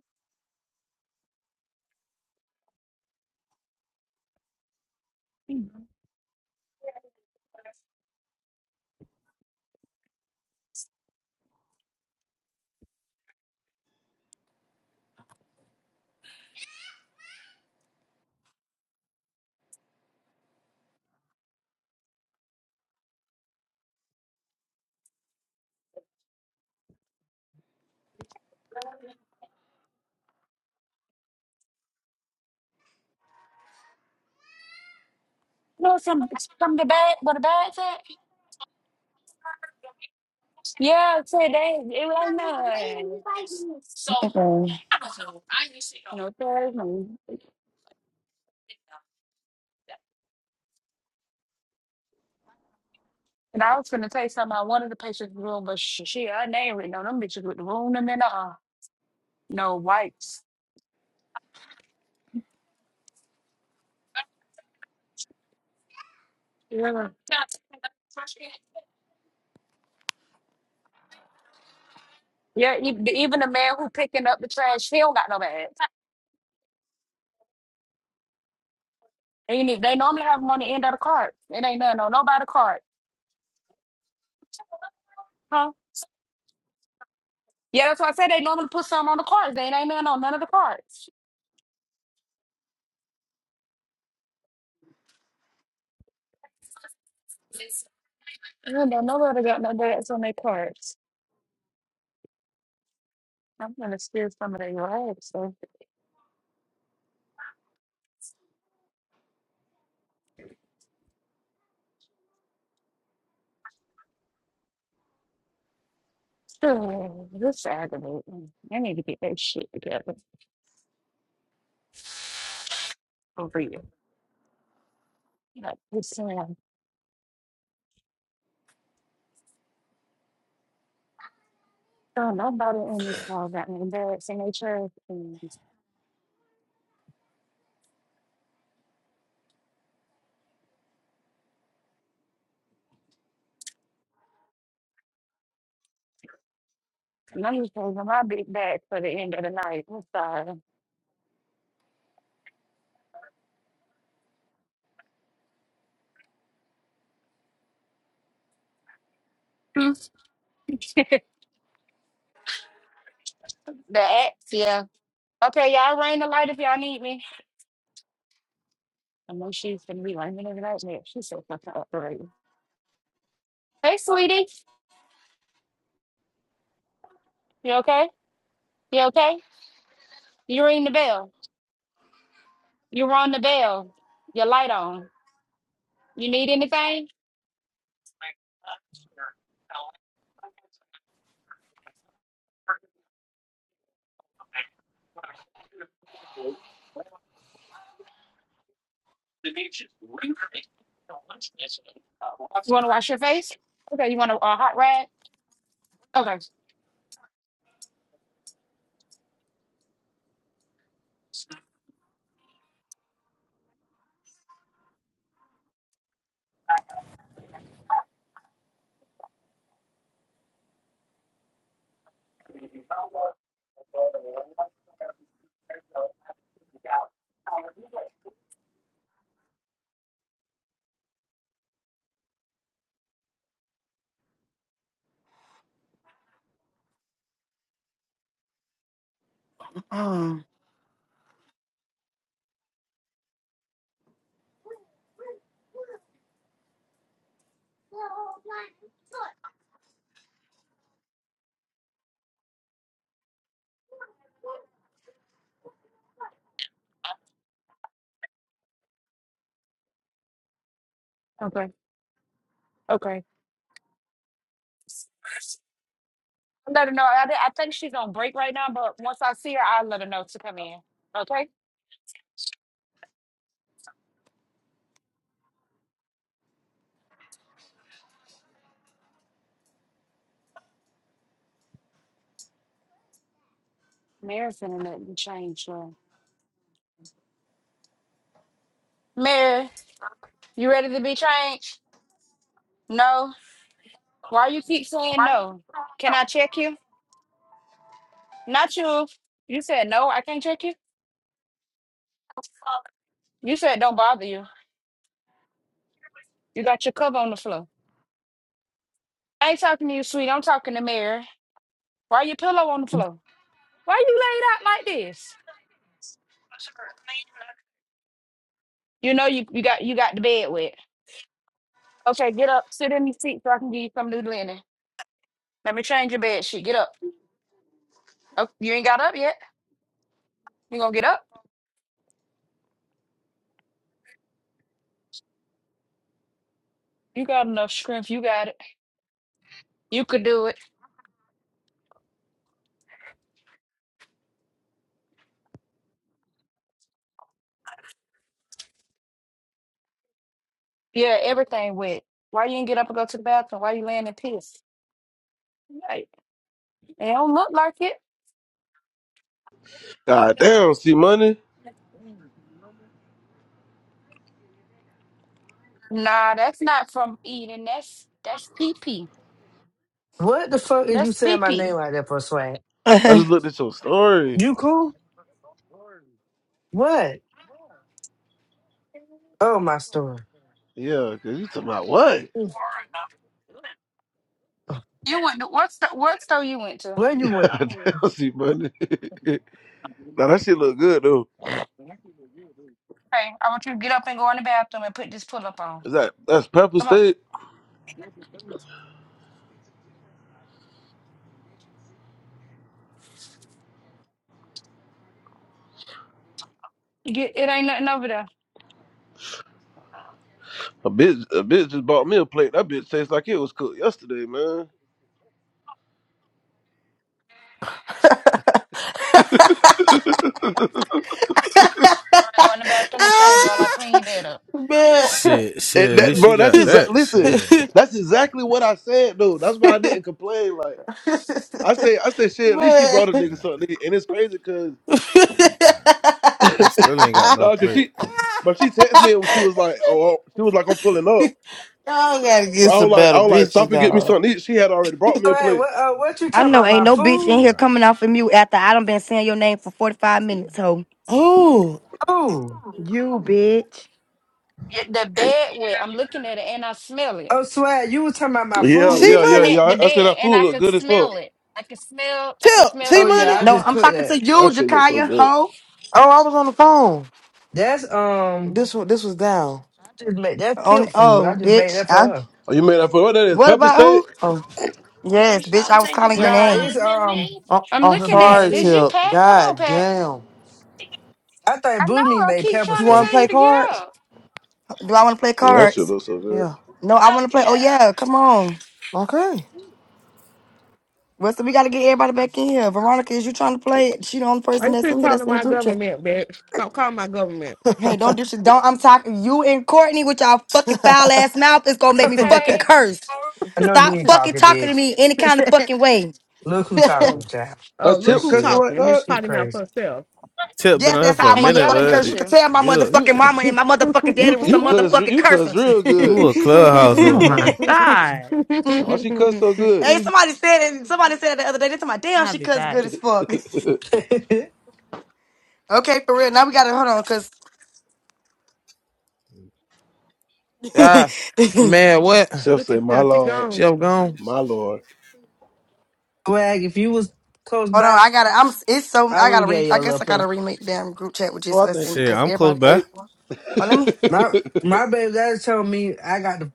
Speaker 2: No, some some of the bag where the bags at? Yeah, today it ain't none. So
Speaker 5: Mm.
Speaker 2: I don't know, there's no and I was gonna tell you something. I wanted the patient's room, but sh- she, her name written on them bitches with the room and then uh, no wipes. Yeah. Yeah, e- even the man who picking up the trash, he don't got no bag. They, need, they normally have them on the end of the card. It ain't nothing on nobody card. Huh? Yeah, that's why I said they normally put some on the cards. They ain't nothing on none of the cards. I don't know nobody got no dads on their cards. I'm gonna steal some of their rags. So this is aggravating. I need to get that shit together over you. Like this saying, so nobody in this car got no dads in their church and I'm just taking my big bag for the end of the night. I'm sorry. the ex, yeah. Okay, y'all ring the light if y'all need me. I know she's gonna be ringing it out there. She's so fucking operating. Hey, sweetie, you okay? You okay? You ring the bell. You rung the bell. Your light on. You need anything? Oh, You want to wash your face? Okay. You want a, a hot rag? Okay.
Speaker 5: Mm.
Speaker 2: Okay. Okay. Let her know. I, I think she's on break right now, but once I see her, I'll let her know to come in. Okay. Mary's gonna let me change. uh, Mary, you ready to be changed? No. Why you keep saying no? Can I check you? Not you. You said no, I can't check you. You said don't bother you. You got your cover on the floor. I ain't talking to you, sweet. I'm talking to Mary. Why your pillow on the floor? Why you laid out like this? You know you, you got you got the bed wet. Okay, get up. Sit in your seat so I can give you some new linen. Let me change your bed sheet. Get up. Oh, you ain't got up yet. You gonna get up? You got enough strength. You got it. You could do it. Yeah, everything wet. Why you ain't get up and go to the bathroom? Why you laying in piss? Like, it don't look like it.
Speaker 17: God damn, see money.
Speaker 2: Nah, that's not from eating. That's that's pee pee.
Speaker 1: What the fuck is you
Speaker 2: That's pee
Speaker 1: saying my name
Speaker 2: pee.
Speaker 1: like that for swag?
Speaker 17: I just looked at your story.
Speaker 1: You cool? What? Oh my store.
Speaker 17: Yeah, cause you talking about what?
Speaker 2: You went to what's the what store you went to?
Speaker 1: Where you
Speaker 17: Yeah,
Speaker 1: went?
Speaker 17: Damn, see, money. now that shit look good though.
Speaker 2: Hey, I want you to get up and go in the bathroom and put this pull up on.
Speaker 17: Is that that's pepper
Speaker 2: Come on.
Speaker 17: steak?
Speaker 2: Get it ain't nothing over there.
Speaker 17: A bitch, a bitch just bought me a plate. That bitch tastes like it was cooked yesterday, man. and
Speaker 2: I gotta go in the bathroom and change while I
Speaker 7: Ah,
Speaker 2: clean your bed up.
Speaker 7: man
Speaker 16: Shit, shit. At
Speaker 17: that,
Speaker 16: least
Speaker 17: bro,
Speaker 16: you
Speaker 17: that's
Speaker 16: got
Speaker 17: exactly.
Speaker 16: that.
Speaker 17: Listen,
Speaker 16: Shit,
Speaker 17: that's exactly what I said though. That's why I didn't complain. Like I say, I said shit. At least she
Speaker 7: man
Speaker 17: brought a nigga something. And it's crazy because
Speaker 16: I still ain't got no
Speaker 17: no, cause
Speaker 16: plate.
Speaker 17: she, but she texted me and she was like, oh, oh, she was like, I'm pulling up.
Speaker 7: y'all gotta
Speaker 17: So
Speaker 7: get
Speaker 17: I was
Speaker 7: some
Speaker 17: like,
Speaker 7: better
Speaker 17: I was like,
Speaker 7: pictures
Speaker 17: stop and get me
Speaker 7: dog
Speaker 17: something. to eat. She had already brought me a
Speaker 1: Swag,
Speaker 17: plate.
Speaker 1: what uh, what you
Speaker 5: I
Speaker 1: talking
Speaker 5: know
Speaker 1: about?
Speaker 5: ain't
Speaker 1: My
Speaker 16: Like,
Speaker 5: no bitch in
Speaker 1: food?
Speaker 5: here
Speaker 16: nah.
Speaker 5: coming off of mute after I done been saying your name for 45 minutes, ho.
Speaker 7: oh
Speaker 1: Oh.
Speaker 5: You bitch.
Speaker 2: Yeah, the bed wet. I'm looking at it and I smell it.
Speaker 1: Oh swag, you was talking about my
Speaker 2: I'm
Speaker 17: Yeah,
Speaker 7: see
Speaker 17: yeah,
Speaker 1: food?
Speaker 17: yeah,
Speaker 2: looking
Speaker 7: money
Speaker 17: yeah.
Speaker 2: at the
Speaker 17: I, I said
Speaker 2: bed
Speaker 17: that
Speaker 2: and
Speaker 17: food
Speaker 2: I
Speaker 17: looked
Speaker 2: can
Speaker 17: good as fuck.
Speaker 2: smell it. I can smell I can
Speaker 7: tip
Speaker 2: smell
Speaker 7: see
Speaker 2: the
Speaker 1: Oh
Speaker 2: pee
Speaker 1: yeah,
Speaker 7: money
Speaker 1: I
Speaker 2: on
Speaker 5: No,
Speaker 1: just
Speaker 5: I'm
Speaker 2: the
Speaker 1: cooked
Speaker 5: talking to
Speaker 1: that.
Speaker 5: you,
Speaker 17: That shit looks so
Speaker 5: Jakaya,
Speaker 17: good.
Speaker 5: ho.
Speaker 7: oh i was on the phone
Speaker 1: That's um
Speaker 7: this one this was down
Speaker 1: Just make that
Speaker 5: Oh,
Speaker 1: pimp food. I
Speaker 5: oh,
Speaker 1: just made
Speaker 5: bitch.
Speaker 1: that for
Speaker 5: I,
Speaker 1: her.
Speaker 17: Oh, you made that for what that is?
Speaker 5: what
Speaker 17: Pepper
Speaker 5: about
Speaker 17: steak?
Speaker 5: who? Oh,
Speaker 2: You ever
Speaker 5: yes, bitch.
Speaker 2: stop
Speaker 5: I
Speaker 2: and
Speaker 5: was
Speaker 2: think it
Speaker 5: calling your
Speaker 2: might
Speaker 1: Nah,
Speaker 2: not
Speaker 5: name.
Speaker 1: it's
Speaker 2: have been
Speaker 1: um
Speaker 2: me?
Speaker 7: I-
Speaker 2: I'm
Speaker 7: I'm
Speaker 1: the
Speaker 2: looking
Speaker 1: beef
Speaker 2: at
Speaker 7: sorry,
Speaker 2: it. Is
Speaker 1: soup.
Speaker 2: you,
Speaker 7: Tip.
Speaker 2: Pat? Come on,
Speaker 7: God
Speaker 2: Pat.
Speaker 7: damn.
Speaker 1: I thought
Speaker 2: I
Speaker 1: Boomy
Speaker 2: know. I
Speaker 1: made
Speaker 2: keep
Speaker 1: pepper
Speaker 7: You
Speaker 2: trying to
Speaker 7: want to
Speaker 2: tell
Speaker 1: steak.
Speaker 2: you
Speaker 7: play
Speaker 2: to get
Speaker 7: cards?
Speaker 2: up.
Speaker 5: Do I want to play
Speaker 17: Mm, That shit
Speaker 5: cards?
Speaker 17: looks so good.
Speaker 7: Yeah.
Speaker 5: No,
Speaker 2: Oh,
Speaker 5: I want to play. Oh
Speaker 2: yeah.
Speaker 5: yeah, come on.
Speaker 7: Okay.
Speaker 5: Well, so we got to get everybody back in here. Veronica, is you trying to play? She the only
Speaker 9: Why
Speaker 5: person
Speaker 9: you
Speaker 5: that's in
Speaker 9: keep
Speaker 5: here that's
Speaker 9: calling
Speaker 5: in the
Speaker 9: my
Speaker 5: group chat.
Speaker 9: government, bitch? Stop calling my government.
Speaker 5: Hey, don't do shit. Don't. I'm talking you and Courtney with y'all fucking foul ass mouth. It's gonna make me
Speaker 1: I
Speaker 5: fucking
Speaker 2: Okay.
Speaker 5: curse.
Speaker 1: know you
Speaker 5: Stop
Speaker 1: ain't
Speaker 5: fucking
Speaker 1: talking,
Speaker 5: talking to
Speaker 1: bitch.
Speaker 5: me any kind of fucking way.
Speaker 1: Look who
Speaker 9: Oh,
Speaker 1: talking, child.
Speaker 9: oh,
Speaker 17: That's
Speaker 9: look
Speaker 1: This
Speaker 17: Tip
Speaker 9: who
Speaker 1: shit
Speaker 17: cussing
Speaker 1: up.
Speaker 17: like
Speaker 9: talking. Miss
Speaker 17: that?
Speaker 1: Shit
Speaker 9: Potty Mouth
Speaker 1: crazy.
Speaker 9: herself.
Speaker 16: Tip been
Speaker 5: Yes,
Speaker 16: up
Speaker 5: that's
Speaker 16: for
Speaker 5: how
Speaker 16: a
Speaker 5: I
Speaker 2: And
Speaker 16: minute,
Speaker 5: motherfucking
Speaker 2: yelling
Speaker 5: curse.
Speaker 2: at
Speaker 5: You
Speaker 16: but
Speaker 5: can
Speaker 2: you.
Speaker 5: tell my
Speaker 17: Well,
Speaker 16: you
Speaker 17: You
Speaker 5: motherfucking mama and my motherfucking
Speaker 17: you
Speaker 5: daddy was
Speaker 17: you
Speaker 5: some
Speaker 17: cuss
Speaker 5: motherfucking
Speaker 17: you cuss real
Speaker 16: you
Speaker 17: good.
Speaker 16: a clubhouse hole
Speaker 20: Oh
Speaker 16: now.
Speaker 20: my
Speaker 5: cursors.
Speaker 20: God.
Speaker 17: Why she cuss so good?
Speaker 5: Hey, somebody said it. Somebody said it the other day. They told my damn,
Speaker 20: I'll
Speaker 5: she
Speaker 20: be
Speaker 5: cuts
Speaker 20: back.
Speaker 5: good as fuck. okay, for real. Now we gotta hold on, cause
Speaker 7: ah,
Speaker 5: hold
Speaker 7: man, what?
Speaker 17: Chef
Speaker 9: Look
Speaker 17: say,
Speaker 9: at
Speaker 17: "My
Speaker 9: you. Keep
Speaker 17: lord,
Speaker 7: She
Speaker 9: going.
Speaker 7: up gone.
Speaker 17: my lord."
Speaker 1: Swag, if you was close
Speaker 5: on.
Speaker 1: by,
Speaker 5: I gotta. I'm. It's so.
Speaker 1: I
Speaker 5: I
Speaker 1: would
Speaker 5: gotta
Speaker 1: have
Speaker 5: read.
Speaker 1: gave you
Speaker 5: I
Speaker 1: a little
Speaker 5: guess I gotta
Speaker 1: plate.
Speaker 5: remake the damn group chat with
Speaker 17: Oh,
Speaker 5: just
Speaker 17: I
Speaker 5: us
Speaker 17: think.
Speaker 5: in it,
Speaker 17: you.
Speaker 16: Shit,
Speaker 5: cause
Speaker 16: I'm close
Speaker 5: everybody.
Speaker 16: by.
Speaker 17: Hey,
Speaker 5: Oh, let me.
Speaker 1: My my baby daddy told me I got the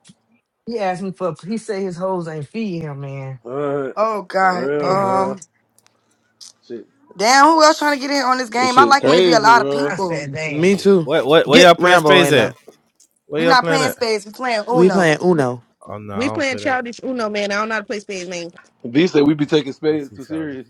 Speaker 1: he asked me for he said his hoes ain't feed him, man.
Speaker 17: Alright.
Speaker 5: Oh
Speaker 17: for
Speaker 5: God.
Speaker 17: real,
Speaker 1: Damn.
Speaker 5: Um.
Speaker 17: bro. Shit,
Speaker 5: Damn. Who else trying to get in on this
Speaker 17: this
Speaker 5: game? I
Speaker 17: shit
Speaker 5: like when it be a
Speaker 17: crazy,
Speaker 5: lot of
Speaker 17: bro.
Speaker 1: I
Speaker 5: people.
Speaker 1: said damn.
Speaker 7: Me too.
Speaker 16: What what where
Speaker 7: Get
Speaker 16: y'all playing
Speaker 7: Rambo
Speaker 16: space
Speaker 7: in
Speaker 16: at?
Speaker 7: there.
Speaker 16: Where
Speaker 5: We
Speaker 16: y'all
Speaker 5: not
Speaker 16: playing
Speaker 5: playing
Speaker 16: at?
Speaker 5: spades. We playing
Speaker 7: We playing
Speaker 5: Uno.
Speaker 7: Uno.
Speaker 16: Oh no, I
Speaker 9: We
Speaker 16: don't
Speaker 9: playing
Speaker 16: play that.
Speaker 9: childish Uno, man. I don't know how to play spades, man.
Speaker 17: B said we be taking
Speaker 16: I'm
Speaker 17: spades
Speaker 16: too
Speaker 17: too serious.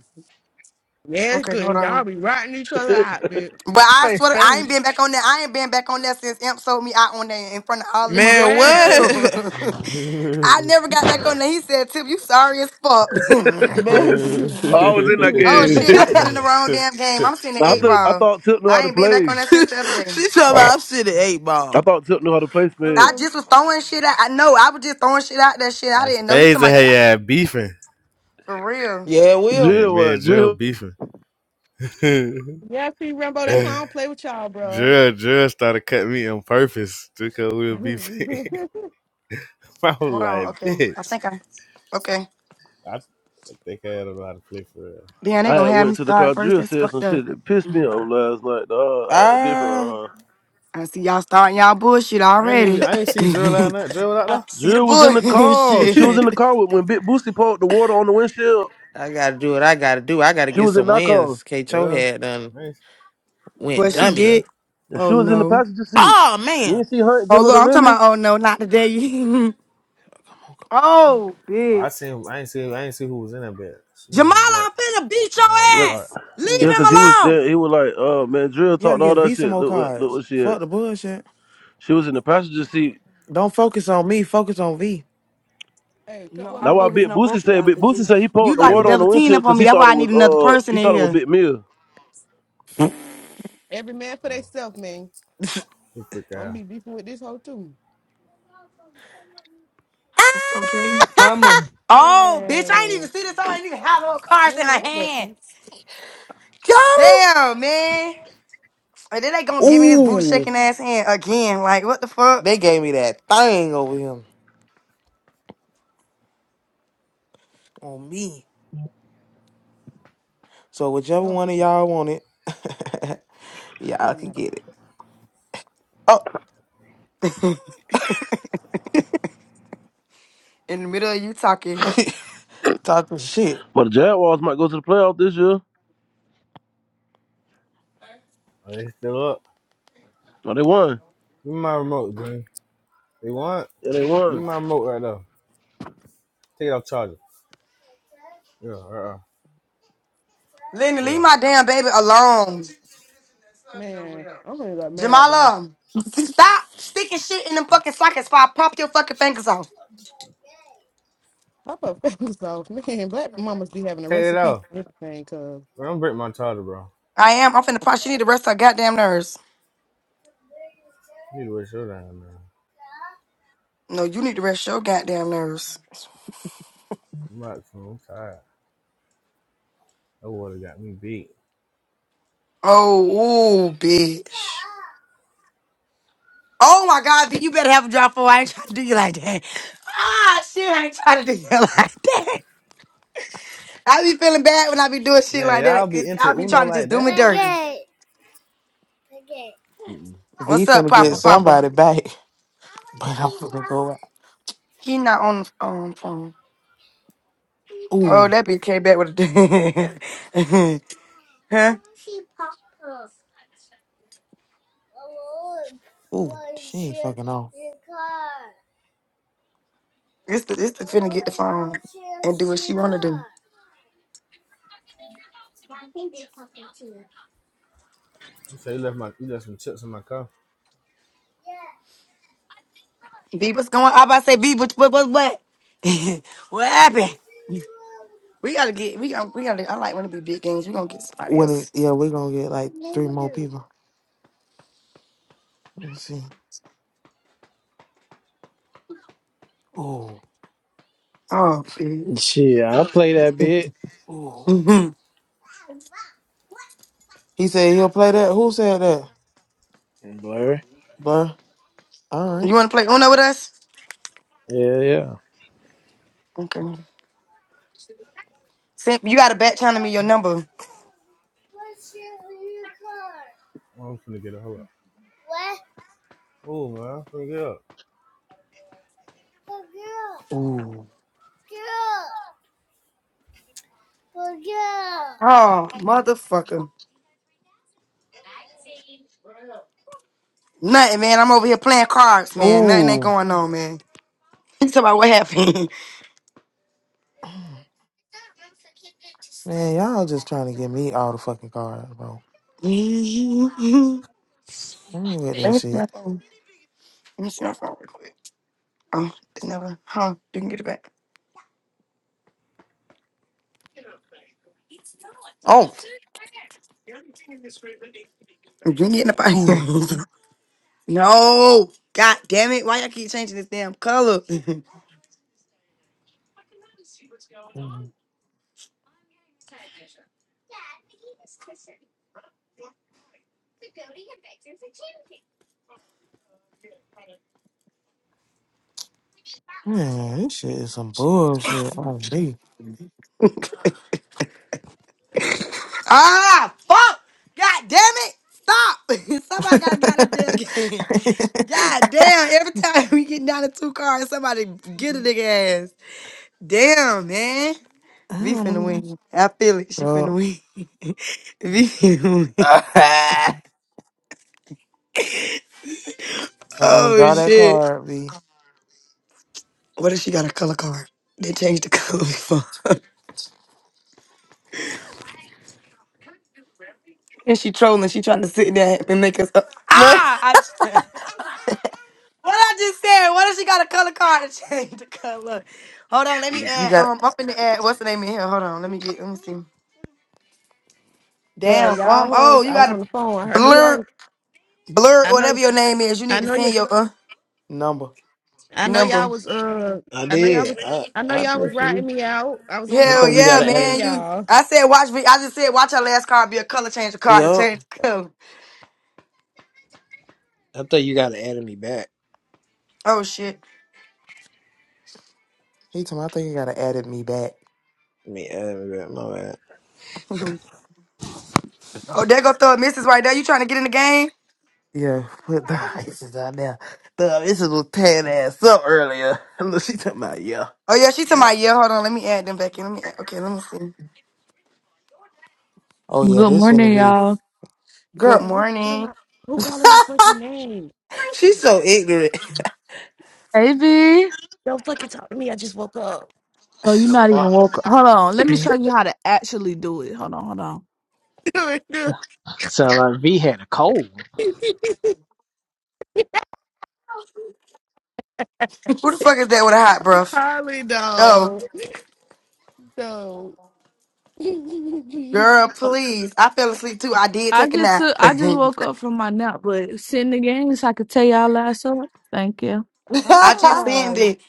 Speaker 9: Yeah, it's
Speaker 5: Okay, hold
Speaker 9: good. Y'all
Speaker 5: on.
Speaker 9: be rotting each other out, bitch.
Speaker 5: But I
Speaker 1: Play
Speaker 5: swear, to- I ain't
Speaker 1: Spain.
Speaker 5: been back on that. I ain't been back on that since Imp sold me out on there in front of all the
Speaker 7: Man,
Speaker 5: motherfucking
Speaker 9: Yeah.
Speaker 7: what?
Speaker 5: people. I
Speaker 16: childish.
Speaker 5: never got
Speaker 16: Yeah.
Speaker 5: back on there. He said, Tip, you sorry as fuck.
Speaker 7: Man, she
Speaker 17: Oh,
Speaker 16: that
Speaker 17: I was in that
Speaker 5: oh
Speaker 17: game.
Speaker 5: shit, I'm sitting in the wrong damn game. I'm sitting in
Speaker 17: Nah, I
Speaker 5: eight
Speaker 17: thought I
Speaker 5: ball.
Speaker 17: thought Tip knew how
Speaker 5: I
Speaker 17: to
Speaker 5: ain't been back on
Speaker 17: play.
Speaker 5: that since the other day.
Speaker 7: she talking about I'm sitting eight
Speaker 17: I
Speaker 7: ball.
Speaker 17: thought Tip knew how to play
Speaker 5: I
Speaker 17: spades.
Speaker 9: um,
Speaker 5: just was throwing shit out. I know I was just throwing shit out that shit. I didn't know. He
Speaker 16: spades and
Speaker 5: talking about, yeah,
Speaker 16: hey yeah, beefing.
Speaker 5: for real.
Speaker 7: Yeah, it will.
Speaker 16: Me,
Speaker 17: Drill
Speaker 16: me and
Speaker 17: what? Drill
Speaker 16: Jill beefing.
Speaker 9: yeah, see, Rambo, that's why I don't play with y'all, bro.
Speaker 16: Jill, Jill started cutting me on purpose because we were beefing. I was
Speaker 5: Hold on.
Speaker 16: like,
Speaker 5: Okay. I
Speaker 16: bitch.
Speaker 5: think I, okay.
Speaker 16: I, I think I had a lot of play for real.
Speaker 5: Damn, they
Speaker 17: I
Speaker 5: gonna
Speaker 17: had
Speaker 5: have me
Speaker 17: went to the
Speaker 5: start
Speaker 17: car.
Speaker 5: first.
Speaker 17: Drill
Speaker 5: That's
Speaker 17: said some
Speaker 5: fucked up.
Speaker 17: shit that pissed me off last night. Dog. I had to give her
Speaker 7: Ah,
Speaker 5: I see y'all starting y'all bullshit
Speaker 16: I ain't even
Speaker 5: already.
Speaker 16: I ain't see Jill out that Jill out there.
Speaker 5: See the
Speaker 17: Drill was in the
Speaker 5: boy
Speaker 17: car. She was in
Speaker 5: shit.
Speaker 17: the car with, when Big Boosty poured the water on the windshield.
Speaker 7: I gotta do what I gotta do. I gotta
Speaker 17: She
Speaker 7: get
Speaker 17: was in
Speaker 7: some
Speaker 17: that car.
Speaker 7: wins. K. Cho
Speaker 16: Well,
Speaker 7: had done
Speaker 16: I ain't,
Speaker 7: went
Speaker 5: But
Speaker 16: I
Speaker 5: she
Speaker 16: ain't see
Speaker 7: dummy.
Speaker 16: that.
Speaker 5: did.
Speaker 17: And she
Speaker 5: Oh
Speaker 17: was in the
Speaker 5: no.
Speaker 17: passenger seat.
Speaker 7: Oh
Speaker 17: You
Speaker 7: man.
Speaker 17: didn't see Hunt
Speaker 5: Oh
Speaker 17: give her
Speaker 5: look,
Speaker 17: the
Speaker 5: I'm talking
Speaker 17: Remy?
Speaker 5: about. Oh no, not today. oh
Speaker 16: Oh, I
Speaker 5: bitch,
Speaker 16: seen I ain't see I ain't see who was in that bed. She must
Speaker 5: Jamal,
Speaker 16: have black.
Speaker 5: I'm finna beat
Speaker 16: She
Speaker 5: your
Speaker 16: must have
Speaker 17: Yeah,
Speaker 16: dark.
Speaker 5: ass. Leave
Speaker 17: yeah,
Speaker 7: Ooh,
Speaker 5: him
Speaker 17: cause he was
Speaker 5: alone.
Speaker 17: there. He was like, "Oh man, Drill
Speaker 7: you gotta
Speaker 17: talked all
Speaker 7: get
Speaker 17: that
Speaker 7: V some
Speaker 17: shit.
Speaker 7: more
Speaker 17: Look what, look
Speaker 7: cards.
Speaker 17: what she had.
Speaker 7: Fuck the bullshit.
Speaker 17: She was in the passenger seat.
Speaker 7: Don't focus on me. Focus on V.
Speaker 9: hey, cut
Speaker 5: No,
Speaker 9: what
Speaker 17: That's
Speaker 5: I'm
Speaker 9: my
Speaker 17: why Big
Speaker 5: focusing
Speaker 9: man.
Speaker 5: on
Speaker 17: Boosie
Speaker 5: both of
Speaker 17: said.
Speaker 5: y'all
Speaker 17: Big
Speaker 5: because
Speaker 17: Boosie
Speaker 5: you
Speaker 7: Ah,
Speaker 17: said he
Speaker 5: you
Speaker 17: poured the
Speaker 5: like
Speaker 16: Hey
Speaker 5: to
Speaker 17: water on
Speaker 16: man.
Speaker 5: double
Speaker 17: the
Speaker 5: team
Speaker 17: windshield
Speaker 5: up on
Speaker 17: because
Speaker 5: me.
Speaker 17: he
Speaker 5: That's
Speaker 17: thought
Speaker 5: why
Speaker 17: it
Speaker 5: I need
Speaker 17: was
Speaker 5: another
Speaker 17: uh
Speaker 5: person
Speaker 17: he
Speaker 5: in
Speaker 17: thought it was
Speaker 5: here.
Speaker 17: Big Mill.
Speaker 9: Every man for
Speaker 16: Oh,
Speaker 9: theyself, man.
Speaker 16: he freak
Speaker 9: I'm
Speaker 16: out.
Speaker 9: be beefing with this hoe too.
Speaker 5: It's okay.
Speaker 1: Mama.
Speaker 5: Oh bitch, I ain't
Speaker 9: Man,
Speaker 5: even see this. Oh, I ain't even have no cards in
Speaker 9: man,
Speaker 5: her
Speaker 9: what the fuck?
Speaker 5: hand.
Speaker 7: Got him.
Speaker 5: Damn man. And then they gonna give me this booty
Speaker 7: Ooh,
Speaker 5: shaking ass hand again. Like what the fuck?
Speaker 7: they gave me that thing over him on me. So
Speaker 9: It
Speaker 7: whichever
Speaker 9: don't,
Speaker 7: one of y'all want it,
Speaker 9: it
Speaker 7: y'all
Speaker 9: don't
Speaker 7: can
Speaker 9: matter.
Speaker 7: get it. Oh,
Speaker 5: In the middle of you talking.
Speaker 7: talking shit.
Speaker 17: But the Jaguars might go to the playoff this year.
Speaker 16: Are they still up?
Speaker 17: Oh, they won.
Speaker 16: Give me my remote, Green. They want?
Speaker 17: Yeah, they
Speaker 16: Give
Speaker 17: won.
Speaker 16: me my remote right now. Take it off charger. Yeah, right off.
Speaker 5: Lenny, leave
Speaker 16: Yeah.
Speaker 5: my damn baby alone.
Speaker 9: Man, I'm gonna get married by
Speaker 5: Jamala, stop sticking shit in them fucking sockets before I pop your fucking fingers off.
Speaker 9: Papa Fingers off. Man, black mamas be having a
Speaker 16: Take it
Speaker 9: recipe
Speaker 16: off.
Speaker 9: for everything, cuz.
Speaker 16: Bro, don't break my charger, bro.
Speaker 5: I am. I'm finna pop. She need to rest her goddamn nerves.
Speaker 16: You need to waste your time, man.
Speaker 5: No, you need to rest your goddamn nerves.
Speaker 16: I'm like, I'm tired. That water got me beat.
Speaker 5: Oh, ooh, bitch. Oh my god, B, you better have a drop for I ain't trying to do you like that. Ah, shit, I ain't trying to do you like that. I be feeling bad when I be doing shit
Speaker 16: Man,
Speaker 5: like
Speaker 16: y'all
Speaker 5: that.
Speaker 16: be into
Speaker 5: Y'all be
Speaker 16: Uno
Speaker 5: trying to just
Speaker 16: like
Speaker 5: do
Speaker 16: that?
Speaker 5: me
Speaker 16: Can I
Speaker 5: dirty.
Speaker 16: get it? Mm-mm.
Speaker 7: V
Speaker 5: What's up,
Speaker 7: finna
Speaker 16: You
Speaker 7: get
Speaker 16: fell
Speaker 5: Papa?
Speaker 16: asleep.
Speaker 5: Papa?
Speaker 7: somebody back, but I'm finna go. out.
Speaker 5: He not on the um, phone. Oh,
Speaker 7: Ooh,
Speaker 5: that bitch came back with a huh?
Speaker 7: ooh, she ain't fucking on.
Speaker 5: It's the it's the finna get the phone and do what she wanna do.
Speaker 16: You say you left my, you left some chips in my car.
Speaker 5: B, what's going? I about to say B, what what what what? what happened? We gotta get we gotta we gotta. I like when it be big games. We gonna get somebody
Speaker 7: When it,
Speaker 5: else.
Speaker 7: yeah, we gonna get like three more people. Let me see. Ooh.
Speaker 5: Oh, B.
Speaker 10: shit. I play that bit
Speaker 7: Ooh.
Speaker 5: you
Speaker 7: He said he'll play that. Who said that?
Speaker 10: blur.
Speaker 7: Bruh. All right.
Speaker 5: wanna play Uno with us?
Speaker 10: Yeah, yeah.
Speaker 5: Okay. Sim, you gotta back channel me your number.
Speaker 16: Oh, I'm finna get a hold up. Oh man, I'm finna get up.
Speaker 7: Ooh.
Speaker 5: Oh, motherfucker. Nothing, man. I'm over here playing cards, man. Nothing ain't
Speaker 7: Ooh.
Speaker 5: going on, man. Tell about what happened.
Speaker 7: Man, y'all just trying to get me all the fucking cards, bro.
Speaker 5: Mhm.
Speaker 7: I ain't with that
Speaker 5: Let me see
Speaker 7: shit.
Speaker 5: my phone. Let me see my phone real quick. Oh, they never. Huh? You can get it back.
Speaker 7: Oh.
Speaker 5: You can get it back.
Speaker 7: Ooh.
Speaker 5: no. God damn it. Why y'all keep changing this damn color?
Speaker 7: Ooh. Man, this shit is some bullshit on me.
Speaker 5: ah, fuck. God damn it. Stop. somebody got to get out of this damn game. God damn. Every time we get down to two cars, somebody get a nigga ass. Damn, man. V finna win. I feel it. She finna
Speaker 7: Bro.
Speaker 5: win. v finna win.
Speaker 7: Uh-uh,
Speaker 5: Oh
Speaker 7: draw that
Speaker 5: shit.
Speaker 7: card, V.
Speaker 5: What if she got a color card? They changed the color before. and she trolling. She trying to sit there and make us up.
Speaker 7: you
Speaker 5: Ah! I just, what I just said. What if she got a color card to change the color? Hold on. Let me add.
Speaker 7: got
Speaker 5: Um, I'm finna add. What's the name in here? Hold on. Let me get. Let me see.
Speaker 9: Yeah,
Speaker 5: Damn.
Speaker 9: y'all
Speaker 5: Um. Oh,
Speaker 9: hoes.
Speaker 5: you
Speaker 9: I
Speaker 5: got
Speaker 9: was on
Speaker 5: to
Speaker 9: the phone. I knew y'all
Speaker 5: blur,
Speaker 9: was.
Speaker 5: blur,
Speaker 9: I know.
Speaker 5: whatever your name is. You
Speaker 9: I
Speaker 5: need to
Speaker 9: know you.
Speaker 5: send your uh
Speaker 7: number.
Speaker 9: I know y'all
Speaker 5: number.
Speaker 9: was. Uh.
Speaker 10: I
Speaker 9: I know y'all
Speaker 10: did.
Speaker 9: was.
Speaker 10: I
Speaker 9: I know
Speaker 10: I
Speaker 9: y'all was
Speaker 10: bet you.
Speaker 9: writing me out. I was on the
Speaker 10: I
Speaker 5: Hell
Speaker 10: thought
Speaker 9: phone. I
Speaker 10: you
Speaker 5: yeah,
Speaker 10: gotta
Speaker 9: couldn't
Speaker 10: add.
Speaker 9: hear
Speaker 5: man.
Speaker 10: it-
Speaker 5: You
Speaker 9: y'all.
Speaker 5: I said watch me. I just said watch her last card be a color change the card and
Speaker 7: Yup.
Speaker 5: change the color.
Speaker 10: I thought you gotta add me back.
Speaker 5: Oh shit.
Speaker 7: He told me I think he gotta added me back.
Speaker 10: I mean, add me back. My bad.
Speaker 5: oh, there go throw a missus right there. You trying to get in the game?
Speaker 7: Yeah, put the ices on there. The this was tan ass up earlier. Look, she talking about yeah.
Speaker 5: Oh yeah, she to
Speaker 9: What
Speaker 5: my yeah. Hold on, let me add them back in. Let me add, okay, let me see.
Speaker 7: Oh yeah,
Speaker 21: Good
Speaker 7: this one to
Speaker 21: morning,
Speaker 7: be
Speaker 21: y'all.
Speaker 5: Good
Speaker 9: man?
Speaker 7: girl.
Speaker 9: Who calling
Speaker 5: morning.
Speaker 9: my? Who calling my fucking name?
Speaker 7: She's so ignorant.
Speaker 21: Hey, V.
Speaker 9: Don't fucking talk to me. I just woke up.
Speaker 21: No, you're
Speaker 10: No.
Speaker 21: not even woke. up. Hold on. Let me show you how to actually do it. Hold on, hold on.
Speaker 10: Sound like V had a cold.
Speaker 5: Who the fuck is that with a hot breath?
Speaker 9: Harley,
Speaker 5: Oh,
Speaker 9: though. no.
Speaker 5: girl,
Speaker 21: Oh,
Speaker 5: please. I fell asleep too. I did
Speaker 21: I
Speaker 5: take a
Speaker 21: just
Speaker 5: nap.
Speaker 21: took, I just woke
Speaker 5: I
Speaker 21: up from my nap, but sitting the game so I could tell y'all last up. Thank you.
Speaker 5: just
Speaker 9: ah,
Speaker 5: sent it.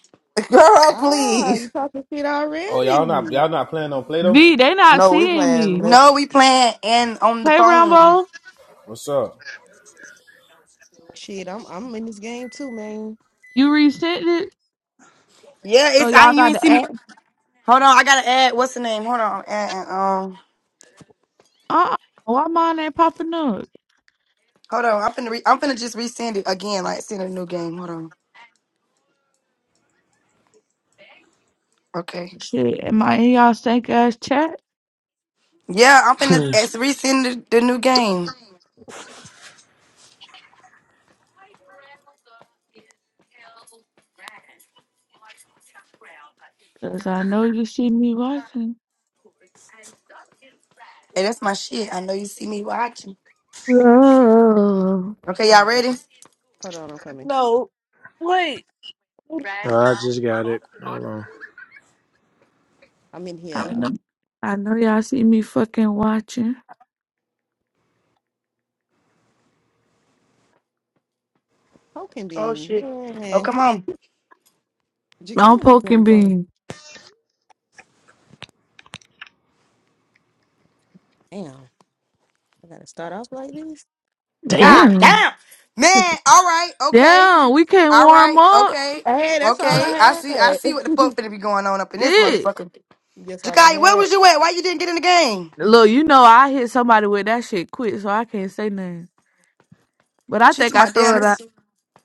Speaker 7: girl,
Speaker 9: ah,
Speaker 7: please.
Speaker 9: you talking shit
Speaker 16: Oh, y'all not,
Speaker 9: already?
Speaker 16: y'all not playing on Play-Doh?
Speaker 21: V, they not
Speaker 7: No, we
Speaker 21: seeing
Speaker 7: playing the
Speaker 21: me.
Speaker 5: No,
Speaker 7: message.
Speaker 5: we playing and on the
Speaker 21: Hey,
Speaker 5: phone.
Speaker 21: Rambo.
Speaker 16: What's up?
Speaker 9: Shit, I'm I'm in this game too, man.
Speaker 21: You resent it?
Speaker 5: Yeah,
Speaker 21: Oh,
Speaker 5: it's I
Speaker 21: y'all
Speaker 5: you
Speaker 21: got
Speaker 5: ain't
Speaker 21: to
Speaker 5: see me.
Speaker 21: act?
Speaker 5: Hold on, I gotta add what's the name? Hold on. Add, um
Speaker 21: Uh-uh. Why mine ain't popping up?
Speaker 5: Hold on, I'm finna re- I'm finna just resend it again, like send a new game. Hold on. Okay.
Speaker 21: Shit, am I in y'all stank ass chat?
Speaker 5: Yeah, I'm finna
Speaker 10: Hmm.
Speaker 5: it's resend the, the new game.
Speaker 21: Because I know you see me watching.
Speaker 5: Hey, that's my shit. I know you see me watching.
Speaker 21: No.
Speaker 5: Okay,
Speaker 9: All
Speaker 5: y'all
Speaker 9: right,
Speaker 5: ready?
Speaker 9: hold on, I'm coming.
Speaker 21: No. Wait.
Speaker 10: I just got it. Hold on.
Speaker 9: I'm in here
Speaker 21: I know, I know y'all see me fucking watching.
Speaker 9: poking
Speaker 5: Oh
Speaker 9: bean.
Speaker 5: shit. Oh
Speaker 9: Man,
Speaker 5: come on.
Speaker 21: I'm
Speaker 9: Jakaya was going,
Speaker 21: poking
Speaker 9: going,
Speaker 21: beans.
Speaker 9: damn, I gotta start off like this.
Speaker 10: Damn.
Speaker 5: God
Speaker 21: Damn.
Speaker 5: damn. Man, all right, okay.
Speaker 21: Damn, we can't
Speaker 5: All
Speaker 21: warm
Speaker 5: right,
Speaker 21: up.
Speaker 5: okay.
Speaker 9: Hey, that's all I
Speaker 5: Okay. I see I
Speaker 9: had.
Speaker 5: see what the fuck finna be going on up in this
Speaker 21: It.
Speaker 5: motherfucker.
Speaker 9: that's all I
Speaker 5: Jakai, where
Speaker 9: had.
Speaker 5: was you at? Why you didn't get in the game?
Speaker 21: Look, you know I hit somebody with that shit quick, so I can't say nothing. But I
Speaker 5: She's to
Speaker 21: think I
Speaker 5: my damn
Speaker 21: throw it out.
Speaker 5: this.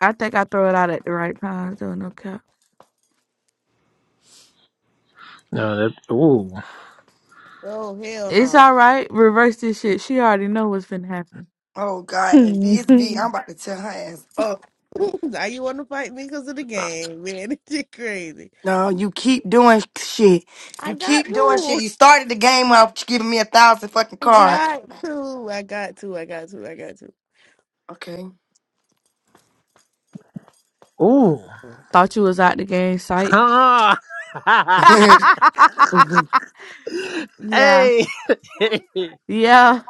Speaker 21: I think I throw it out at the right times, though, no cap.
Speaker 10: No, that. Ooh.
Speaker 9: Oh, hell
Speaker 21: It's
Speaker 9: no.
Speaker 21: all right. Reverse this shit. She already know what's been happening.
Speaker 5: Oh god, and BSB, I'm about to tell her ass up.
Speaker 9: now you want to fight me because of the
Speaker 10: Uh,
Speaker 9: game, man. It's just crazy.
Speaker 5: No, you keep doing shit.
Speaker 9: I
Speaker 5: You
Speaker 9: got
Speaker 5: keep doing shit.
Speaker 9: to.
Speaker 5: You started the game off giving me a thousand fucking
Speaker 9: I
Speaker 5: cards.
Speaker 9: got to. I got to. I got to. I got to.
Speaker 5: Okay.
Speaker 10: Ooh.
Speaker 21: Thought you was out the game sight.
Speaker 10: Ha!
Speaker 5: oh
Speaker 21: yeah.
Speaker 10: Hey, I
Speaker 21: Yeah.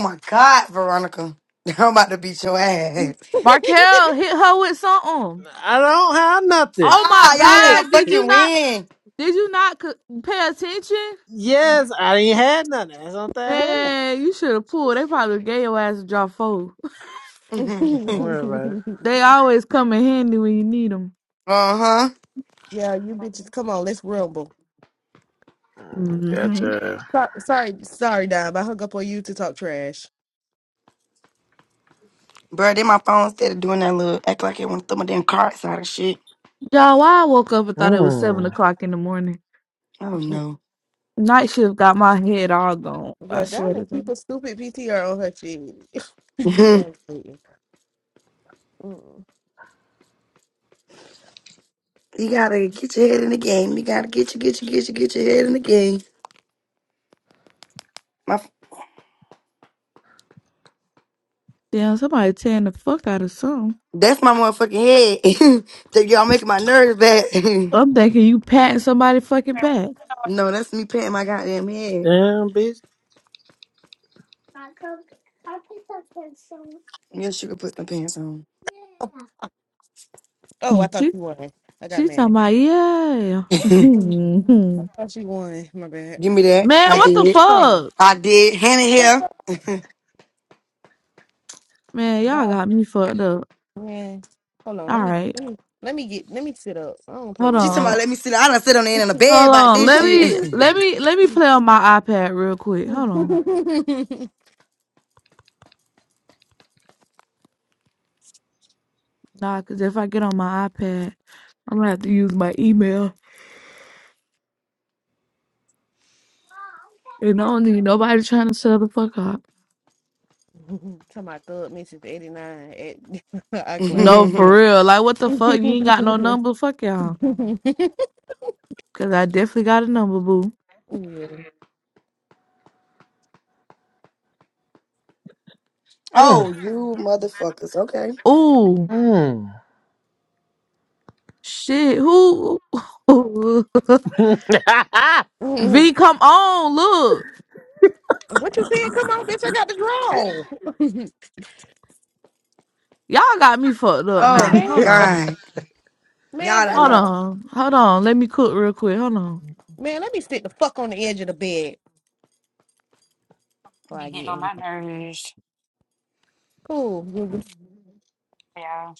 Speaker 5: my god, Veronica. I'm about to beat your ass.
Speaker 21: Markel hit her with something.
Speaker 10: don't have nothing.
Speaker 21: Oh my
Speaker 5: Ah, y'all
Speaker 10: Shit.
Speaker 5: let her
Speaker 21: God. Did you
Speaker 5: fucking
Speaker 21: not
Speaker 5: win.
Speaker 21: did you not c- pay attention?
Speaker 10: Yes, I ain't had nothing. That's not that I had.
Speaker 21: Man, you should have pulled. They probably gave your ass a drop four.
Speaker 10: Don't worry about it.
Speaker 21: They always come in handy when you need them.
Speaker 5: uh-huh.
Speaker 9: yeah, you bitches, come on, let's rumble.
Speaker 10: Mm,
Speaker 21: Mm-hmm.
Speaker 10: Gotcha.
Speaker 9: So- sorry, sorry, Dime. I hung up on you to talk trash.
Speaker 5: Bro, then my phone instead of doing that little act like it wanna throw my damn cards out of shit.
Speaker 21: Y'all, why I woke up and thought it was seven
Speaker 10: Mm.
Speaker 21: o'clock in the morning.
Speaker 5: Oh no.
Speaker 21: Night shift got my head all gone. I
Speaker 9: But
Speaker 21: swear
Speaker 9: Donna
Speaker 21: to God.
Speaker 9: keep a stupid PTR on her shit.
Speaker 5: you
Speaker 9: Absolutely. Mm.
Speaker 5: gotta get your head in the game. You gotta get you, get you, get you, get your head in the game.
Speaker 21: Damn, somebody tearing the fuck out of something.
Speaker 5: That's my motherfucking head. that y'all making my nerves bad.
Speaker 21: I'm thinking you patting somebody fucking back.
Speaker 5: no, that's me patting my goddamn head.
Speaker 10: Damn, bitch.
Speaker 5: Yes, you can put them pants on.
Speaker 9: Oh, oh,
Speaker 21: Hmm,
Speaker 9: I thought
Speaker 21: She
Speaker 9: she won. I got
Speaker 21: she
Speaker 9: mad.
Speaker 21: talking about yeah.
Speaker 5: Give
Speaker 9: Mm. I thought she won. My bad.
Speaker 5: me
Speaker 21: Man,
Speaker 5: that. I
Speaker 9: Damn.
Speaker 21: what the
Speaker 5: did.
Speaker 9: The
Speaker 21: fuck?
Speaker 5: I did. Hannah here.
Speaker 9: fuck?
Speaker 21: Man, y'all
Speaker 9: Bye.
Speaker 21: got me fucked up.
Speaker 9: Man. Hold on. Let
Speaker 21: All
Speaker 9: me
Speaker 21: right.
Speaker 9: let me let me get let me sit up. I don't play
Speaker 21: Hold
Speaker 9: with
Speaker 5: She
Speaker 9: her.
Speaker 5: talking
Speaker 21: on.
Speaker 5: about
Speaker 21: Hold
Speaker 5: let me sit. I done sit on the end of the bed about
Speaker 21: on.
Speaker 5: this
Speaker 21: Let
Speaker 5: shit.
Speaker 21: me let me let me play on my iPad real quick. Hold on. Nah, cause if I get on my iPad, I'm gonna have to use my email. And I don't need nobody trying to sell the fuck up.
Speaker 9: to my thug Mrs. 89 at iCloud.
Speaker 21: No,
Speaker 9: That's
Speaker 21: for real. Like what the fuck? You ain't got no number? Fuck y'all.
Speaker 9: her.
Speaker 21: Cause I definitely got a number, boo.
Speaker 10: Mm.
Speaker 5: oh, you motherfuckers. Okay.
Speaker 21: Oh shit! Who?
Speaker 10: Mm.
Speaker 9: yeah.
Speaker 21: V, come on! Look,
Speaker 9: What you saying? Come on, bitch. I got the draw.
Speaker 21: y'all got me fucked up.
Speaker 5: Oh
Speaker 21: Nah,
Speaker 9: man,
Speaker 21: hold on,
Speaker 5: God.
Speaker 9: man,
Speaker 5: Y'all done
Speaker 9: burn
Speaker 21: hold
Speaker 5: let
Speaker 9: up.
Speaker 21: on, hold on. Let me cook real quick. Hold on.
Speaker 9: Man, let me sit the fuck on the edge of the bed before
Speaker 2: Be
Speaker 9: I get
Speaker 2: getting on
Speaker 9: in.
Speaker 2: my nerves.
Speaker 9: Cool. Google.
Speaker 2: Yeah.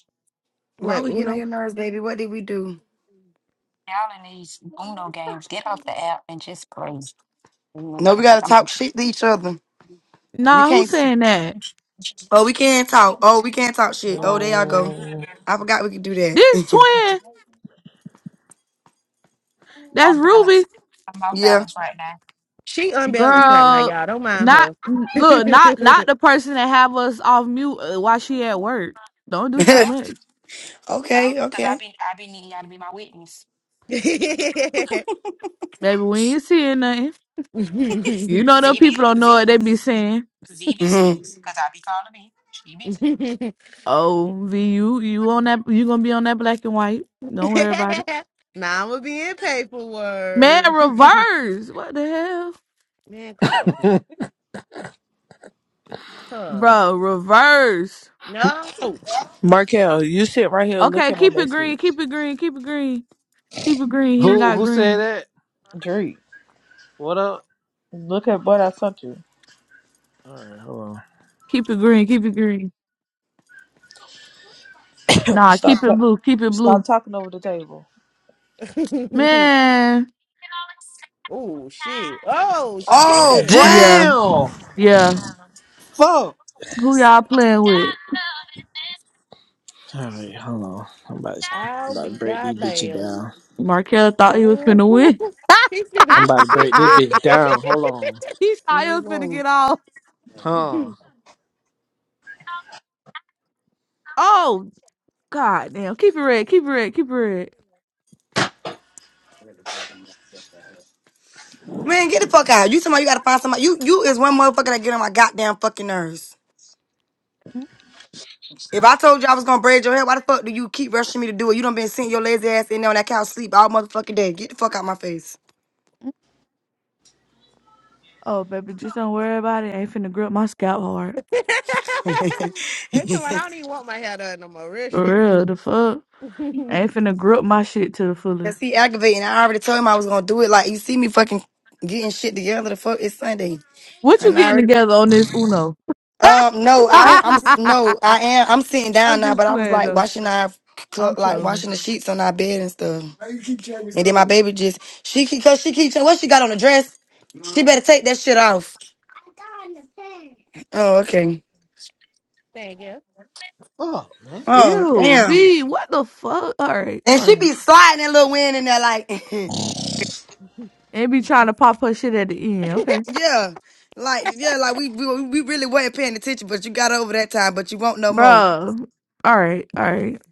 Speaker 5: why
Speaker 9: What,
Speaker 5: we getting on
Speaker 9: Uno?
Speaker 5: your nerves, baby? What did we do?
Speaker 2: Y'all in these Uno games, get off the app and just play. You know,
Speaker 5: No, we
Speaker 2: y'all talk
Speaker 5: gotta
Speaker 2: about
Speaker 5: talk
Speaker 2: the
Speaker 5: shit to each other. We
Speaker 21: Nah, who
Speaker 5: can't
Speaker 21: saying that?
Speaker 5: Oh, we can't talk. Oh, we can't talk shit. Oh, there y'all go.
Speaker 10: Mm.
Speaker 5: I forgot we could do
Speaker 21: This
Speaker 5: that.
Speaker 21: twin.
Speaker 2: I'm
Speaker 21: That's
Speaker 2: off balance.
Speaker 21: Ruby,
Speaker 2: I'm off
Speaker 5: yeah.
Speaker 2: balance right
Speaker 9: She unbalanced right now,
Speaker 21: girl.
Speaker 9: y'all. Don't mind
Speaker 21: Not
Speaker 9: her.
Speaker 21: look, not not the person that have us
Speaker 2: now.
Speaker 21: off mute uh, while she at work. Don't do too much,
Speaker 2: So,
Speaker 5: okay,
Speaker 2: cause I
Speaker 5: okay.
Speaker 2: be I be needing y'all to be my witness.
Speaker 21: baby. We ain't seeing nothing. You know them people don't know what they be saying.
Speaker 5: hmm
Speaker 21: Oh, VU, you you on that? You gonna be on that black and white? Don't worry about it.
Speaker 9: nah, I'm gonna be in
Speaker 21: Man,
Speaker 9: paperwork.
Speaker 21: reverse. What the hell,
Speaker 9: man, come on. Huh.
Speaker 21: bro? Reverse.
Speaker 9: No.
Speaker 6: Markel, you sit right here and look
Speaker 21: Okay,
Speaker 6: at my
Speaker 21: keep it green.
Speaker 6: message.
Speaker 21: Keep it green. Keep it green. Keep it green. He ain't
Speaker 10: Who
Speaker 21: got
Speaker 10: who said
Speaker 21: green.
Speaker 10: that?
Speaker 6: Drake,
Speaker 10: What up?
Speaker 6: look at what I sent you.
Speaker 10: All right, hold on.
Speaker 21: Keep it green. Keep it green. Nah, keep
Speaker 6: Stop,
Speaker 21: it
Speaker 6: ta-
Speaker 21: blue. Keep it
Speaker 6: stop
Speaker 21: blue.
Speaker 6: talking over the table.
Speaker 21: Man.
Speaker 9: oh shit. Oh
Speaker 5: Oh
Speaker 9: shit.
Speaker 5: boy,
Speaker 21: Yeah,
Speaker 10: Damn!
Speaker 21: yeah.
Speaker 10: Fuck!
Speaker 21: Who y'all playing with?
Speaker 10: All right, hold on. I'm about to, I'm
Speaker 9: I'll
Speaker 10: about to
Speaker 9: be
Speaker 10: break these bitches
Speaker 9: goddamn.
Speaker 10: down.
Speaker 21: Markel thought he was
Speaker 9: Ooh,
Speaker 21: finna win.
Speaker 9: he feeling.
Speaker 10: I'm about to
Speaker 9: That's
Speaker 10: break this bitch down. Hold on.
Speaker 21: he thought he
Speaker 5: Where you
Speaker 21: was finna get
Speaker 5: going?
Speaker 21: off.
Speaker 10: Huh.
Speaker 21: Oh, god damn. Keep it red. Keep it red. Keep it red.
Speaker 5: man, get the fuck out! You somebody you gotta find somebody. You you is one motherfucker that get on my goddamn fucking nerves. If I told you I was gonna braid your hair, why the fuck do you keep rushing me to do it? You done been sitting your lazy ass in there on that couch sleep all motherfucking day. Get the fuck out my face.
Speaker 21: Oh, baby, just don't worry about it. ain't finna grip my scalp hard.
Speaker 9: the one. I don't even want my hair done no more. Real
Speaker 21: For
Speaker 9: shit.
Speaker 21: real, the fuck? ain't finna grip my shit to the
Speaker 5: That's
Speaker 21: fullest.
Speaker 5: he aggravating. I already told him I was gonna do it. Like you see me fucking getting shit together. The fuck it's Sunday,
Speaker 21: What you
Speaker 5: and I
Speaker 21: getting
Speaker 5: already
Speaker 21: together on this Uno?
Speaker 5: Um, no, I I'm no, I
Speaker 21: I'm
Speaker 5: am I'm sitting down now,
Speaker 21: just
Speaker 5: but I was
Speaker 21: playing
Speaker 5: like
Speaker 21: though.
Speaker 5: washing our clo-
Speaker 21: I'm
Speaker 5: like
Speaker 21: trolling.
Speaker 5: washing the sheets on our bed and stuff. And then my baby just she keep cause she keeps what she got on the dress. She better take that shit off. Oh, okay.
Speaker 9: Thank you.
Speaker 10: Oh man,
Speaker 5: Oh,
Speaker 21: Ew,
Speaker 5: damn.
Speaker 21: B, what the fuck? All right,
Speaker 5: And
Speaker 21: all
Speaker 5: she
Speaker 21: right.
Speaker 5: be sliding that little wind in there like
Speaker 21: And be trying to pop her shit at the end. Okay,
Speaker 5: yeah. Like yeah, like we, we we really weren't paying attention, but you got over that time, but you won't no more.
Speaker 21: bro. All right, all right.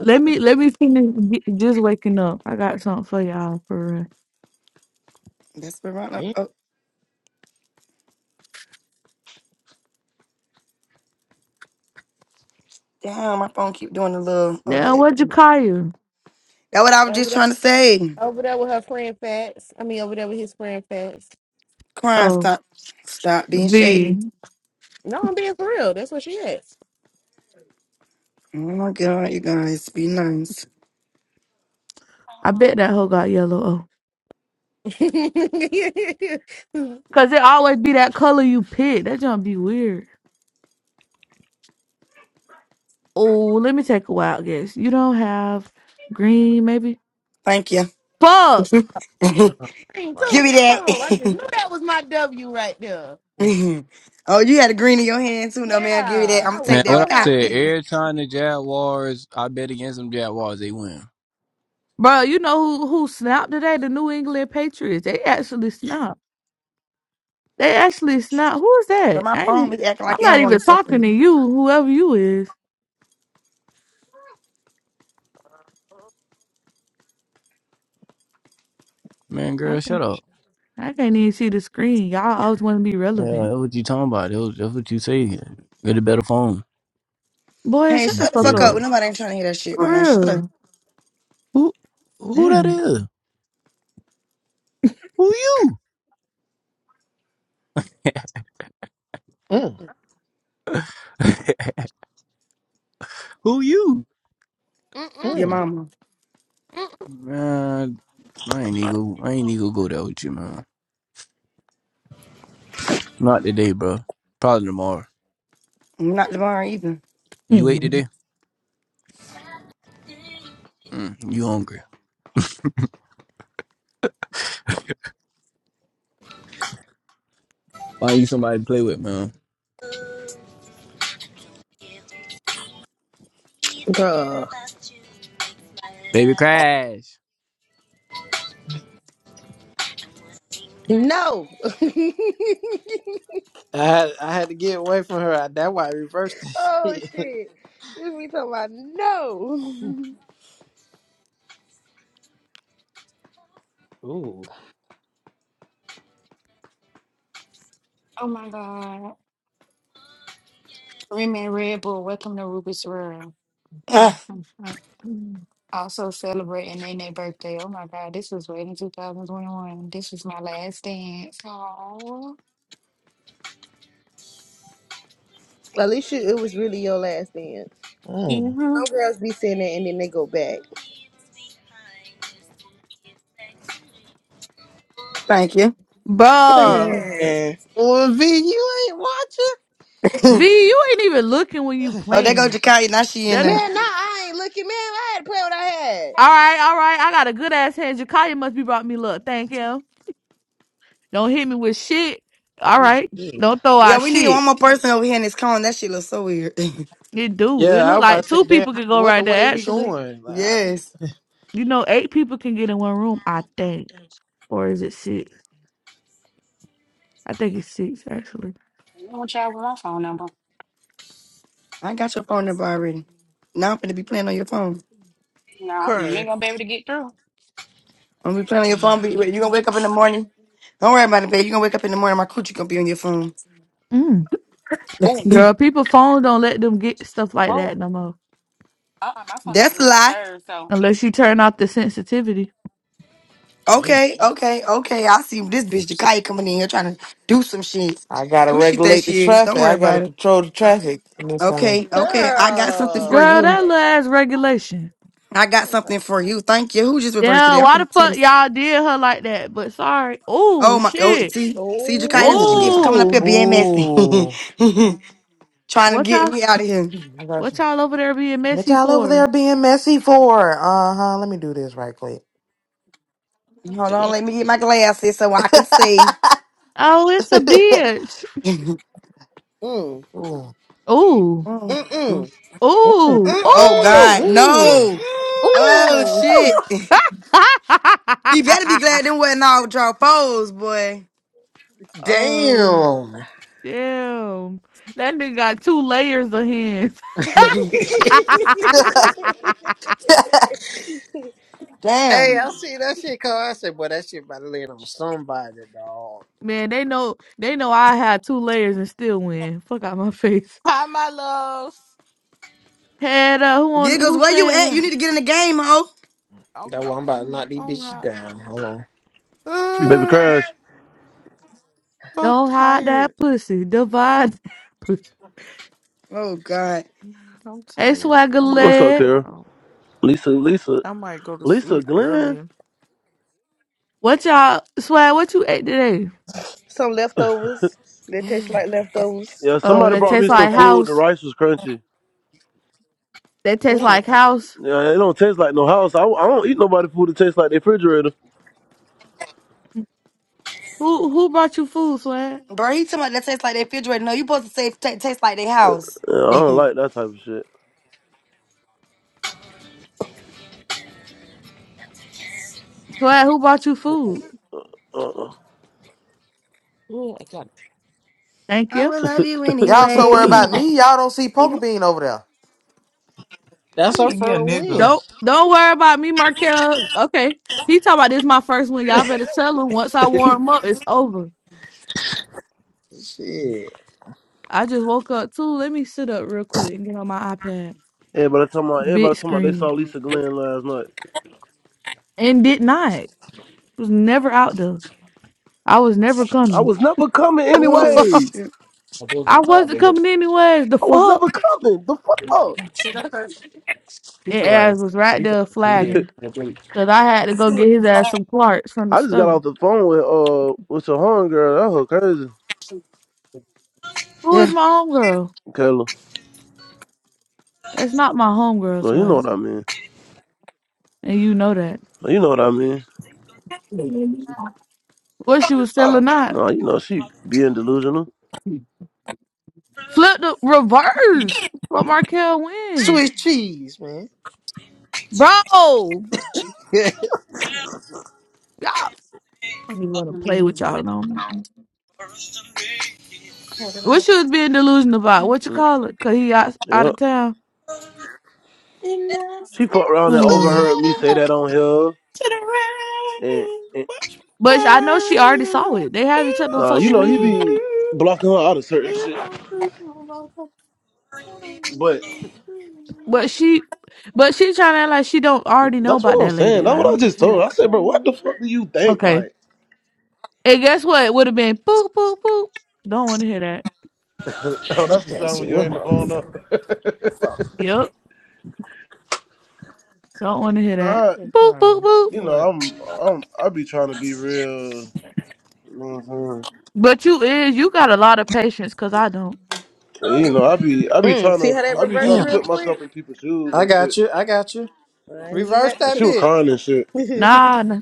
Speaker 21: Let me let me finish get, just waking up. I got something for y'all for real.
Speaker 5: That's what right.
Speaker 10: damn.
Speaker 5: Oh, damn, my phone keep doing a little oh
Speaker 21: Now,
Speaker 5: that.
Speaker 21: what'd you
Speaker 5: That's
Speaker 21: call you?
Speaker 5: what I was
Speaker 9: Over
Speaker 5: just
Speaker 9: there,
Speaker 5: trying to say.
Speaker 9: over there with her friend Fats. I mean, over there with his friend Fats.
Speaker 5: Crying,
Speaker 21: Oh,
Speaker 5: stop. Stop being shady.
Speaker 21: V.
Speaker 9: No, I'm being for real. That's what she is.
Speaker 5: Oh my God, you guys, be nice.
Speaker 21: I
Speaker 2: Oh,
Speaker 21: bet that hoe got yellow.
Speaker 9: Dang,
Speaker 21: Cause it always be that color you pick. That gonna be weird. Oh, let me take a wild guess. You don't have green, maybe?
Speaker 5: Thank you. give
Speaker 21: Fuck,
Speaker 5: me
Speaker 10: Uh-huh. Like,
Speaker 9: too. Damn, I just
Speaker 5: that.
Speaker 9: knew that was my W right there.
Speaker 10: mm,
Speaker 5: oh, you had a green in your hand too, no man. Give me that.
Speaker 9: Yeah,
Speaker 5: I'm
Speaker 9: I
Speaker 5: gonna
Speaker 9: was
Speaker 14: Man,
Speaker 5: take
Speaker 14: what
Speaker 5: that.
Speaker 14: I
Speaker 9: so
Speaker 5: God
Speaker 14: said,
Speaker 5: damn.
Speaker 9: happy.
Speaker 14: every time the Jaguars, I bet against them Jaguars, they win.
Speaker 21: bro. You know who who snapped today? The New England Patriots. They actually snapped. They actually snapped. Who is
Speaker 5: But
Speaker 21: that?
Speaker 5: my
Speaker 21: I ain't
Speaker 5: phone
Speaker 21: even,
Speaker 5: was acting
Speaker 21: I'm
Speaker 5: like it
Speaker 21: not
Speaker 5: don't want
Speaker 21: even
Speaker 5: to
Speaker 21: talking
Speaker 5: fucking.
Speaker 21: to you. Whoever you is,
Speaker 14: Man,
Speaker 21: I
Speaker 14: girl, shut
Speaker 21: can't.
Speaker 14: up.
Speaker 21: I can't even see the screen. Y'all always want to be
Speaker 14: Yeah,
Speaker 21: relevant.
Speaker 14: that's what you talking about. That's, that's what you say. Get a better phone.
Speaker 21: Boy,
Speaker 5: Hey,
Speaker 21: shut
Speaker 14: You
Speaker 21: the
Speaker 5: shut the
Speaker 21: fuck
Speaker 5: fuck up.
Speaker 21: up.
Speaker 5: Well,
Speaker 14: stupid.
Speaker 5: Nobody ain't trying to hear that shit
Speaker 21: For
Speaker 5: right now. Shut up.
Speaker 21: real.
Speaker 14: Who, who that
Speaker 21: Damn.
Speaker 14: is? Who you?
Speaker 10: mm.
Speaker 14: Who you?
Speaker 5: Your
Speaker 10: mm.
Speaker 9: Mm-mm,
Speaker 5: mama.
Speaker 9: mm-mm.
Speaker 14: Man, I ain't even, I ain't even go there with you, man. Not today, bro. Probably tomorrow.
Speaker 5: I'm not Devon either.
Speaker 14: You ate
Speaker 21: Hmm.
Speaker 14: today? Mm, you hungry. Why you somebody to play with, man? Baby Crash.
Speaker 9: No.
Speaker 10: I had I had to get away from her. That why I reversed the
Speaker 9: oh
Speaker 10: shit.
Speaker 9: shit. This we talking about no.
Speaker 10: Ooh,
Speaker 2: oh my God. Remy and Red Bull, welcome to Ruby's World.
Speaker 5: Ah,
Speaker 2: also celebrating Nene birthday. Oh my God, this was way in 2021. This was my last dance. Oh,
Speaker 9: At least you, it was really your last dance.
Speaker 10: mm.
Speaker 2: mm-hmm.
Speaker 9: Some girls be sitting there and then they go back.
Speaker 5: thank you.
Speaker 21: Bruh.
Speaker 9: Man,
Speaker 10: well, V, you ain't watching.
Speaker 21: V,
Speaker 5: oh,
Speaker 21: you ain't even looking when you
Speaker 5: there go
Speaker 21: playing.
Speaker 5: Jakaya. Now she in
Speaker 21: That.
Speaker 5: there.
Speaker 9: man, nah, I ain't looking, man. I had to play what I had.
Speaker 21: All right, all right. I got a good ass hand. Jakaya must be brought me luck. Thank him. Don't hit me with shit. All
Speaker 10: Ooh,
Speaker 21: right.
Speaker 10: shit.
Speaker 21: Don't throw
Speaker 5: Yeah,
Speaker 21: out
Speaker 5: we need
Speaker 21: shit.
Speaker 5: one more person over here in this cone. That shit looks so weird.
Speaker 21: It do. It
Speaker 10: Yeah, I
Speaker 21: look
Speaker 10: was about
Speaker 21: like
Speaker 10: to say,
Speaker 21: two
Speaker 10: damn.
Speaker 21: people can go
Speaker 10: What the
Speaker 21: right
Speaker 10: way
Speaker 21: there,
Speaker 10: we
Speaker 21: actually.
Speaker 10: going? Like, how we?
Speaker 5: yes.
Speaker 21: You know, eight people can get in one room, I think. Or is it six? I think it's six, actually.
Speaker 2: I want y'all with my phone number.
Speaker 5: I got your phone number already. Now I'm gonna be playing on your phone.
Speaker 2: Nah, you ain't
Speaker 9: Crying.
Speaker 2: gonna be able to get through.
Speaker 5: I'm gonna be playing on your phone. But you gonna wake up in the morning. Don't worry about it, babe. You gonna wake up in the morning. My coochie gonna be on your phone.
Speaker 21: Mm.
Speaker 2: oh,
Speaker 5: That's
Speaker 21: Girl, people phone don't let them get stuff like
Speaker 2: whoa.
Speaker 21: that no more.
Speaker 2: Uh-uh, my phone don't do
Speaker 5: a
Speaker 2: not
Speaker 5: lie.
Speaker 2: disturb, so.
Speaker 21: Unless you turn off the sensitivity.
Speaker 10: Damn.
Speaker 5: Okay, okay, okay. I see this bitch Jakaya coming in here trying to do some shit.
Speaker 7: I gotta
Speaker 5: Who she think
Speaker 7: regulate the
Speaker 5: she is? Don't
Speaker 7: traffic.
Speaker 5: worry
Speaker 7: I gotta
Speaker 5: about it.
Speaker 7: control the traffic in this time.
Speaker 5: Okay, okay. I got something for
Speaker 9: Girl.
Speaker 21: Girl,
Speaker 5: you.
Speaker 21: that
Speaker 9: Uh,
Speaker 21: little ass regulation.
Speaker 5: I got something for you. Thank you. Who just reversed
Speaker 21: Yeah,
Speaker 5: today? I'm
Speaker 21: why
Speaker 5: gonna
Speaker 21: the fuck
Speaker 5: test.
Speaker 21: y'all did her like that? But sorry. Oh,
Speaker 5: Oh my. Oh,
Speaker 21: shit.
Speaker 5: see, see,
Speaker 9: oh.
Speaker 5: Jakaya. That's what you
Speaker 10: Ooh,
Speaker 5: get for coming up
Speaker 21: Oh.
Speaker 5: here being
Speaker 10: Ooh.
Speaker 5: messy.
Speaker 7: Ooh,
Speaker 5: trying to
Speaker 21: What
Speaker 5: get
Speaker 21: y'all
Speaker 5: me out of here.
Speaker 7: I got
Speaker 21: what
Speaker 7: some.
Speaker 21: y'all over there being
Speaker 7: What
Speaker 21: messy
Speaker 7: y'all over there
Speaker 21: for?
Speaker 7: being messy for? Uh huh. Let me do this right quick.
Speaker 5: Hold on,
Speaker 10: damn.
Speaker 5: let me get my glasses so I can see.
Speaker 21: Oh, it's a bitch.
Speaker 9: Mm.
Speaker 7: Ooh.
Speaker 21: Ooh.
Speaker 5: Mm, mm.
Speaker 9: Mm-mm.
Speaker 10: Mm,
Speaker 21: Ooh.
Speaker 5: oh
Speaker 21: Ooh.
Speaker 5: God,
Speaker 9: Mm-mm.
Speaker 10: mm.
Speaker 5: no! Oh
Speaker 21: Ooh.
Speaker 5: shit!
Speaker 10: Ooh,
Speaker 5: He better be glad them wasn't all draw foes, boy.
Speaker 21: oh
Speaker 10: damn.
Speaker 21: damn. That nigga got two layers of hands.
Speaker 10: hey,
Speaker 9: Mm-mm.
Speaker 5: Damn,
Speaker 10: I see that shit. Carl. I said, boy, that shit about to land on somebody, dog.
Speaker 21: Man, they know they know I had two layers and still win. Fuck out my face.
Speaker 12: Hi, my loves.
Speaker 21: Head up, who on
Speaker 5: giggles,
Speaker 21: who
Speaker 5: where you
Speaker 21: saying
Speaker 5: at? You
Speaker 21: that?
Speaker 5: need to get in the game, ho.
Speaker 10: That's
Speaker 12: I'm
Speaker 10: why I'm about to knock
Speaker 12: I'm
Speaker 10: these
Speaker 12: I'm
Speaker 10: bitches
Speaker 12: hot.
Speaker 10: down. Hold on.
Speaker 17: Baby
Speaker 12: Uh,
Speaker 17: Crash,
Speaker 12: I'm
Speaker 21: Don't hide that
Speaker 12: tired.
Speaker 21: pussy. Divide that pussy.
Speaker 5: Oh God,
Speaker 12: I'm
Speaker 21: Hey
Speaker 12: tired.
Speaker 21: swagger
Speaker 12: I'm
Speaker 17: what's
Speaker 12: not
Speaker 17: up,
Speaker 12: gonna
Speaker 21: leg.
Speaker 17: Kara?
Speaker 12: lie.
Speaker 17: Lisa, Lisa,
Speaker 12: I might go to
Speaker 17: Lisa
Speaker 12: sleep
Speaker 17: Glenn.
Speaker 12: early.
Speaker 21: What y'all swag? What you ate today?
Speaker 9: Some leftovers that taste
Speaker 5: bro,
Speaker 9: like leftovers.
Speaker 17: Yeah,
Speaker 9: Some
Speaker 21: Oh,
Speaker 17: somebody
Speaker 21: that
Speaker 9: food
Speaker 17: brought
Speaker 12: Mm.
Speaker 9: that
Speaker 21: tastes
Speaker 17: me
Speaker 9: tastes
Speaker 17: some
Speaker 21: like
Speaker 9: like leftovers.
Speaker 17: food. The
Speaker 21: house.
Speaker 17: rice was crunchy.
Speaker 21: That tastes like
Speaker 9: Mm.
Speaker 21: house.
Speaker 17: Yeah, it don't taste like no house. I, I don't eat nobody food that tastes like the refrigerator.
Speaker 21: Who who brought you food, swag?
Speaker 5: he talking about that tastes like their refrigerator. No, you supposed to say ta tastes like their house.
Speaker 17: Yeah, I don't
Speaker 5: I
Speaker 17: like that type of shit.
Speaker 21: Swag, who brought you food?
Speaker 17: Uh-uh.
Speaker 12: Yeah, I got-
Speaker 21: Thank you.
Speaker 5: will love you
Speaker 7: Y'all so worried about
Speaker 5: anyway.
Speaker 7: me. Y'all don't see Poker Bean over there.
Speaker 12: I
Speaker 10: That's her
Speaker 12: need me a
Speaker 10: first
Speaker 12: nigga.
Speaker 10: win.
Speaker 21: Don't don't worry about me, Markel. Okay, he talking about this my first one. Y'all better tell him once I warm up, it's over.
Speaker 10: Shit.
Speaker 21: I just woke up too. Let me sit up real quick and get on my iPad
Speaker 17: everybody talking about everybody
Speaker 21: big
Speaker 17: talking about they saw
Speaker 21: screen
Speaker 17: Lisa Glenn last night.
Speaker 21: and did not. Was never out there. I was never
Speaker 17: I
Speaker 21: coming.
Speaker 17: was never coming
Speaker 5: Oh
Speaker 17: anyways.
Speaker 5: shit!
Speaker 21: I wasn't coming anyways. The
Speaker 17: I was never
Speaker 21: fuck.
Speaker 17: coming. The fuck.
Speaker 21: And
Speaker 14: Pizza
Speaker 21: ass
Speaker 14: was.
Speaker 21: was right
Speaker 14: Pizza
Speaker 21: there
Speaker 14: was
Speaker 21: flagging. Cause I had to go get his ass some Clarks from the
Speaker 17: I just got
Speaker 21: store.
Speaker 17: off the phone with uh with your home girl. That's her crazy,
Speaker 21: Who is
Speaker 5: Yeah.
Speaker 21: my homegirl?
Speaker 17: Kayla.
Speaker 21: That's not my homegirl
Speaker 17: Well, you know
Speaker 21: swag.
Speaker 17: what I mean.
Speaker 21: And you know that.
Speaker 17: Well, You know what I mean.
Speaker 21: What she was selling not.
Speaker 17: No, you know she being delusional.
Speaker 21: Flip the reverse for Markel win.
Speaker 10: Swiss cheese, man.
Speaker 21: Bro, y'all I don't even want to play with y'all no more. What she was being delusional about? What you
Speaker 17: Mm,
Speaker 21: call it? Cause he out, out
Speaker 17: Yep.
Speaker 21: of town.
Speaker 12: Enough
Speaker 17: She fucked
Speaker 12: said
Speaker 17: around and
Speaker 12: for
Speaker 21: Oh.
Speaker 17: overheard me say
Speaker 12: you.
Speaker 17: that on here.
Speaker 12: to the
Speaker 17: And,
Speaker 12: right.
Speaker 17: and
Speaker 12: Watch me
Speaker 21: But I know she
Speaker 12: ride
Speaker 21: already
Speaker 12: in a
Speaker 21: saw it. They have each other on
Speaker 17: nah, you
Speaker 21: social
Speaker 17: know, he
Speaker 21: media.
Speaker 17: be blocking her out of certain shit.
Speaker 12: Nothing
Speaker 17: But
Speaker 21: But she but she trying to act like she don't already know
Speaker 17: that's
Speaker 21: about
Speaker 17: what I'm
Speaker 21: that
Speaker 17: saying.
Speaker 21: lady.
Speaker 17: That's
Speaker 21: Like
Speaker 17: what I
Speaker 21: I'm
Speaker 17: just told
Speaker 21: confused.
Speaker 17: her. I said, bro, what the
Speaker 12: like
Speaker 17: fuck do you think?
Speaker 21: Okay.
Speaker 17: Like,
Speaker 21: And guess what? It would have been boop, boop, boop. Don't want to hear that.
Speaker 17: oh, that's the
Speaker 10: That's
Speaker 17: sound
Speaker 10: it.
Speaker 17: when you
Speaker 10: What
Speaker 17: hang the phone up.
Speaker 10: motherfucker? Fuck.
Speaker 21: Yep. Don't want to hear that.
Speaker 17: I,
Speaker 12: it,
Speaker 21: Boop, boop,
Speaker 12: girl.
Speaker 21: boop.
Speaker 17: you know, I'm, I'm, I be trying to be real. mhm.
Speaker 21: But you is, you got a lot of patience because I don't.
Speaker 17: You know, I be, I be
Speaker 9: Mm.
Speaker 17: trying
Speaker 9: See
Speaker 17: to,
Speaker 9: how that
Speaker 17: I be trying
Speaker 9: reversed
Speaker 17: to
Speaker 10: Damn.
Speaker 9: real
Speaker 17: put
Speaker 9: quick?
Speaker 17: myself in people's shoes
Speaker 10: I
Speaker 17: and
Speaker 10: got
Speaker 17: shit.
Speaker 10: you. I got you.
Speaker 9: And you
Speaker 10: Reverse
Speaker 9: had to
Speaker 17: Cause
Speaker 10: that
Speaker 17: she
Speaker 9: take.
Speaker 17: was
Speaker 10: bit.
Speaker 17: crying and shit.
Speaker 21: Nah, nah.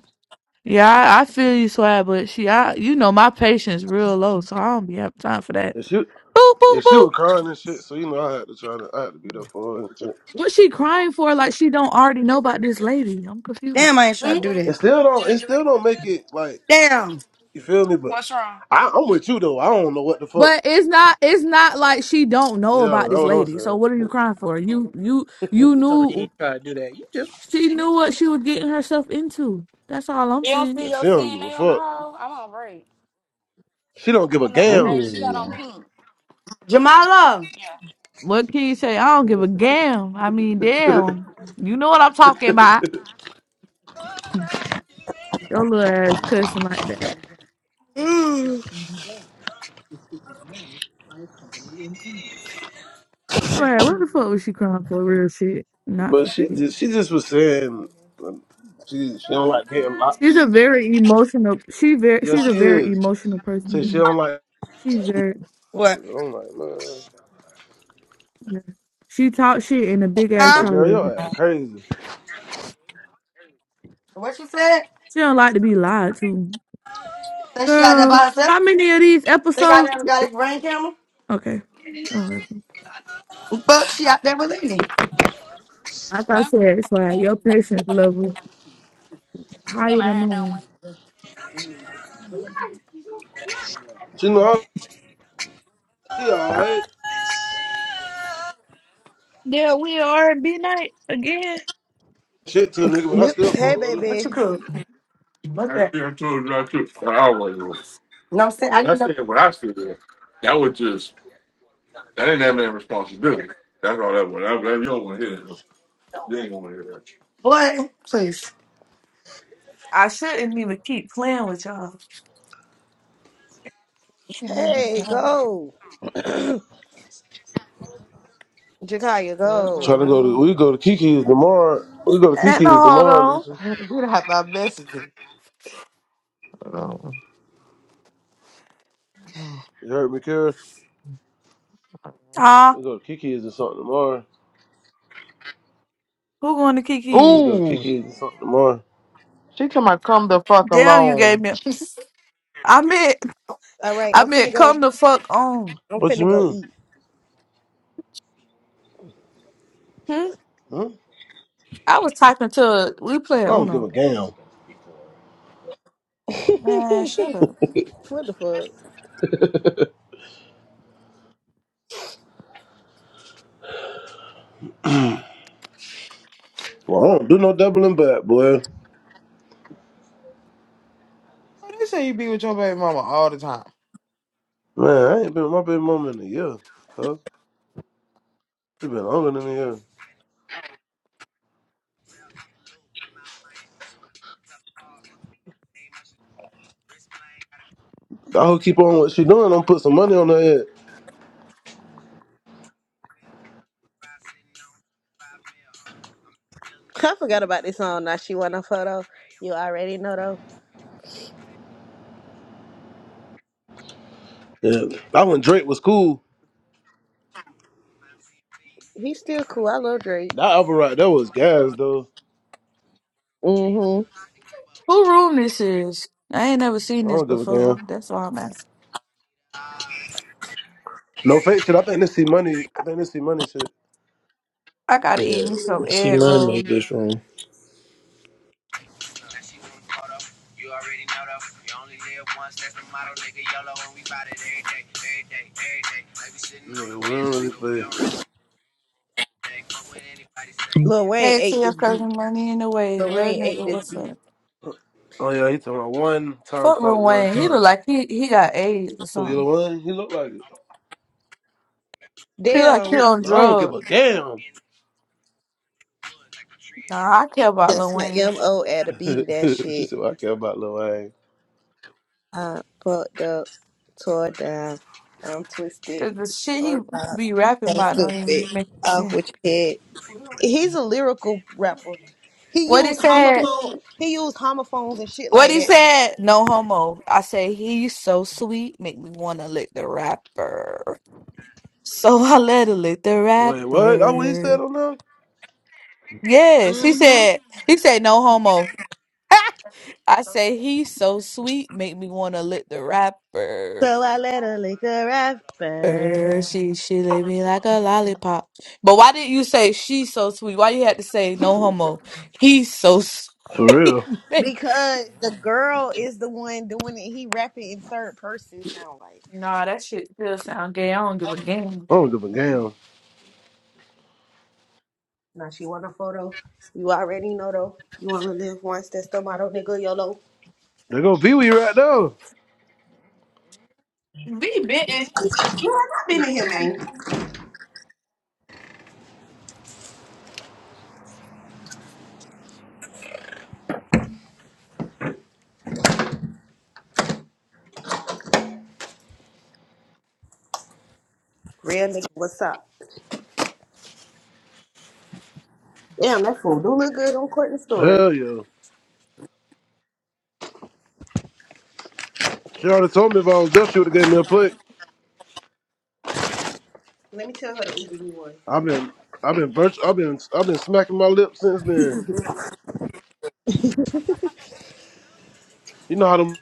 Speaker 21: Yeah, I, I feel you, Swag, but she, I, you know, my patience real low, so I don't be have time for that.
Speaker 17: And she,
Speaker 21: Boop, boop,
Speaker 17: and she
Speaker 21: boop.
Speaker 17: was crying and shit. So you know, I had to try to, I had to be there for her. and shit.
Speaker 21: What she crying for? Like she don't already know about this lady. I'm confused.
Speaker 5: Damn, I ain't trying to
Speaker 2: Mm?
Speaker 5: do
Speaker 17: It
Speaker 5: that.
Speaker 17: still don't. It still don't make it like
Speaker 5: Damn,
Speaker 17: you feel me. But
Speaker 2: What's wrong?
Speaker 17: I, I'm with you though. I don't know what the fuck.
Speaker 21: But it's not, it's not like she don't know
Speaker 17: Yeah,
Speaker 21: about
Speaker 17: that's
Speaker 21: this
Speaker 17: what I'm
Speaker 21: lady. So
Speaker 17: saying.
Speaker 21: what are you crying for? You, you, you
Speaker 10: You told me you
Speaker 21: knew.
Speaker 10: ain't try to do that. You just.
Speaker 21: She knew what she was getting herself into. That's all I'm
Speaker 2: You don't
Speaker 21: saying.
Speaker 2: see
Speaker 17: Yeah,
Speaker 2: your
Speaker 17: she don't give a
Speaker 2: CNA on the
Speaker 17: fuck.
Speaker 2: hoe? I'm on break.
Speaker 17: She don't
Speaker 2: I
Speaker 17: give a
Speaker 2: don't know her name.
Speaker 17: damn.
Speaker 2: She got on
Speaker 10: Ooh.
Speaker 2: pink.
Speaker 5: Jamala.
Speaker 2: Yeah.
Speaker 21: What can you say? I don't give a damn. I mean, damn. You know what I'm talking about. Your little ass cussing like that.
Speaker 5: Mm.
Speaker 21: Swear, what the fuck was she crying for? Real shit, not
Speaker 17: But
Speaker 21: for
Speaker 17: she
Speaker 21: fake.
Speaker 17: just, she just was saying um, she she don't like getting locked.
Speaker 21: She's a very emotional. She very.
Speaker 17: Yeah,
Speaker 21: She's
Speaker 17: she
Speaker 21: a very
Speaker 17: is.
Speaker 21: emotional
Speaker 17: Say she
Speaker 21: person.
Speaker 17: don't like.
Speaker 21: She's very.
Speaker 5: What?
Speaker 17: I'm like man.
Speaker 21: yeah. She talks shit in a big
Speaker 17: I
Speaker 21: ass
Speaker 5: Huh?
Speaker 17: said,
Speaker 21: crowd.
Speaker 17: girl,
Speaker 21: Baby.
Speaker 17: your ass crazy.
Speaker 5: What she said?
Speaker 21: She don't like to be lied to.
Speaker 5: Think she out there
Speaker 21: Girl,
Speaker 5: by herself?
Speaker 21: how many of these
Speaker 5: Think I
Speaker 21: episodes?
Speaker 5: never got a ring camera?
Speaker 21: Okay, don't worry.
Speaker 5: Fuck, she out there with Lenny.
Speaker 21: Like I
Speaker 2: Huh?
Speaker 21: said, it's like your patience level
Speaker 2: Get
Speaker 21: higher
Speaker 2: my
Speaker 21: than
Speaker 2: hair done
Speaker 21: mine.
Speaker 17: She know I, she alright.
Speaker 21: Yeah, we are at B night again.
Speaker 17: Shit to a nigga, but I
Speaker 9: Yep.
Speaker 17: still fuck
Speaker 9: hey,
Speaker 17: with her.
Speaker 5: What you
Speaker 9: baby.
Speaker 5: cool? What's that? still told you I took flowers. off. You know what I'm saying? I I didn't That's know. what I said. That was just that didn't have any responsibility. That's all that was. That, that, you don't want to hear that. You ain't gonna hear that. What? Please.
Speaker 21: I shouldn't even keep playing with y'all. Yeah,
Speaker 9: Hey,
Speaker 21: no.
Speaker 9: go. Jakaya,
Speaker 7: Wait a minute,
Speaker 9: go.
Speaker 17: Trying to
Speaker 7: hold
Speaker 17: go to we
Speaker 7: on.
Speaker 17: go to
Speaker 7: Let me
Speaker 17: Kiki's
Speaker 7: go.
Speaker 17: tomorrow. We go to
Speaker 21: And no,
Speaker 17: Kiki's
Speaker 21: hold
Speaker 17: tomorrow,
Speaker 21: on.
Speaker 17: Lisa.
Speaker 7: Who the have my messages? Hold on.
Speaker 17: You heard me, Kara?
Speaker 21: Ah,
Speaker 17: We go to Kiki's or something tomorrow.
Speaker 21: who going to
Speaker 17: So we
Speaker 21: Kiki's?
Speaker 17: go to
Speaker 7: Ooh,
Speaker 17: Kiki's or something tomorrow.
Speaker 7: she told me come the fuck
Speaker 21: Damn, you gave
Speaker 7: alone.
Speaker 21: me. I meant,
Speaker 9: All right,
Speaker 21: I
Speaker 9: I'm finna
Speaker 21: meant,
Speaker 9: go.
Speaker 21: come the fuck on.
Speaker 9: I'm
Speaker 17: What you
Speaker 9: finna go
Speaker 17: mean?
Speaker 9: eat.
Speaker 21: Hmm?
Speaker 17: Huh?
Speaker 21: I was typing to we playing
Speaker 17: I don't give a
Speaker 21: Uno.
Speaker 17: damn.
Speaker 21: Man, shut up.
Speaker 9: what the fuck?
Speaker 17: Well, I don't do no doubling back, boy.
Speaker 7: They say you be with your baby mama all the time.
Speaker 17: Man, I ain't been with my baby mama in a year, cuz. It's been longer than a year. I hope keep on what she doing. I'm put some money on her head.
Speaker 9: I forgot about this song. Now she want a photo. You already know though.
Speaker 17: Yeah. That when Drake was cool.
Speaker 9: He's still cool. I love Drake.
Speaker 17: That album right there was gas, though.
Speaker 21: Who room this is? I ain't never
Speaker 17: I
Speaker 21: seen this
Speaker 17: don't give a damn.
Speaker 21: before. That's why I'm asking.
Speaker 17: No fake shit. I think this see money. I think this see money shit.
Speaker 21: I gotta eat
Speaker 10: Yeah.
Speaker 21: me some
Speaker 10: She
Speaker 21: egg
Speaker 10: money
Speaker 21: rolls.
Speaker 10: made this room.
Speaker 17: Nigga, we don't really play.
Speaker 9: Mm-hmm. Lil Wayne
Speaker 21: Hey,
Speaker 9: ate
Speaker 21: see your
Speaker 9: this beat.
Speaker 21: cousin money in the way.
Speaker 9: Lil
Speaker 21: Real
Speaker 9: Wayne ate
Speaker 21: nigga,
Speaker 9: this
Speaker 21: what's
Speaker 9: beat.
Speaker 21: up?
Speaker 17: Oh, yeah, he talking about one time,
Speaker 21: Fuck
Speaker 17: fuck
Speaker 21: Lil
Speaker 17: one
Speaker 21: Wayne. He
Speaker 17: time.
Speaker 21: look like he, he got AIDS or
Speaker 17: Who, you the
Speaker 21: something.
Speaker 17: one? He look like it.
Speaker 21: He like he
Speaker 9: Damn,
Speaker 21: on
Speaker 17: No, I don't give
Speaker 21: drugs.
Speaker 17: a damn.
Speaker 21: Nah, I care about
Speaker 9: That's
Speaker 21: Lil
Speaker 9: my
Speaker 21: Wayne.
Speaker 9: MO at a beat of that
Speaker 17: she
Speaker 9: shit.
Speaker 17: said, well, I care about Lil Wayne.
Speaker 9: I fucked up, tore down, I'm twisted,
Speaker 21: The, the shit he
Speaker 9: or not.
Speaker 21: be rapping
Speaker 9: I'm
Speaker 21: about don't
Speaker 9: stupid.
Speaker 21: even make
Speaker 9: Off
Speaker 21: sense.
Speaker 9: with your head. He's a lyrical rapper. He
Speaker 21: What he
Speaker 9: used
Speaker 21: said?
Speaker 9: homophone he used homophones and shit
Speaker 21: What
Speaker 9: like
Speaker 21: he
Speaker 9: that.
Speaker 21: said? No homo. I say he's so sweet, make me wanna lick the rapper. So I let her lick the
Speaker 17: Wait, what? That's what he said
Speaker 21: rapper.
Speaker 17: on that?
Speaker 21: Yes, he
Speaker 9: hmm
Speaker 21: said. He said no homo. I say he's so sweet, make me wanna lick the rapper.
Speaker 9: So I let her lick her
Speaker 21: Er,
Speaker 9: rapper.
Speaker 21: she she lick me like a lollipop. But why didn't you say she's so sweet? Why you had to say no homo? He's so sweet.
Speaker 17: For real.
Speaker 9: Because the girl is the one doing it. He rapping in third person sound like.
Speaker 21: nah, that shit still sound gay. I don't give a damn.
Speaker 17: I don't give a damn.
Speaker 9: Now she want a photo. You already know though. You wanna live once, that's the nigga, YOLO.
Speaker 17: They go Pee Wee right now.
Speaker 21: Be bitten.
Speaker 9: Been in here, man. Real nigga, what's up? Damn, that fool do look good on Courtney's story.
Speaker 17: Hell yeah. She already told me if I was there, she would have gave me a plate.
Speaker 9: Let me tell her to Uber you one.
Speaker 17: I've been, I've been virtu- I've been, I've been smacking my lips since then. You know how them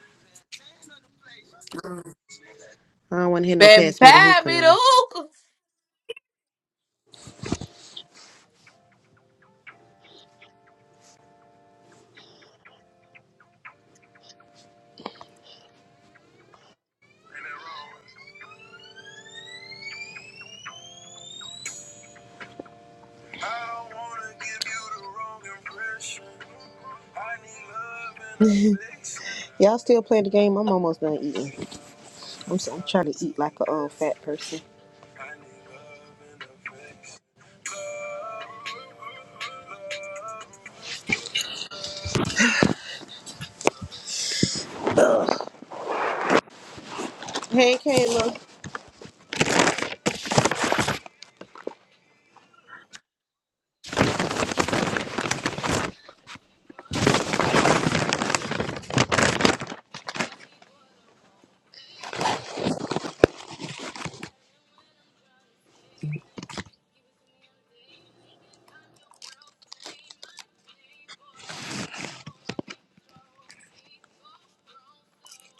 Speaker 9: I don't want to hear no
Speaker 21: Baby,
Speaker 9: pass me the
Speaker 21: pad
Speaker 9: hookah
Speaker 21: me the
Speaker 9: now.
Speaker 21: hook.
Speaker 9: Y'all still play the game? I'm almost done eating. I'm, so, I'm trying to eat like a old fat person. Ugh. Hey, Kayla.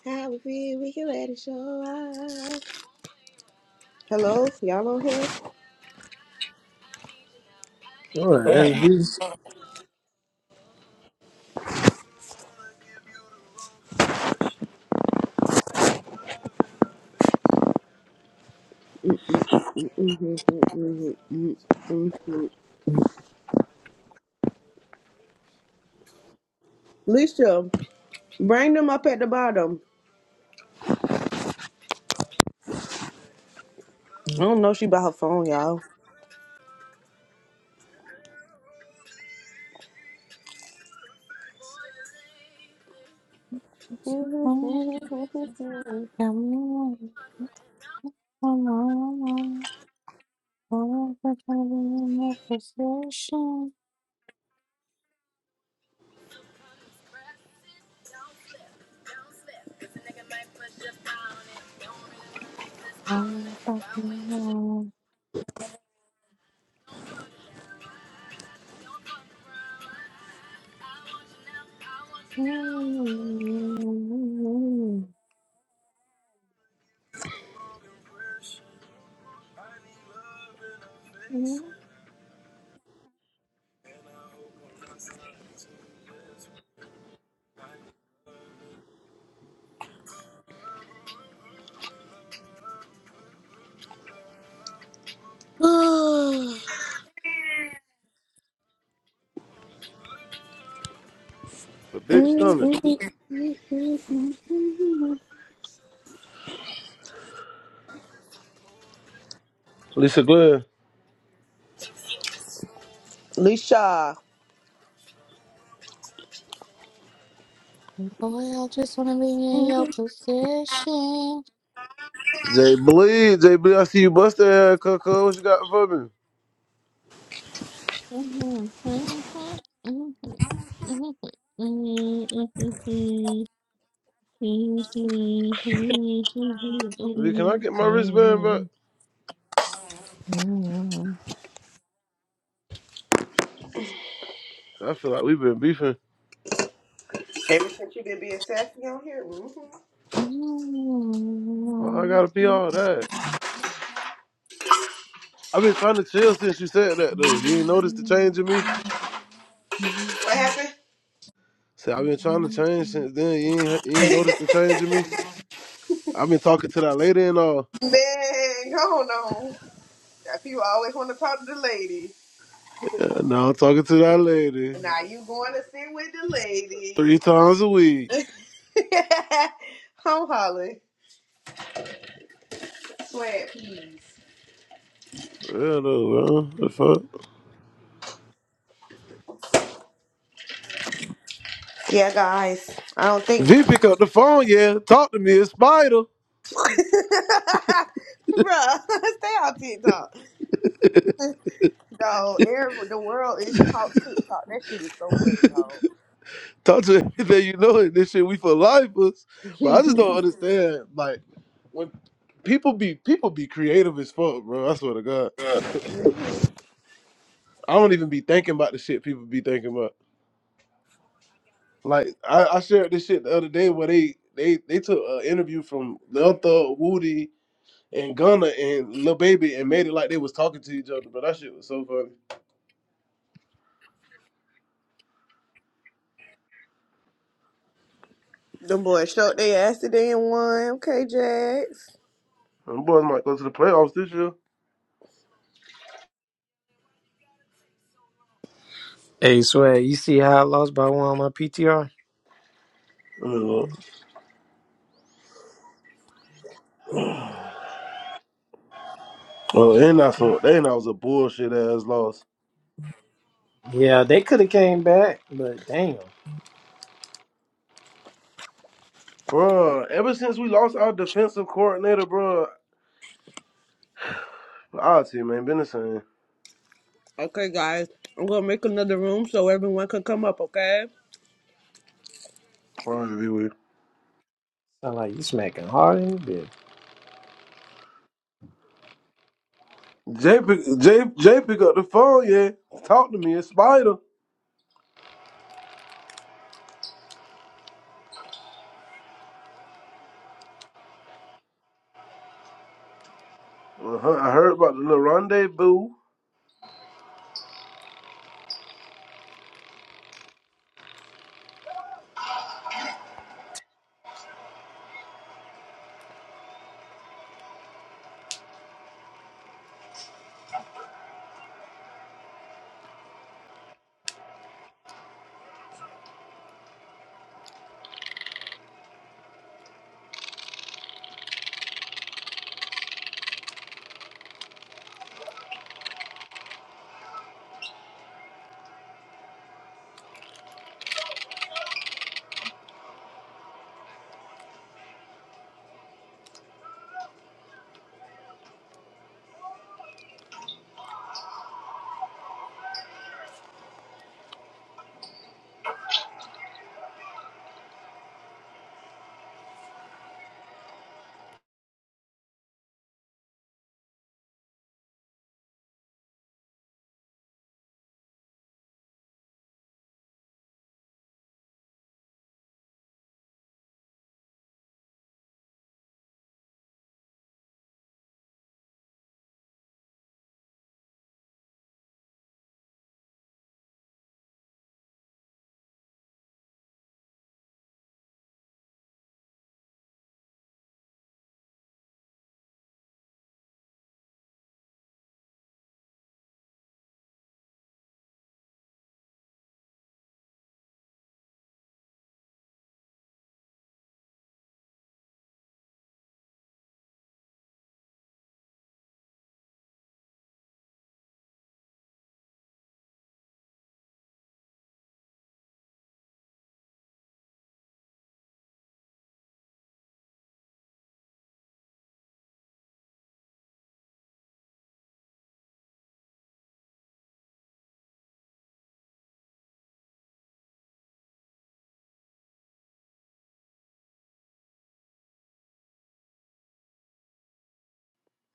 Speaker 9: How we feel we can let it show up. Hello, y'all on here?
Speaker 10: Boy, that's beast.
Speaker 9: Mhm, mhm, mhm, mhm. Lisa, bring them up at the bottom. I don't know if she by her phone, y'all.
Speaker 12: What?
Speaker 17: a bitch stomach. Lisa Glenn.
Speaker 9: Leisha.
Speaker 12: Boy, I just wanna be in your position.
Speaker 17: Jay Bleed, Jay Bleed, I see you bust that ass, Coco. What you got for me?
Speaker 12: Mhm, mhm, mhm, mhm,
Speaker 17: V, Can I get my wristband back? I feel like we've been beefing.
Speaker 9: Ever since you've been being sassy on here, hmm
Speaker 17: Why I gotta be all that? I've been trying to chill since you said that though. You ain't noticed the change in me?
Speaker 9: what happened?
Speaker 17: See, I've been
Speaker 12: mhm,
Speaker 17: trying to change since then. You ain't, he- you
Speaker 12: mhm.
Speaker 17: ain't noticed the change in me. I've been talking to that lady and all.
Speaker 9: Man, go on. on. If you always want to talk to the lady,
Speaker 17: Yeah, now I'm talking to that lady
Speaker 9: now you going to sit with the
Speaker 17: three
Speaker 9: lady.
Speaker 17: times a week.
Speaker 9: I'm Holly. Sweat,
Speaker 17: For real though, bro. The fuck?
Speaker 9: Yeah, guys. I don't think.
Speaker 17: V pick up the phone, yeah. Talk to me, it's Spider.
Speaker 9: Bruh, stay on TikTok. No, every, the world is talk TikTok. That shit is so funny, dog.
Speaker 17: Talk to everything you know, and this shit we for lifers. But I just don't understand, like when people be people be creative as fuck, bro. I swear to God, I don't even be thinking about the shit people be thinking about. Like I, I shared this shit the other day where they they they took an interview from Lil Thug, Woody, and Gunna and Lil Baby and made it like they was talking to each other. But that shit was so funny.
Speaker 9: Them boys showed their ass today and won. Okay, Jax.
Speaker 17: Them boys might go to the playoffs this year.
Speaker 10: Hey, Swag, you see how I lost by one on my PTR?
Speaker 17: I mean, look. Oh, and that's some, and that was a bullshit ass loss,
Speaker 10: Yeah, they could have came back, but damn.
Speaker 17: bro. Ever since we lost our defensive coordinator, bro, our team ain't been the same.
Speaker 9: Okay, guys. I'm going to make another room so everyone can come up, okay?
Speaker 17: Probably be weird.
Speaker 10: Sound like you smacking hard in the bit.
Speaker 17: Jay, pick, Jay, Jay, pick up the phone, yeah. Talk to me, it's Spider. Uh-huh. I heard about the little rendezvous.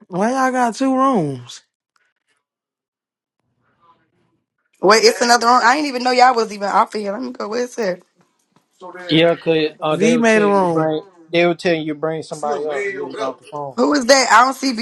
Speaker 7: Why y'all got two rooms?
Speaker 5: Wait, it's another one. I didn't even know y'all was even off of here. Let me go. Where's it?
Speaker 10: Yeah, cause uh, they
Speaker 7: V
Speaker 10: will
Speaker 7: made
Speaker 10: tell
Speaker 7: a
Speaker 10: you
Speaker 7: room.
Speaker 10: bring they will tell you bring somebody up. You was off the phone.
Speaker 5: Who is that? I don't see.